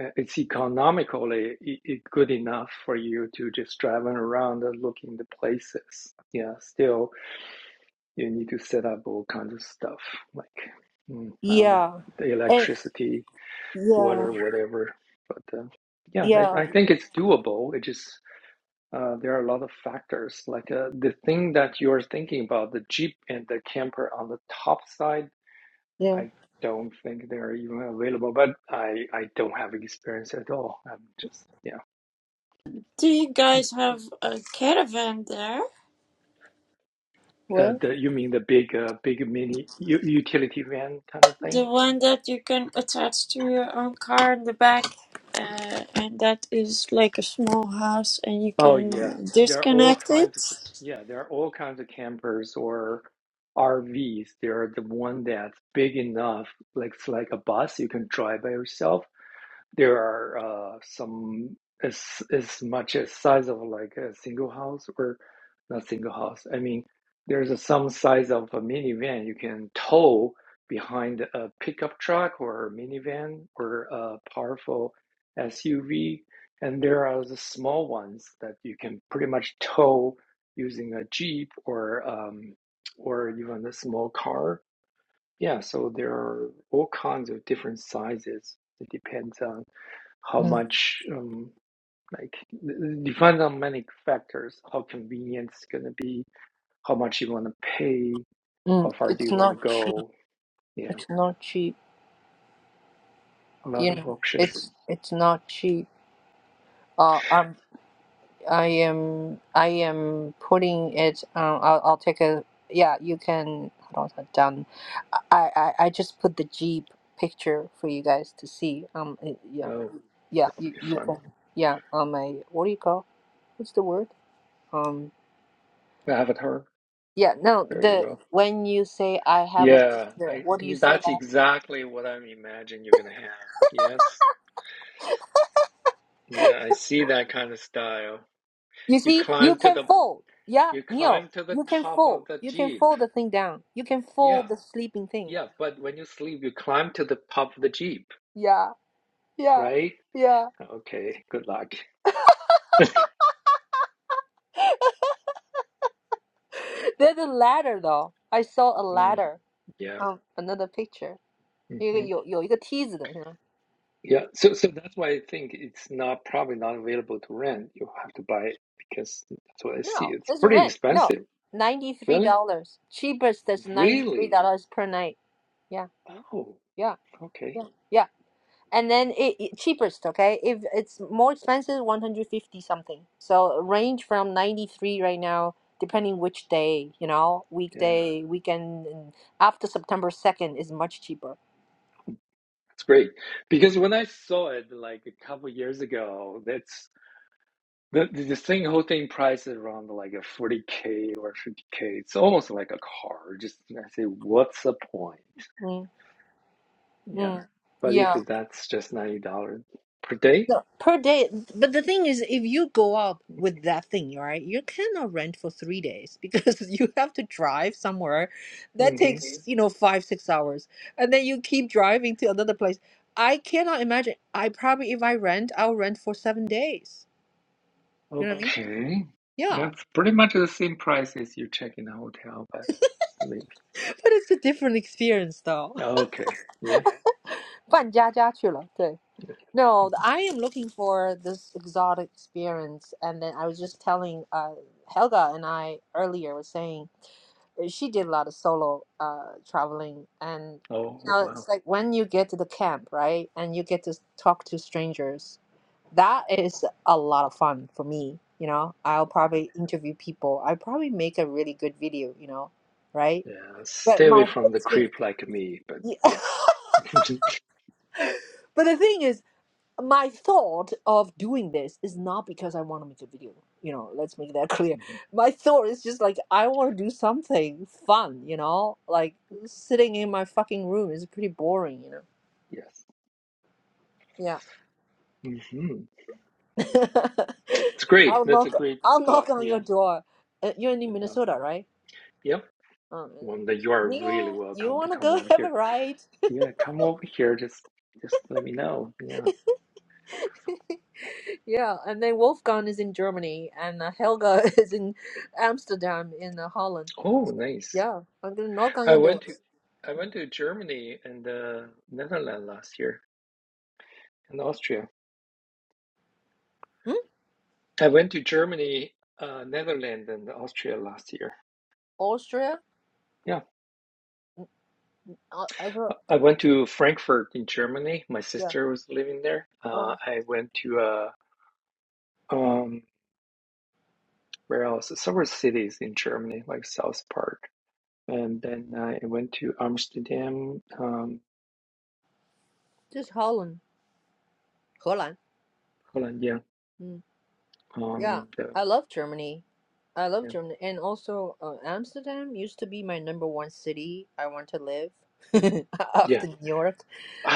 D: Uh, it's economically i i- good enough for you to just driving around and looking the places. Yeah, still you need to set up all kinds of stuff like mm, I don't know
A: yeah,
D: the
A: and
D: electricity,
A: yeah,
D: water, whatever. But uh, yeah, I,
A: yeah,
D: I think it's doable. It just uh, there are a lot of factors like uh, the thing that you're thinking about the jeep and the camper on the top side.
A: yeah.
D: I don't think they're even available, but I I don't have experience at all. I'm just yeah.
B: Do you guys have a caravan there?
D: Uh,
A: What?
D: the you mean the big uh, big mini u- utility van kind of thing?
B: The one that you can attach to your own car in the back, uh, and that is like a small house, and you
D: Oh
B: can
D: yeah, there are all
B: disconnect it.
D: kinds of yeah, there are all kinds of campers or RVs. There are the one that's big enough, like it's like a bus you can drive by yourself. There are uh, some as as much as size of like a single house or not single house. I mean, there's a, some size of a minivan you can tow behind a pickup truck or a minivan or a powerful SUV, and there are the small ones that you can pretty much tow using a jeep or um, or even a small car. Yeah, so there are all kinds of different sizes. It depends on how
A: Mm.
D: much um, like depends on many factors how convenient it's going to be how much you want to pay how
A: Mm.
D: far do
A: It's
D: you want to
A: not cheap.
D: go You know,
A: It's not cheap.
D: a lot
A: You
D: of
A: know,
D: options
A: it's it's not cheap. Uh, I'm I am I am putting it. Um, I'll I'll take a yeah. You can hold on done. I, I I just put the Jeep picture for you guys to see. Um it- yeah
D: oh
A: yeah
D: that'll
A: you
D: be
A: you
D: fun
A: can yeah on my what do you call what's the word um
D: avatar
A: yeah no
D: there you
A: the
D: go
A: when you say I have a
D: yeah
A: picture
D: i
A: what do you say
D: that's
A: that
D: exactly what i'm imagining you're going to have yes yeah i see that kind of style
A: you
D: you
A: see you
D: climb to
A: can
D: the
A: fold yeah
D: you
A: Neil
D: climb to the
A: you can
D: top of
A: fold
D: the
A: you can
D: jeep
A: fold the thing down you can
D: yeah
A: fold the sleeping thing
D: yeah but when you sleep you climb to the top of the jeep
A: yeah yeah
D: right
A: yeah
D: Okay, good luck.
A: There's a ladder though. I saw a
D: Mm,
A: ladder
D: yeah.
A: on another picture.
D: hmm
A: 一个有有一个梯子的是吗?
D: Yeah. So so that's why I think it's not probably not available to rent. You have to buy it because that's what I see.
A: No,
D: It's
A: that's
D: pretty
A: rent. No,
D: expensive.
A: ninety three
D: Really?
A: dollars. Cheapest is ninety three
D: Really?
A: dollars per night. Yeah,
D: Oh,
A: yeah,
D: okay.
A: yeah, yeah. And then it, it cheapest, okay? If it's more expensive, one hundred fifty something. So range from ninety three right now, depending which day, you know,
D: Yeah,
A: weekday, weekend, and after September second is much cheaper.
D: that's great. Because when I saw it like a couple years ago, that's the the the thing whole thing price is around like a 40K or 50K. It's almost like a car. Just I say, what's the point?
A: Mm,
D: Yeah.
A: mm.
D: But
A: Yeah.
D: if that's just $90 per day,
A: No, per day. But the thing is, if you go out with that thing, right, you cannot rent for three days because you have to drive somewhere. That
D: hmm
A: takes, Mhm. you know, five, six hours. And then you keep driving to another place. I cannot imagine. I probably, if I rent, I'll rent for seven days. You know what I Mm. mean?
D: Okay.
A: Yeah.
D: That's pretty much the same price as you check in a hotel, but maybe.
A: But it's a different experience, though.
D: Okay. Yeah.
A: 搬家家去了，对。
D: yeah.
A: No, th-
D: Mhm.
A: I am looking for this exotic experience. And then I was just telling uh, Helga and I earlier was saying uh, she did a lot of solo uh, traveling. And, you
D: Oh,
A: know,
D: wow.
A: it's like when you get to the camp, right? And you get to s- talk to strangers, that is a lot of fun for me. You know, I'll probably interview people. I probably make a really good video, you know, right?
D: Yeah.
A: But
D: Stay away
A: my whole
D: from the
A: experience,
D: creep like me, but yeah.
A: but the thing is, my thought of doing this is not because I want to make a video. You know, let's make that clear.
D: Mhm.
A: My thought is just like I want to do something fun. You know, like sitting in my fucking room is pretty boring. You know.
D: Yes.
A: Yeah.
D: hmm It's great.
A: I'll
D: That's a
A: knock.
D: great
A: I'll
D: thought.
A: knock on
D: Yeah.
A: your door. Uh, you're in
D: That's
A: Minnesota,
D: awesome.
A: right?
D: Yep.
A: Um,
D: Wanda, you are really
A: Neil, you
D: welcome to
A: want to
D: come
A: go
D: over
A: have a
D: here.
A: ride?
D: Yeah, come over here. Just just let me know. Yeah.
A: Yeah, and then Wolfgang is in Germany, and uh, Helga is in Amsterdam in uh, Holland.
D: Oh,
A: So,
D: nice.
A: yeah, I'm gonna knock on
D: I
A: your
D: went to
A: doors.
D: I went to Germany and uh, Netherlands last year and Austria.
A: Hmm?
D: I went to Germany, uh, Netherlands, and Austria last year.
A: Austria?
D: Yeah,
A: Uh, I
D: I
A: thought,
D: went to Frankfurt in Germany. My
A: yeah.
D: sister was living there. Uh,
A: Oh,
D: I went to uh, um, where else? Several cities in Germany, like South Park, and then I went to Amsterdam, um,
A: just Holland, 荷兰.
D: Holland. Yeah,
A: Yeah,
D: um, the,
A: I love Germany. I love
D: yeah,
A: Germany, and also uh, Amsterdam used to be my number one city I want to live
D: yeah.
A: after New York,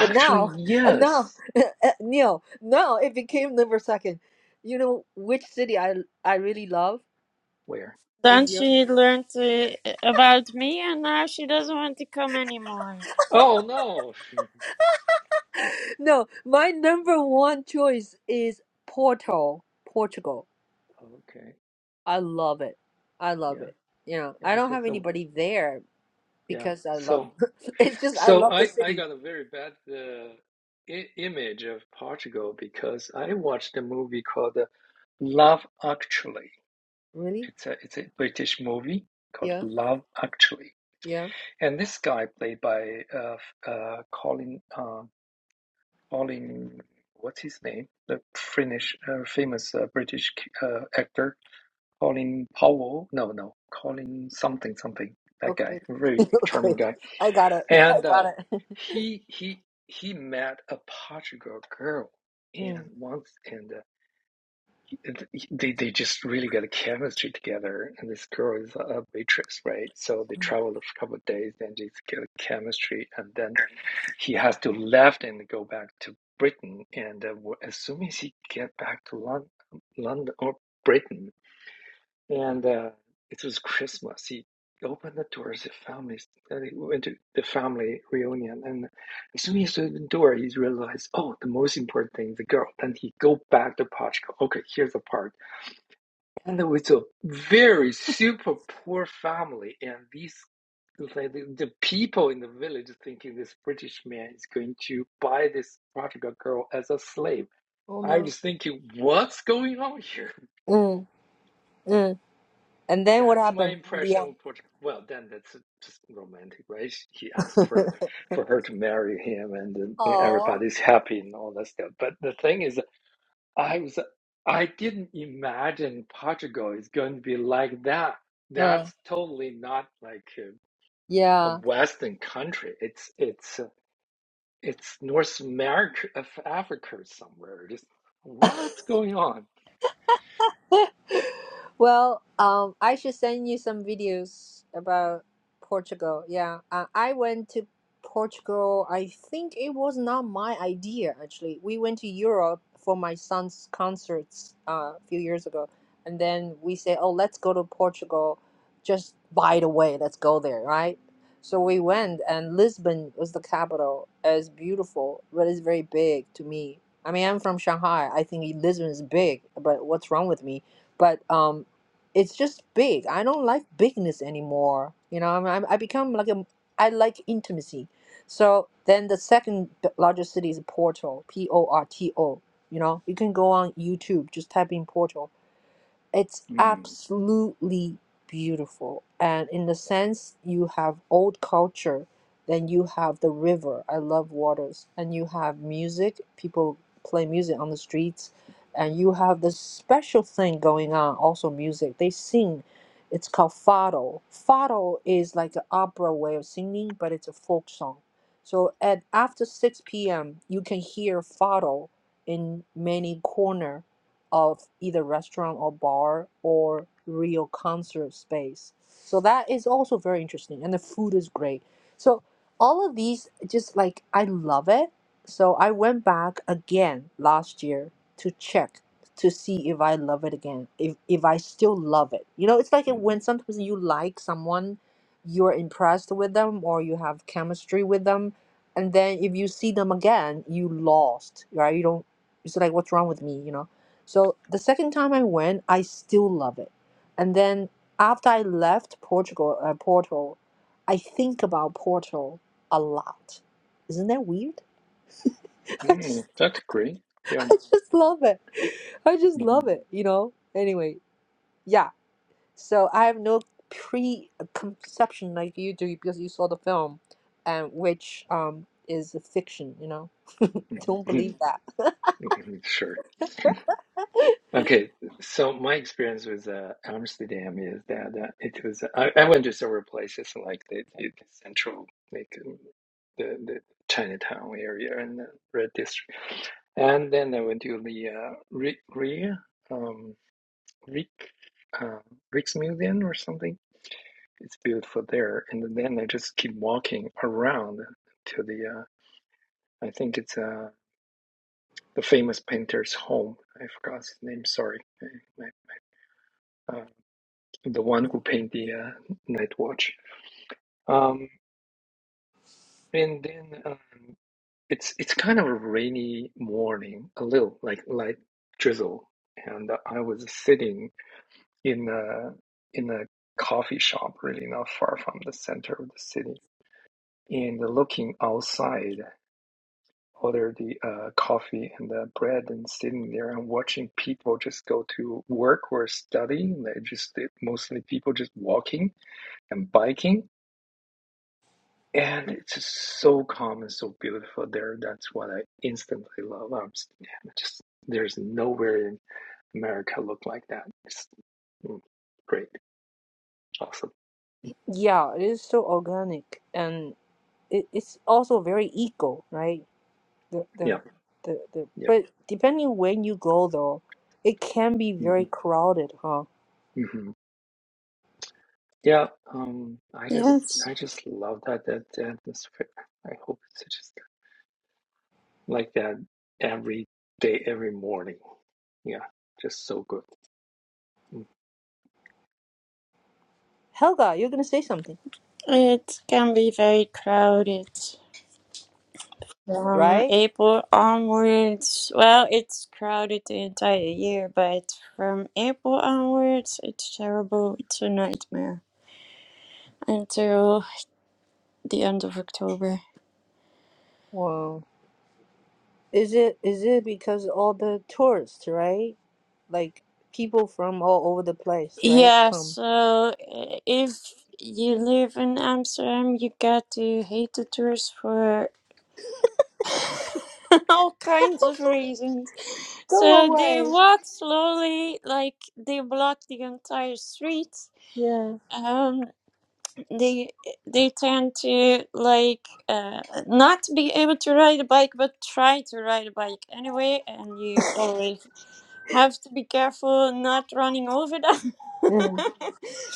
A: but now, and now,
D: yes.
A: no, now it became number second. You know which city I I really love
D: Where?
A: in
B: Then
A: Europe?
B: she learned uh, about me, and now she doesn't want to come anymore.
D: Oh no.
A: No, my number one choice is Porto, Portugal.
D: okay.
A: I love it. I love
D: yeah,
A: it. You know,
D: yeah.
A: I
D: It's
A: don't have
D: just a
A: anybody there
D: yeah.
A: because I love.
D: So
A: It's just I
D: so
A: love the
D: I I
A: city.
D: got a very bad uh, I- image of Portugal because I watched a movie called uh, Love Actually.
A: Really?
D: It's a it's a British movie called
A: Yeah,
D: Love Actually,
A: yeah.
D: and this guy played by uh, f- uh Colin uh, Colin what's his name the Finnish uh, famous uh, British uh, actor Colin Powell no no Colin something something that guy
A: Okay.
D: very charming
A: okay.
D: guy
A: I got it. I
D: And
A: got
D: uh,
A: it.
D: he he he met a Portugal girl, and
A: Mm.
D: once and uh, they they just really got a chemistry together. And this girl is a waitress, right? So they traveled a couple of days and just get a chemistry. And then he has to left and go back to Britain. And uh, as soon as he get back to London, London or Britain, and uh, it was Christmas. He opened the doors, the family, and he went to the family reunion. And as soon as he opened the door, he realized, oh, the most important thing is the girl. Then he go back to Portugal. Okay, here's the part. And it was a very super poor family, and these. Like the, the people in the village thinking this British man is going to buy this Portugal girl as a slave.
A: Oh
D: I
A: no.
D: was thinking, what's going on here?
A: Mm. Mm. And then what
D: That's my
A: happened in the
D: impression of Portugal. Well, then that's just romantic, right? He asked for
A: end?
D: for her to marry him, and, then
A: Oh.
D: everybody's happy and all that stuff. But the thing is, I was I didn't imagine Portugal is going to be like that.
A: Uh,
D: That's totally not like a, a
A: yeah.
D: Western country. It's it's uh, it's North America of Africa somewhere. Just what's going on?
A: Well, um, I should send you some videos about Portugal. Yeah, uh, I went to Portugal. I think it was not my idea, actually. We went to Europe for my son's concerts uh, a few years ago, and then we said, "Oh, let's go to Portugal." Just by the way, let's go there, right? So we went, and Lisbon was the capital. It's beautiful, but it's very big to me. I mean, I'm from Shanghai. I think Lisbon is big, but what's wrong with me? but um it's just big i don't like bigness anymore you know i am I, I become like a i like intimacy so then the second b- largest city is porto p-o-r-t-o you know you can go on youtube just type in porto it's
D: Mm,
A: absolutely beautiful. And in the sense, you have old culture, then you have the river. I love waters. And you have music, people play music on the streets. And you have this special thing going on, also music. They sing. It's called fado. Fado is like an opera way of singing, but it's a folk song. So at after 6 p.m., you can hear fado in many corner of either restaurant or bar or real concert space. So that is also very interesting, and the food is great. So all of these, just like I love it. So I went back again last year to check to see if I love it again, if if I still love it. You know, it's like
D: mm,
A: when sometimes you like someone, you're impressed with them or you have chemistry with them, and then if you see them again, you lost, right? You don't. It's like what's wrong with me, you know? So the second time I went, I still love it. And then after I left Portugal, uh, Porto, I think about Porto a lot. Isn't that weird? I
D: mm,
A: just,
D: that's great. Yeah.
A: I just love it. I just
D: Mhm.
A: love it. You know. Anyway, yeah. So I have no preconception like you do because you saw the film, and which um is a fiction. You know.
D: mhm.
A: Don't believe that.
D: Sure. Okay, so my experience with uh, Amsterdam is that uh, it was uh, I, I went to several places like the, the central like um, the, the Chinatown area and the Red District, and then I went to the uh, Ri Ri- um, Rik uh, Rijksmuseum or something. It's beautiful there, and then I just keep walking around to the uh, I think it's uh, the famous painter's home. I forgot his name. Sorry, I, uh, the one who paint the uh, night watch. Um, and then um, it's it's kind of a rainy morning, a little like light drizzle. And I was sitting in a in a coffee shop, really not far from the center of the city, and looking outside, order the uh, coffee and the bread, and sitting there and watching people just go to work or study. They just mostly people just walking and biking and it's just so calm and so beautiful there. That's what I instantly love. I'm s- just there's nowhere in America look like that. It's mm, great, awesome.
A: Yeah, it is so organic and it, it's also very eco, right? the the
D: Yeah,
A: the, the
D: yeah,
A: but depending when you go though, it can be
D: hmm
A: very crowded, huh?
D: hmm yeah. Um, I just
B: Yes,
D: I just love that that atmosphere. I hope it's just like that every day, every morning. Yeah, just so good. Mm.
A: Helga, you're gonna say something,
B: it can be very crowded. From
A: right?
B: April onwards, well, it's crowded the entire year, but from April onwards, it's terrible. It's a nightmare until the end of October.
A: Well, is it is it because all the tourists, right? Like people from all over the place, right?
B: Yeah,
A: Come.
B: so uh, if you live in Amsterdam, you get to hate the tourists for all kinds of reasons.
A: Go
B: So they
A: away.
B: walk slowly, like they block the entire street.
A: Yeah.
B: Um, they they tend to like uh, not be able to ride a bike, but try to ride a bike anyway, and you always have to be careful not running over them.
A: Mm,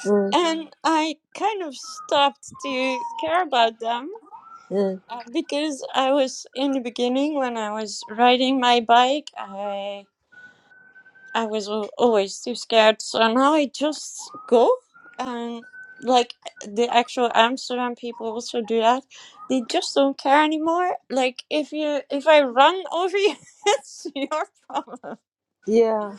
A: mm,
B: and I kind of stopped to care about them
A: mm.
B: uh, because I was in the beginning when I was riding my bike, I I was al- always too scared. So now I just go and like the actual Amsterdam people also do that. They just don't care anymore. Like if you if I run over you, it's your problem.
A: Yeah.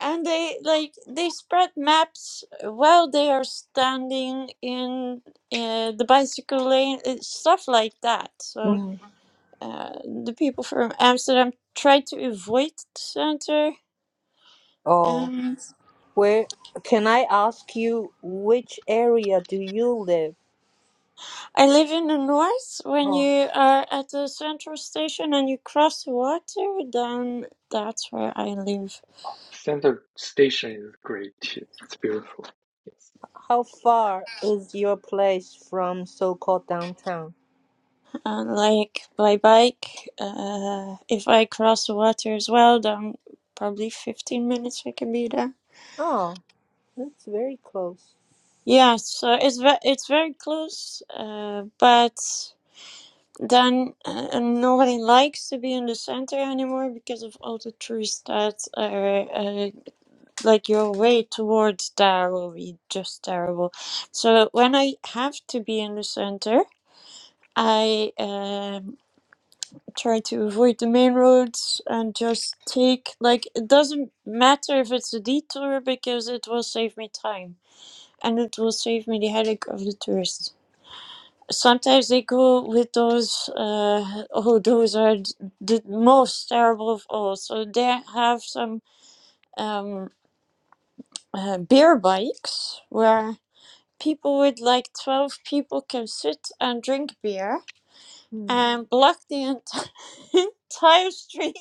B: and they like they spread maps while they are standing in uh, the bicycle lane uh, stuff like that so
A: Mm.
B: uh, the people from amsterdam try to avoid the center
A: Oh,
B: um,
A: where can I ask you which area do you live?
B: i live in the north when you are at the central station and you cross the water then that's where i live
D: Center station is great too. It's beautiful. Yes.
A: How far is your place from so-called downtown?
B: and like by bike uh, if i cross the water as well then probably 15 minutes i can be there
A: Oh, that's very close.
B: Yes, uh, it's ve it's very close, uh, but then uh, nobody likes to be in the center anymore because of all the trees that are uh, like your way towards there will be just terrible. So when I have to be in the center, I um, try to avoid the main roads and just take like it doesn't matter if it's a detour because it will save me time and it will save me the headache of the tourists. sometimes they go with those uh, oh those are the most terrible of all so they have some um, uh, beer bikes where people with like 12 people can sit and drink beer
A: Hmm.
D: Mm.
B: and block the ent- entire street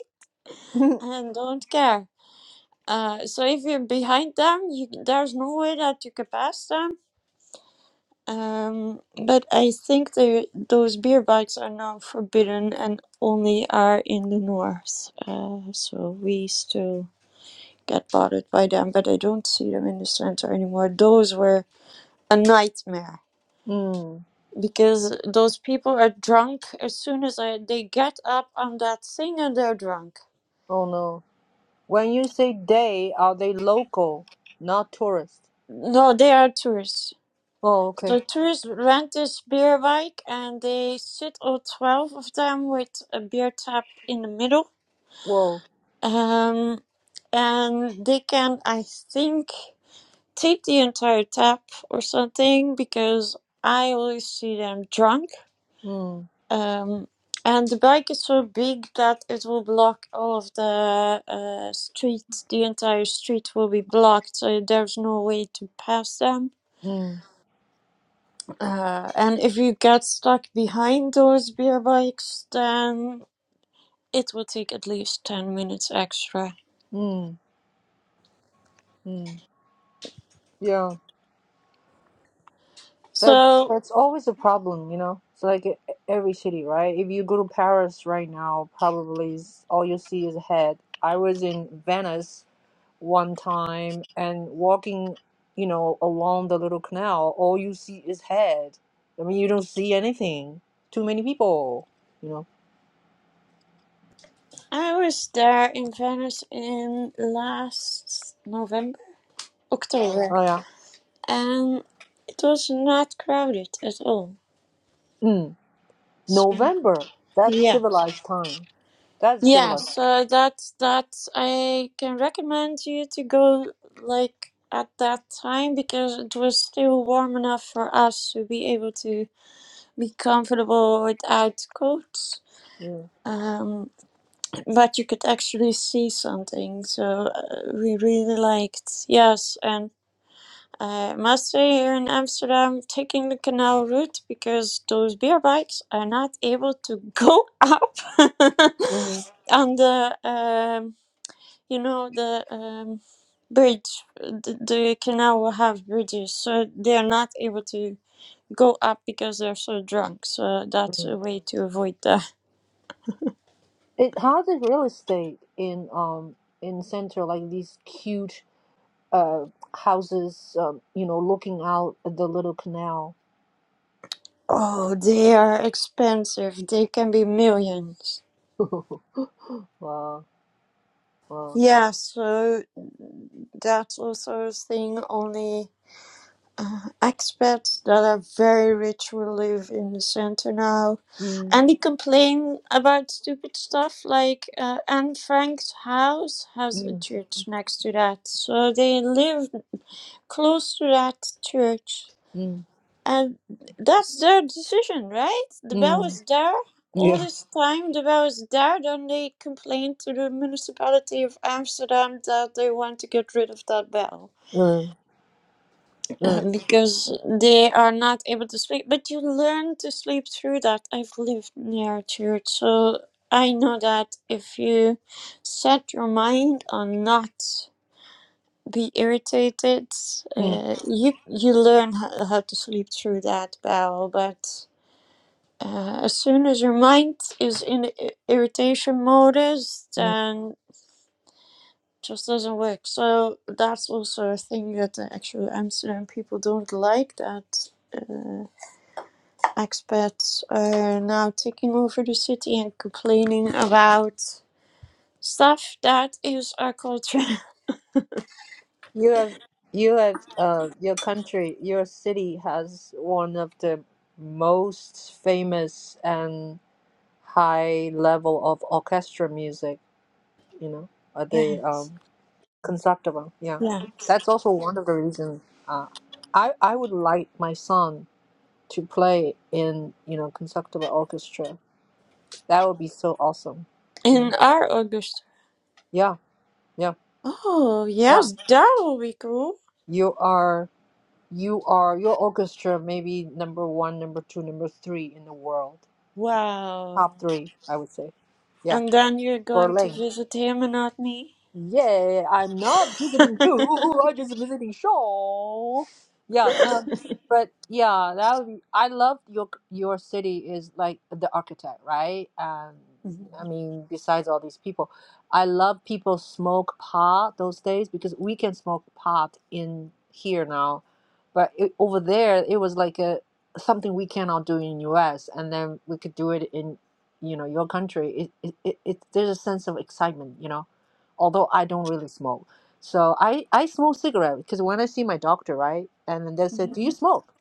B: and don't care uh, so if you're behind them you, there's no way that you can pass them Um, but I think the, those beer bikes are now forbidden and only are in the north. Uh, so we still get bothered by them, but I don't see them in the center anymore. Those were a nightmare
A: Hmm.
B: because those people are drunk as soon as I, they get up on that thing and they're drunk.
A: Oh no. When you say they, are they local, not tourist?
B: No, they are tourists.
A: Oh, okay.
B: So tourists rent this beer bike and they sit all 12 of them with a beer tap in the middle
A: Whoa.
B: Um, and they can, I think, tape the entire tap or something because I always see them drunk.
A: Hmm.
B: Um, and the bike is so big that it will block all of the uh, street. The entire street will be blocked, so there's no way to pass them.
A: Hmm.
B: Uh, and if you get stuck behind those beer bikes, then it will take at least 10 minutes extra.
A: Hmm. Hmm. Yeah. That's
B: So
A: that's always a problem, you know. It's like e- e-, every city, right? If you go to Paris right now, probably is- all you see is head. I was in Venice one time and walking, you know, along the little canal, all you see is head. I mean, you don't see anything. Too many people, you know.
B: I was there in Venice in last November, October,
A: Oh yeah.
B: and it was not crowded at all.
A: Mm.
B: So,
A: November. That's
B: yeah,
A: civilized time. That's
B: yeah.
A: civilized.
B: So that that I can recommend you to go like at that time because it was still warm enough for us to be able to be comfortable without coats.
A: Yeah.
B: Um, but you could actually see something, so uh, we really liked. Yes, and Uh, must stay here in Amsterdam taking the canal route because those beer bikes are not able to go up
A: hmm
B: on the um, you know the um, bridge. The, the canal will have bridges, so they are not able to go up because they're so drunk. So that's
A: hmm
B: a way to avoid that.
A: It has a real estate in um in center like these cute uh houses um you know looking out at the little canal.
B: Oh, they are expensive. They can be millions.
A: wow. Wow.
B: Yeah, so that's also a thing. Only uh, expats that are very rich who live in the center now,
A: Mm,
B: and they complain about stupid stuff like uh, Anne Frank's house has a
A: mm,
B: church next to that, so they live close to that church,
A: mm,
B: and that's their decision, right? The bell
A: mm.
B: was there. All
A: Yeah.
B: this time, the bell was there. Then they complained to the municipality of Amsterdam that they want to get rid of that bell.
A: Mm,
B: uh,
A: mm,
B: because they are not able to sleep. But you learn to sleep through that. I've lived near a church, so I know that if you set your mind on not be irritated,
A: mm,
B: uh, you you learn how, how to sleep through that well. But uh, as soon as your mind is in the i- irritation modus,
A: mm.
B: then just doesn't work. So that's also a thing that the actual Amsterdam people don't like that uh, Expats are now taking over the city and complaining about stuff that is our culture.
A: You have, you have, uh, your country, your city has one of the most famous and high level of orchestra music, you know, uh, the
B: yes.
A: um, Concertgebouw. Yeah.
B: Yeah.
A: That's also one of the reasons uh, I, I would like my son to play in, you know, Concertgebouw orchestra. That would be so awesome. You know,
B: In our August.
A: yeah, yeah,
B: Oh,
A: yeah.
B: yes, that will be cool.
A: You are. you are your orchestra maybe number one number two number three in the world
B: Wow.
A: top three i would say yeah
B: And then you're going to
A: berlin
B: visit him and not me?
A: yeah, I'm not visiting you. I'm just visiting Shaw. Yeah, um, but yeah, that would be. I love your your city is like the architect, right? Um, I mean, besides all these people, I love people smoke pot those days because we can smoke pot in here now, but it, over there it was like a something we cannot do in U.S. and then we could do it in you know your country. It it, it, it there's a sense of excitement, you know although I don't really smoke. So I, I smoke cigarette because when I see my doctor, right? And then they said,
B: Mhm.
A: Do you Mhm. smoke?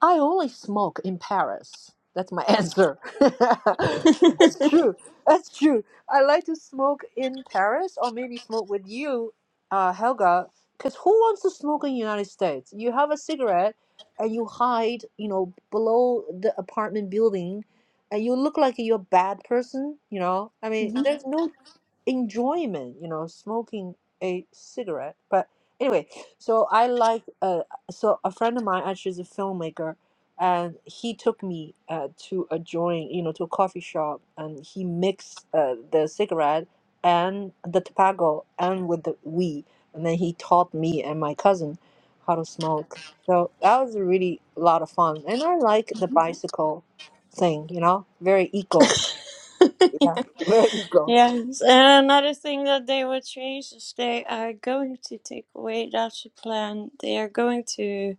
A: I only smoke in Paris. That's my answer. That's true. That's true. I like to smoke in Paris or maybe smoke with you, uh, Helga, because who wants to smoke in the United States? You have a cigarette and you hide, you know, below the apartment building and you look like you're a bad person, you know? I mean,
B: Mhm.
A: there's no enjoyment, you know, smoking a cigarette. But anyway, so I like uh, so a friend of mine actually is a filmmaker, and he took me uh, to a joint, you know, to a coffee shop, and he mixed uh, the cigarette and the tobacco and with the weed, and then he taught me and my cousin how to smoke. So that was a really lot of fun, and I like the bicycle thing, you know, very eco, yeah, very eco.
B: Yes, and another thing that they will change is they are going to take away that's the plan. They are going to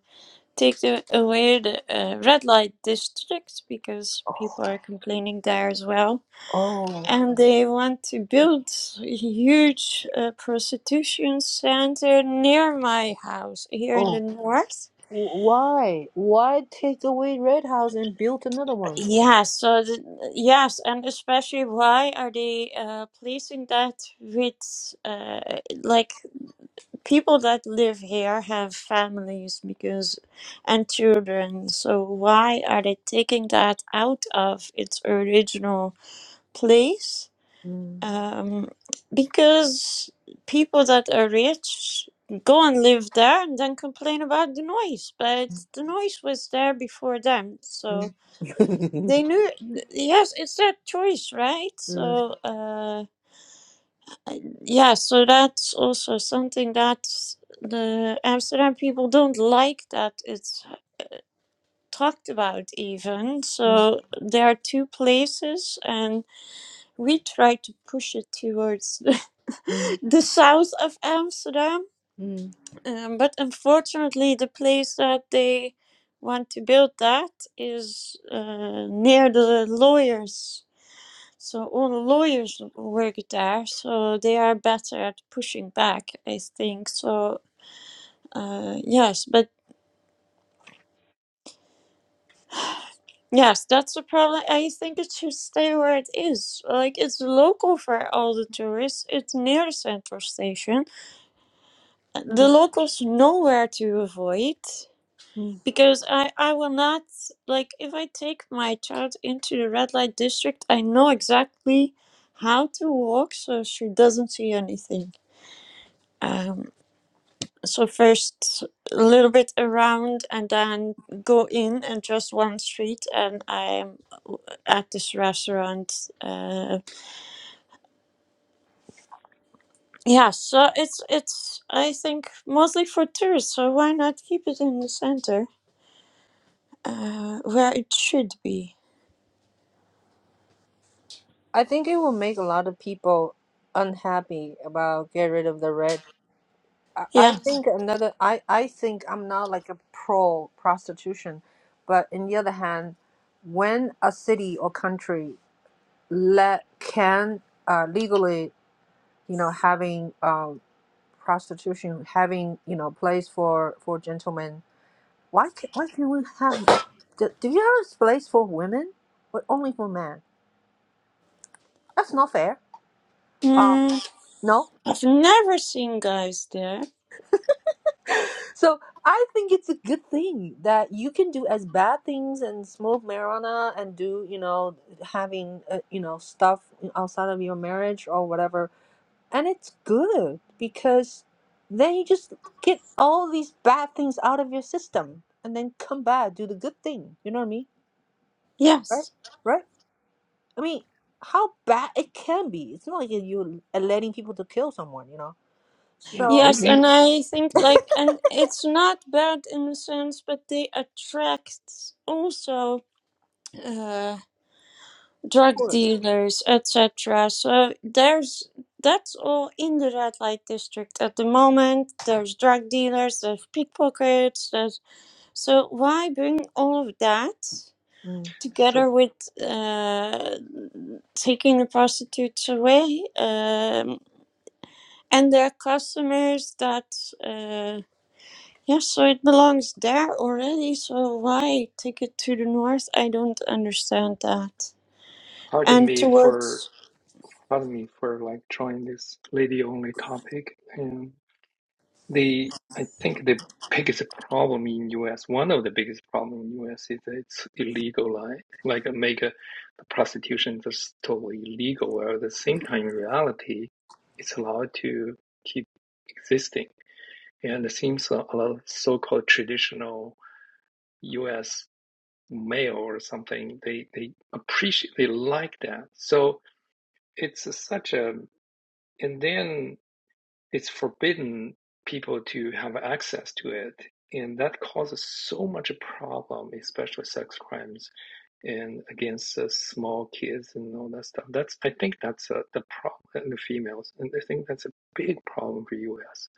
B: take the, away the uh, red light districts because people are complaining there as well.
A: Oh,
B: And they want to build a huge uh, prostitution center near my house here
A: oh.
B: in the north.
A: Why? Why take away Red House and build another one?
B: Yes, so the, yes, and especially why are they uh, placing that with uh, like people that live here have families because and children so why are they taking that out of its original place
A: Mm,
B: um, because people that are rich go and live there and then complain about the noise but the noise was there before them so
A: mm, mm,
B: they knew yes it's their choice right
A: mm,
B: so uh yeah, so that's also something that the Amsterdam people don't like that it's talked about, even. So there are two places, and we try to push it towards
A: mm,
B: the south of Amsterdam.
A: mm,
B: Um, but unfortunately, the place that they want to build that is uh, near the lawyers. So all the lawyers work there, so they are better at pushing back, I think. So Uh, yes, but yes, that's the problem. I think it should stay where it is. Like it's local for all the tourists. It's near the central station. The
A: mm,
B: locals know where to avoid
A: mm.
B: because I I will not like if I take my child into the red light district. I know exactly how to walk so she doesn't see anything. Um, so first a little bit around and then go in and just one street and I'm at this restaurant. Uh, yeah, so it's it's I think mostly for tourists. So why not keep it in the center uh, where it should be?
A: I think it will make a lot of people unhappy about get rid of the red. I, I
B: Yeah,
A: think another. I I think I'm not like a pro prostitution, but on the other hand, when a city or country let can uh, legally, you know, having um, prostitution having you know place for for gentlemen why can, why can't we have do, do you have a place for women but only for men that's not fair uh
B: mm,
A: no
B: I've never seen guys there.
A: so i think it's a good thing that you can do as bad things and smoke marijuana and do you know having uh, you know stuff outside of your marriage or whatever and it's good because then you just get all these bad things out of your system and then come back do the good thing you know what i mean right?
B: Yes,
A: Right? I mean, how bad it can be. It's not like you are letting people to kill someone, you know.
D: Yeah, I
A: So of
B: yes,
D: mean.
B: and I think
D: mm.
B: like and it's not bad in a sense, but they attract also. uh, drug dealers, etc. So there's that's all in the red light district at the moment. There's drug dealers, there's pickpockets. There's so why bring all of that
A: Mm.
D: So
B: together with uh, taking the prostitutes away um, and their customers? That uh, yeah, so it belongs there already. So why take it to the north? I don't understand that.
D: Pardon
B: And
D: me for
B: towards
D: pardon me for like drawing this lady only topic. And the I think the biggest problem in US, one of the biggest problem in US is that it's illegalized. Like uh, make uh, the prostitution just totally illegal, where at the same time in reality, it's allowed to keep existing. And it seems a a lot of so-called traditional US male or something, they they appreciate they like that. So it's a- such a and then it's forbidden people to have access to it and that causes so much a problem especially sex crimes and against uh, small kids and all that stuff that's i think that's uh, the problem in the females and i think that's a big problem for us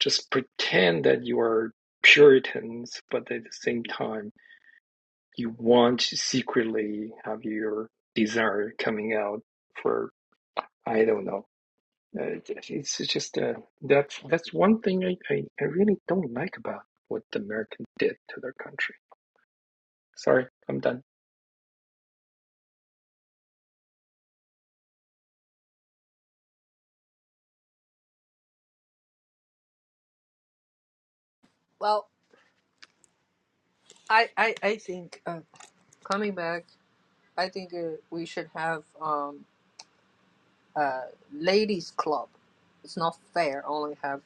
D: just pretend that you are puritans but at the same time you want to secretly have your desire coming out for i don't know uh, it's just uh, that's that's one thing I, I, I really don't like about what the Americans did to their country. Sorry, I'm done.
A: Well, I I I think uh, coming back, I think uh, we should have um a ladies club. It's not fair. Only have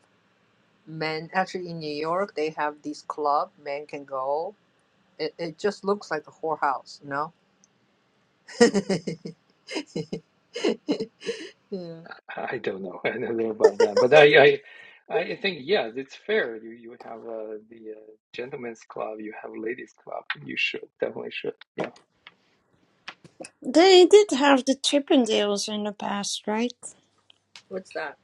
A: men. Actually, in New York, they have this club. Men can go. It it just looks like a whorehouse, you know. yeah.
D: I I don't know. I don't know about that, but I I, I think yeah, it's fair. You you have uh, the uh, gentlemen's club, you have ladies' club. You should definitely should. Yeah.
B: They did have the Chippendales in the past, right?
A: What's that?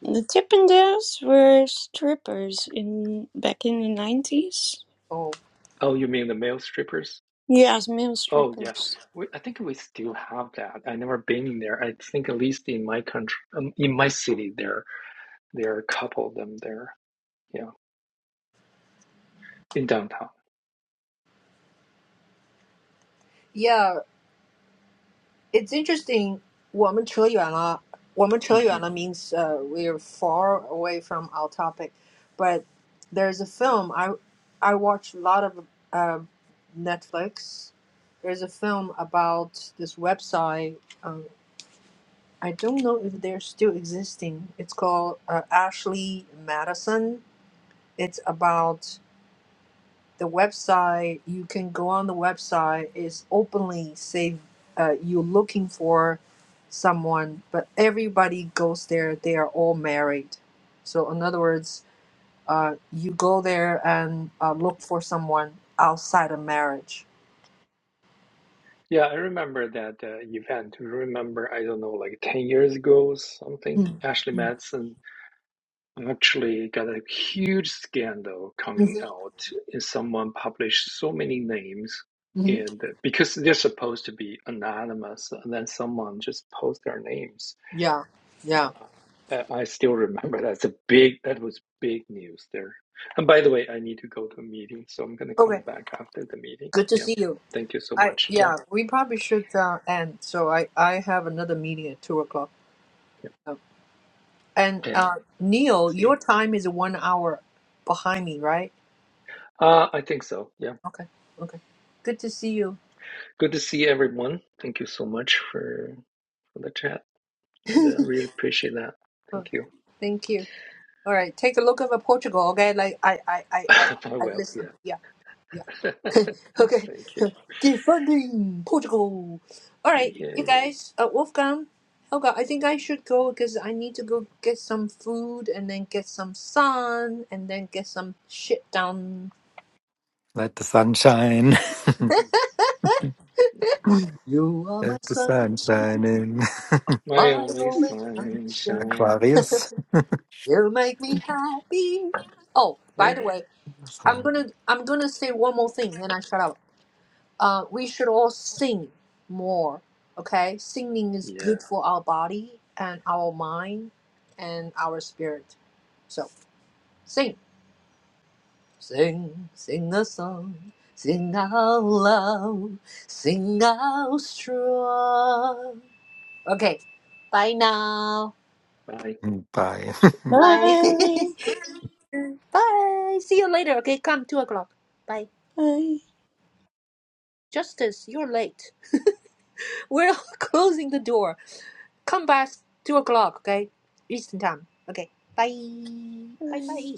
B: The Chippendales were strippers in back in the nineties.
A: Oh,
D: Oh, you mean the male strippers?
B: Yes, male
D: Oh yeah.
B: strippers.
D: We, I think we still have that. I never been in there. I think at least in my country, um, in my city, there there are a couple of them there. Yeah, in downtown.
A: yeah. It's interesting.
D: Mhm.
A: 我们扯远了，我们扯远了 means uh, we're far away from our topic. But there's a film I I watch a lot of uh, Netflix. There's a film about this website. Um, I don't know if they're still existing. It's called uh, Ashley Madison. It's about the website you can go on the website is openly say uh, you're looking for someone but everybody goes there they are all married so in other words uh, you go there and uh, look for someone outside of marriage
D: Yeah, I remember that uh, event. Remember, I don't know, like 10 years ago, or something.
A: mm
D: Ashley Madison actually got a huge scandal coming
A: Mm-hmm.
D: out, and someone published so many names,
A: hmm
D: and uh, because they're supposed to be anonymous, and then someone just post their names.
A: yeah yeah
D: Uh, I I still remember that's a big, that was big news there. And by the way, I need to go to a meeting, so I'm going to come
A: okay
D: back after the meeting.
A: good to
D: Yeah.
A: see you
D: Thank you so
A: i
D: much. Yep.
A: yeah we probably should uh, end so i i have another meeting at two o'clock
D: Yep.
A: So, And
D: Okay.
A: uh, Neil,
D: See you.
A: your time is one hour behind me, right?
D: Uh, I think so. Yeah.
A: Okay, okay. Good to see you.
D: Good to see everyone. Thank you so much for for the chat, and I uh, really appreciate that.
A: Oh,
D: Thank you.
A: thank you. All right, take a look over Portugal, okay? Like I, I, I, I,
D: oh,
A: I
D: well,
A: listen.
D: yeah.
A: Yeah, yeah. Okay,
D: Thank you.
A: defending Portugal. All right, you
D: Yay.
A: guys. Uh, Wolfgang, Helga. I think I should go because I need to go get some food and then get some sun and then get some shit done.
C: Let the sun shine.
A: You are my
C: Let the
A: sun,
C: sun shine in.
D: My
A: my
D: only
A: only sunshine.
D: sunshine.
C: Aquarius.
A: You make me happy. Oh, by the
D: Where?
A: way, I'm
C: Sondern,
A: gonna I'm gonna say one more thing, and I shut up. Uh, we should all sing more. Okay, singing is
D: Yeah.
A: good for our body and our mind and our spirit. So sing, sing, sing a song, sing out loud, sing out strong. Okay, bye now.
D: Bye.
C: hm, Bye.
A: Bye.
B: Bye,
A: Bye. See you later. Okay, come two o'clock. Bye.
B: bye,
A: Justice, you're late. We're closing the door. Come back two o'clock. Okay, Eastern time. Okay. Bye. Bye.
B: bye.
A: Bye.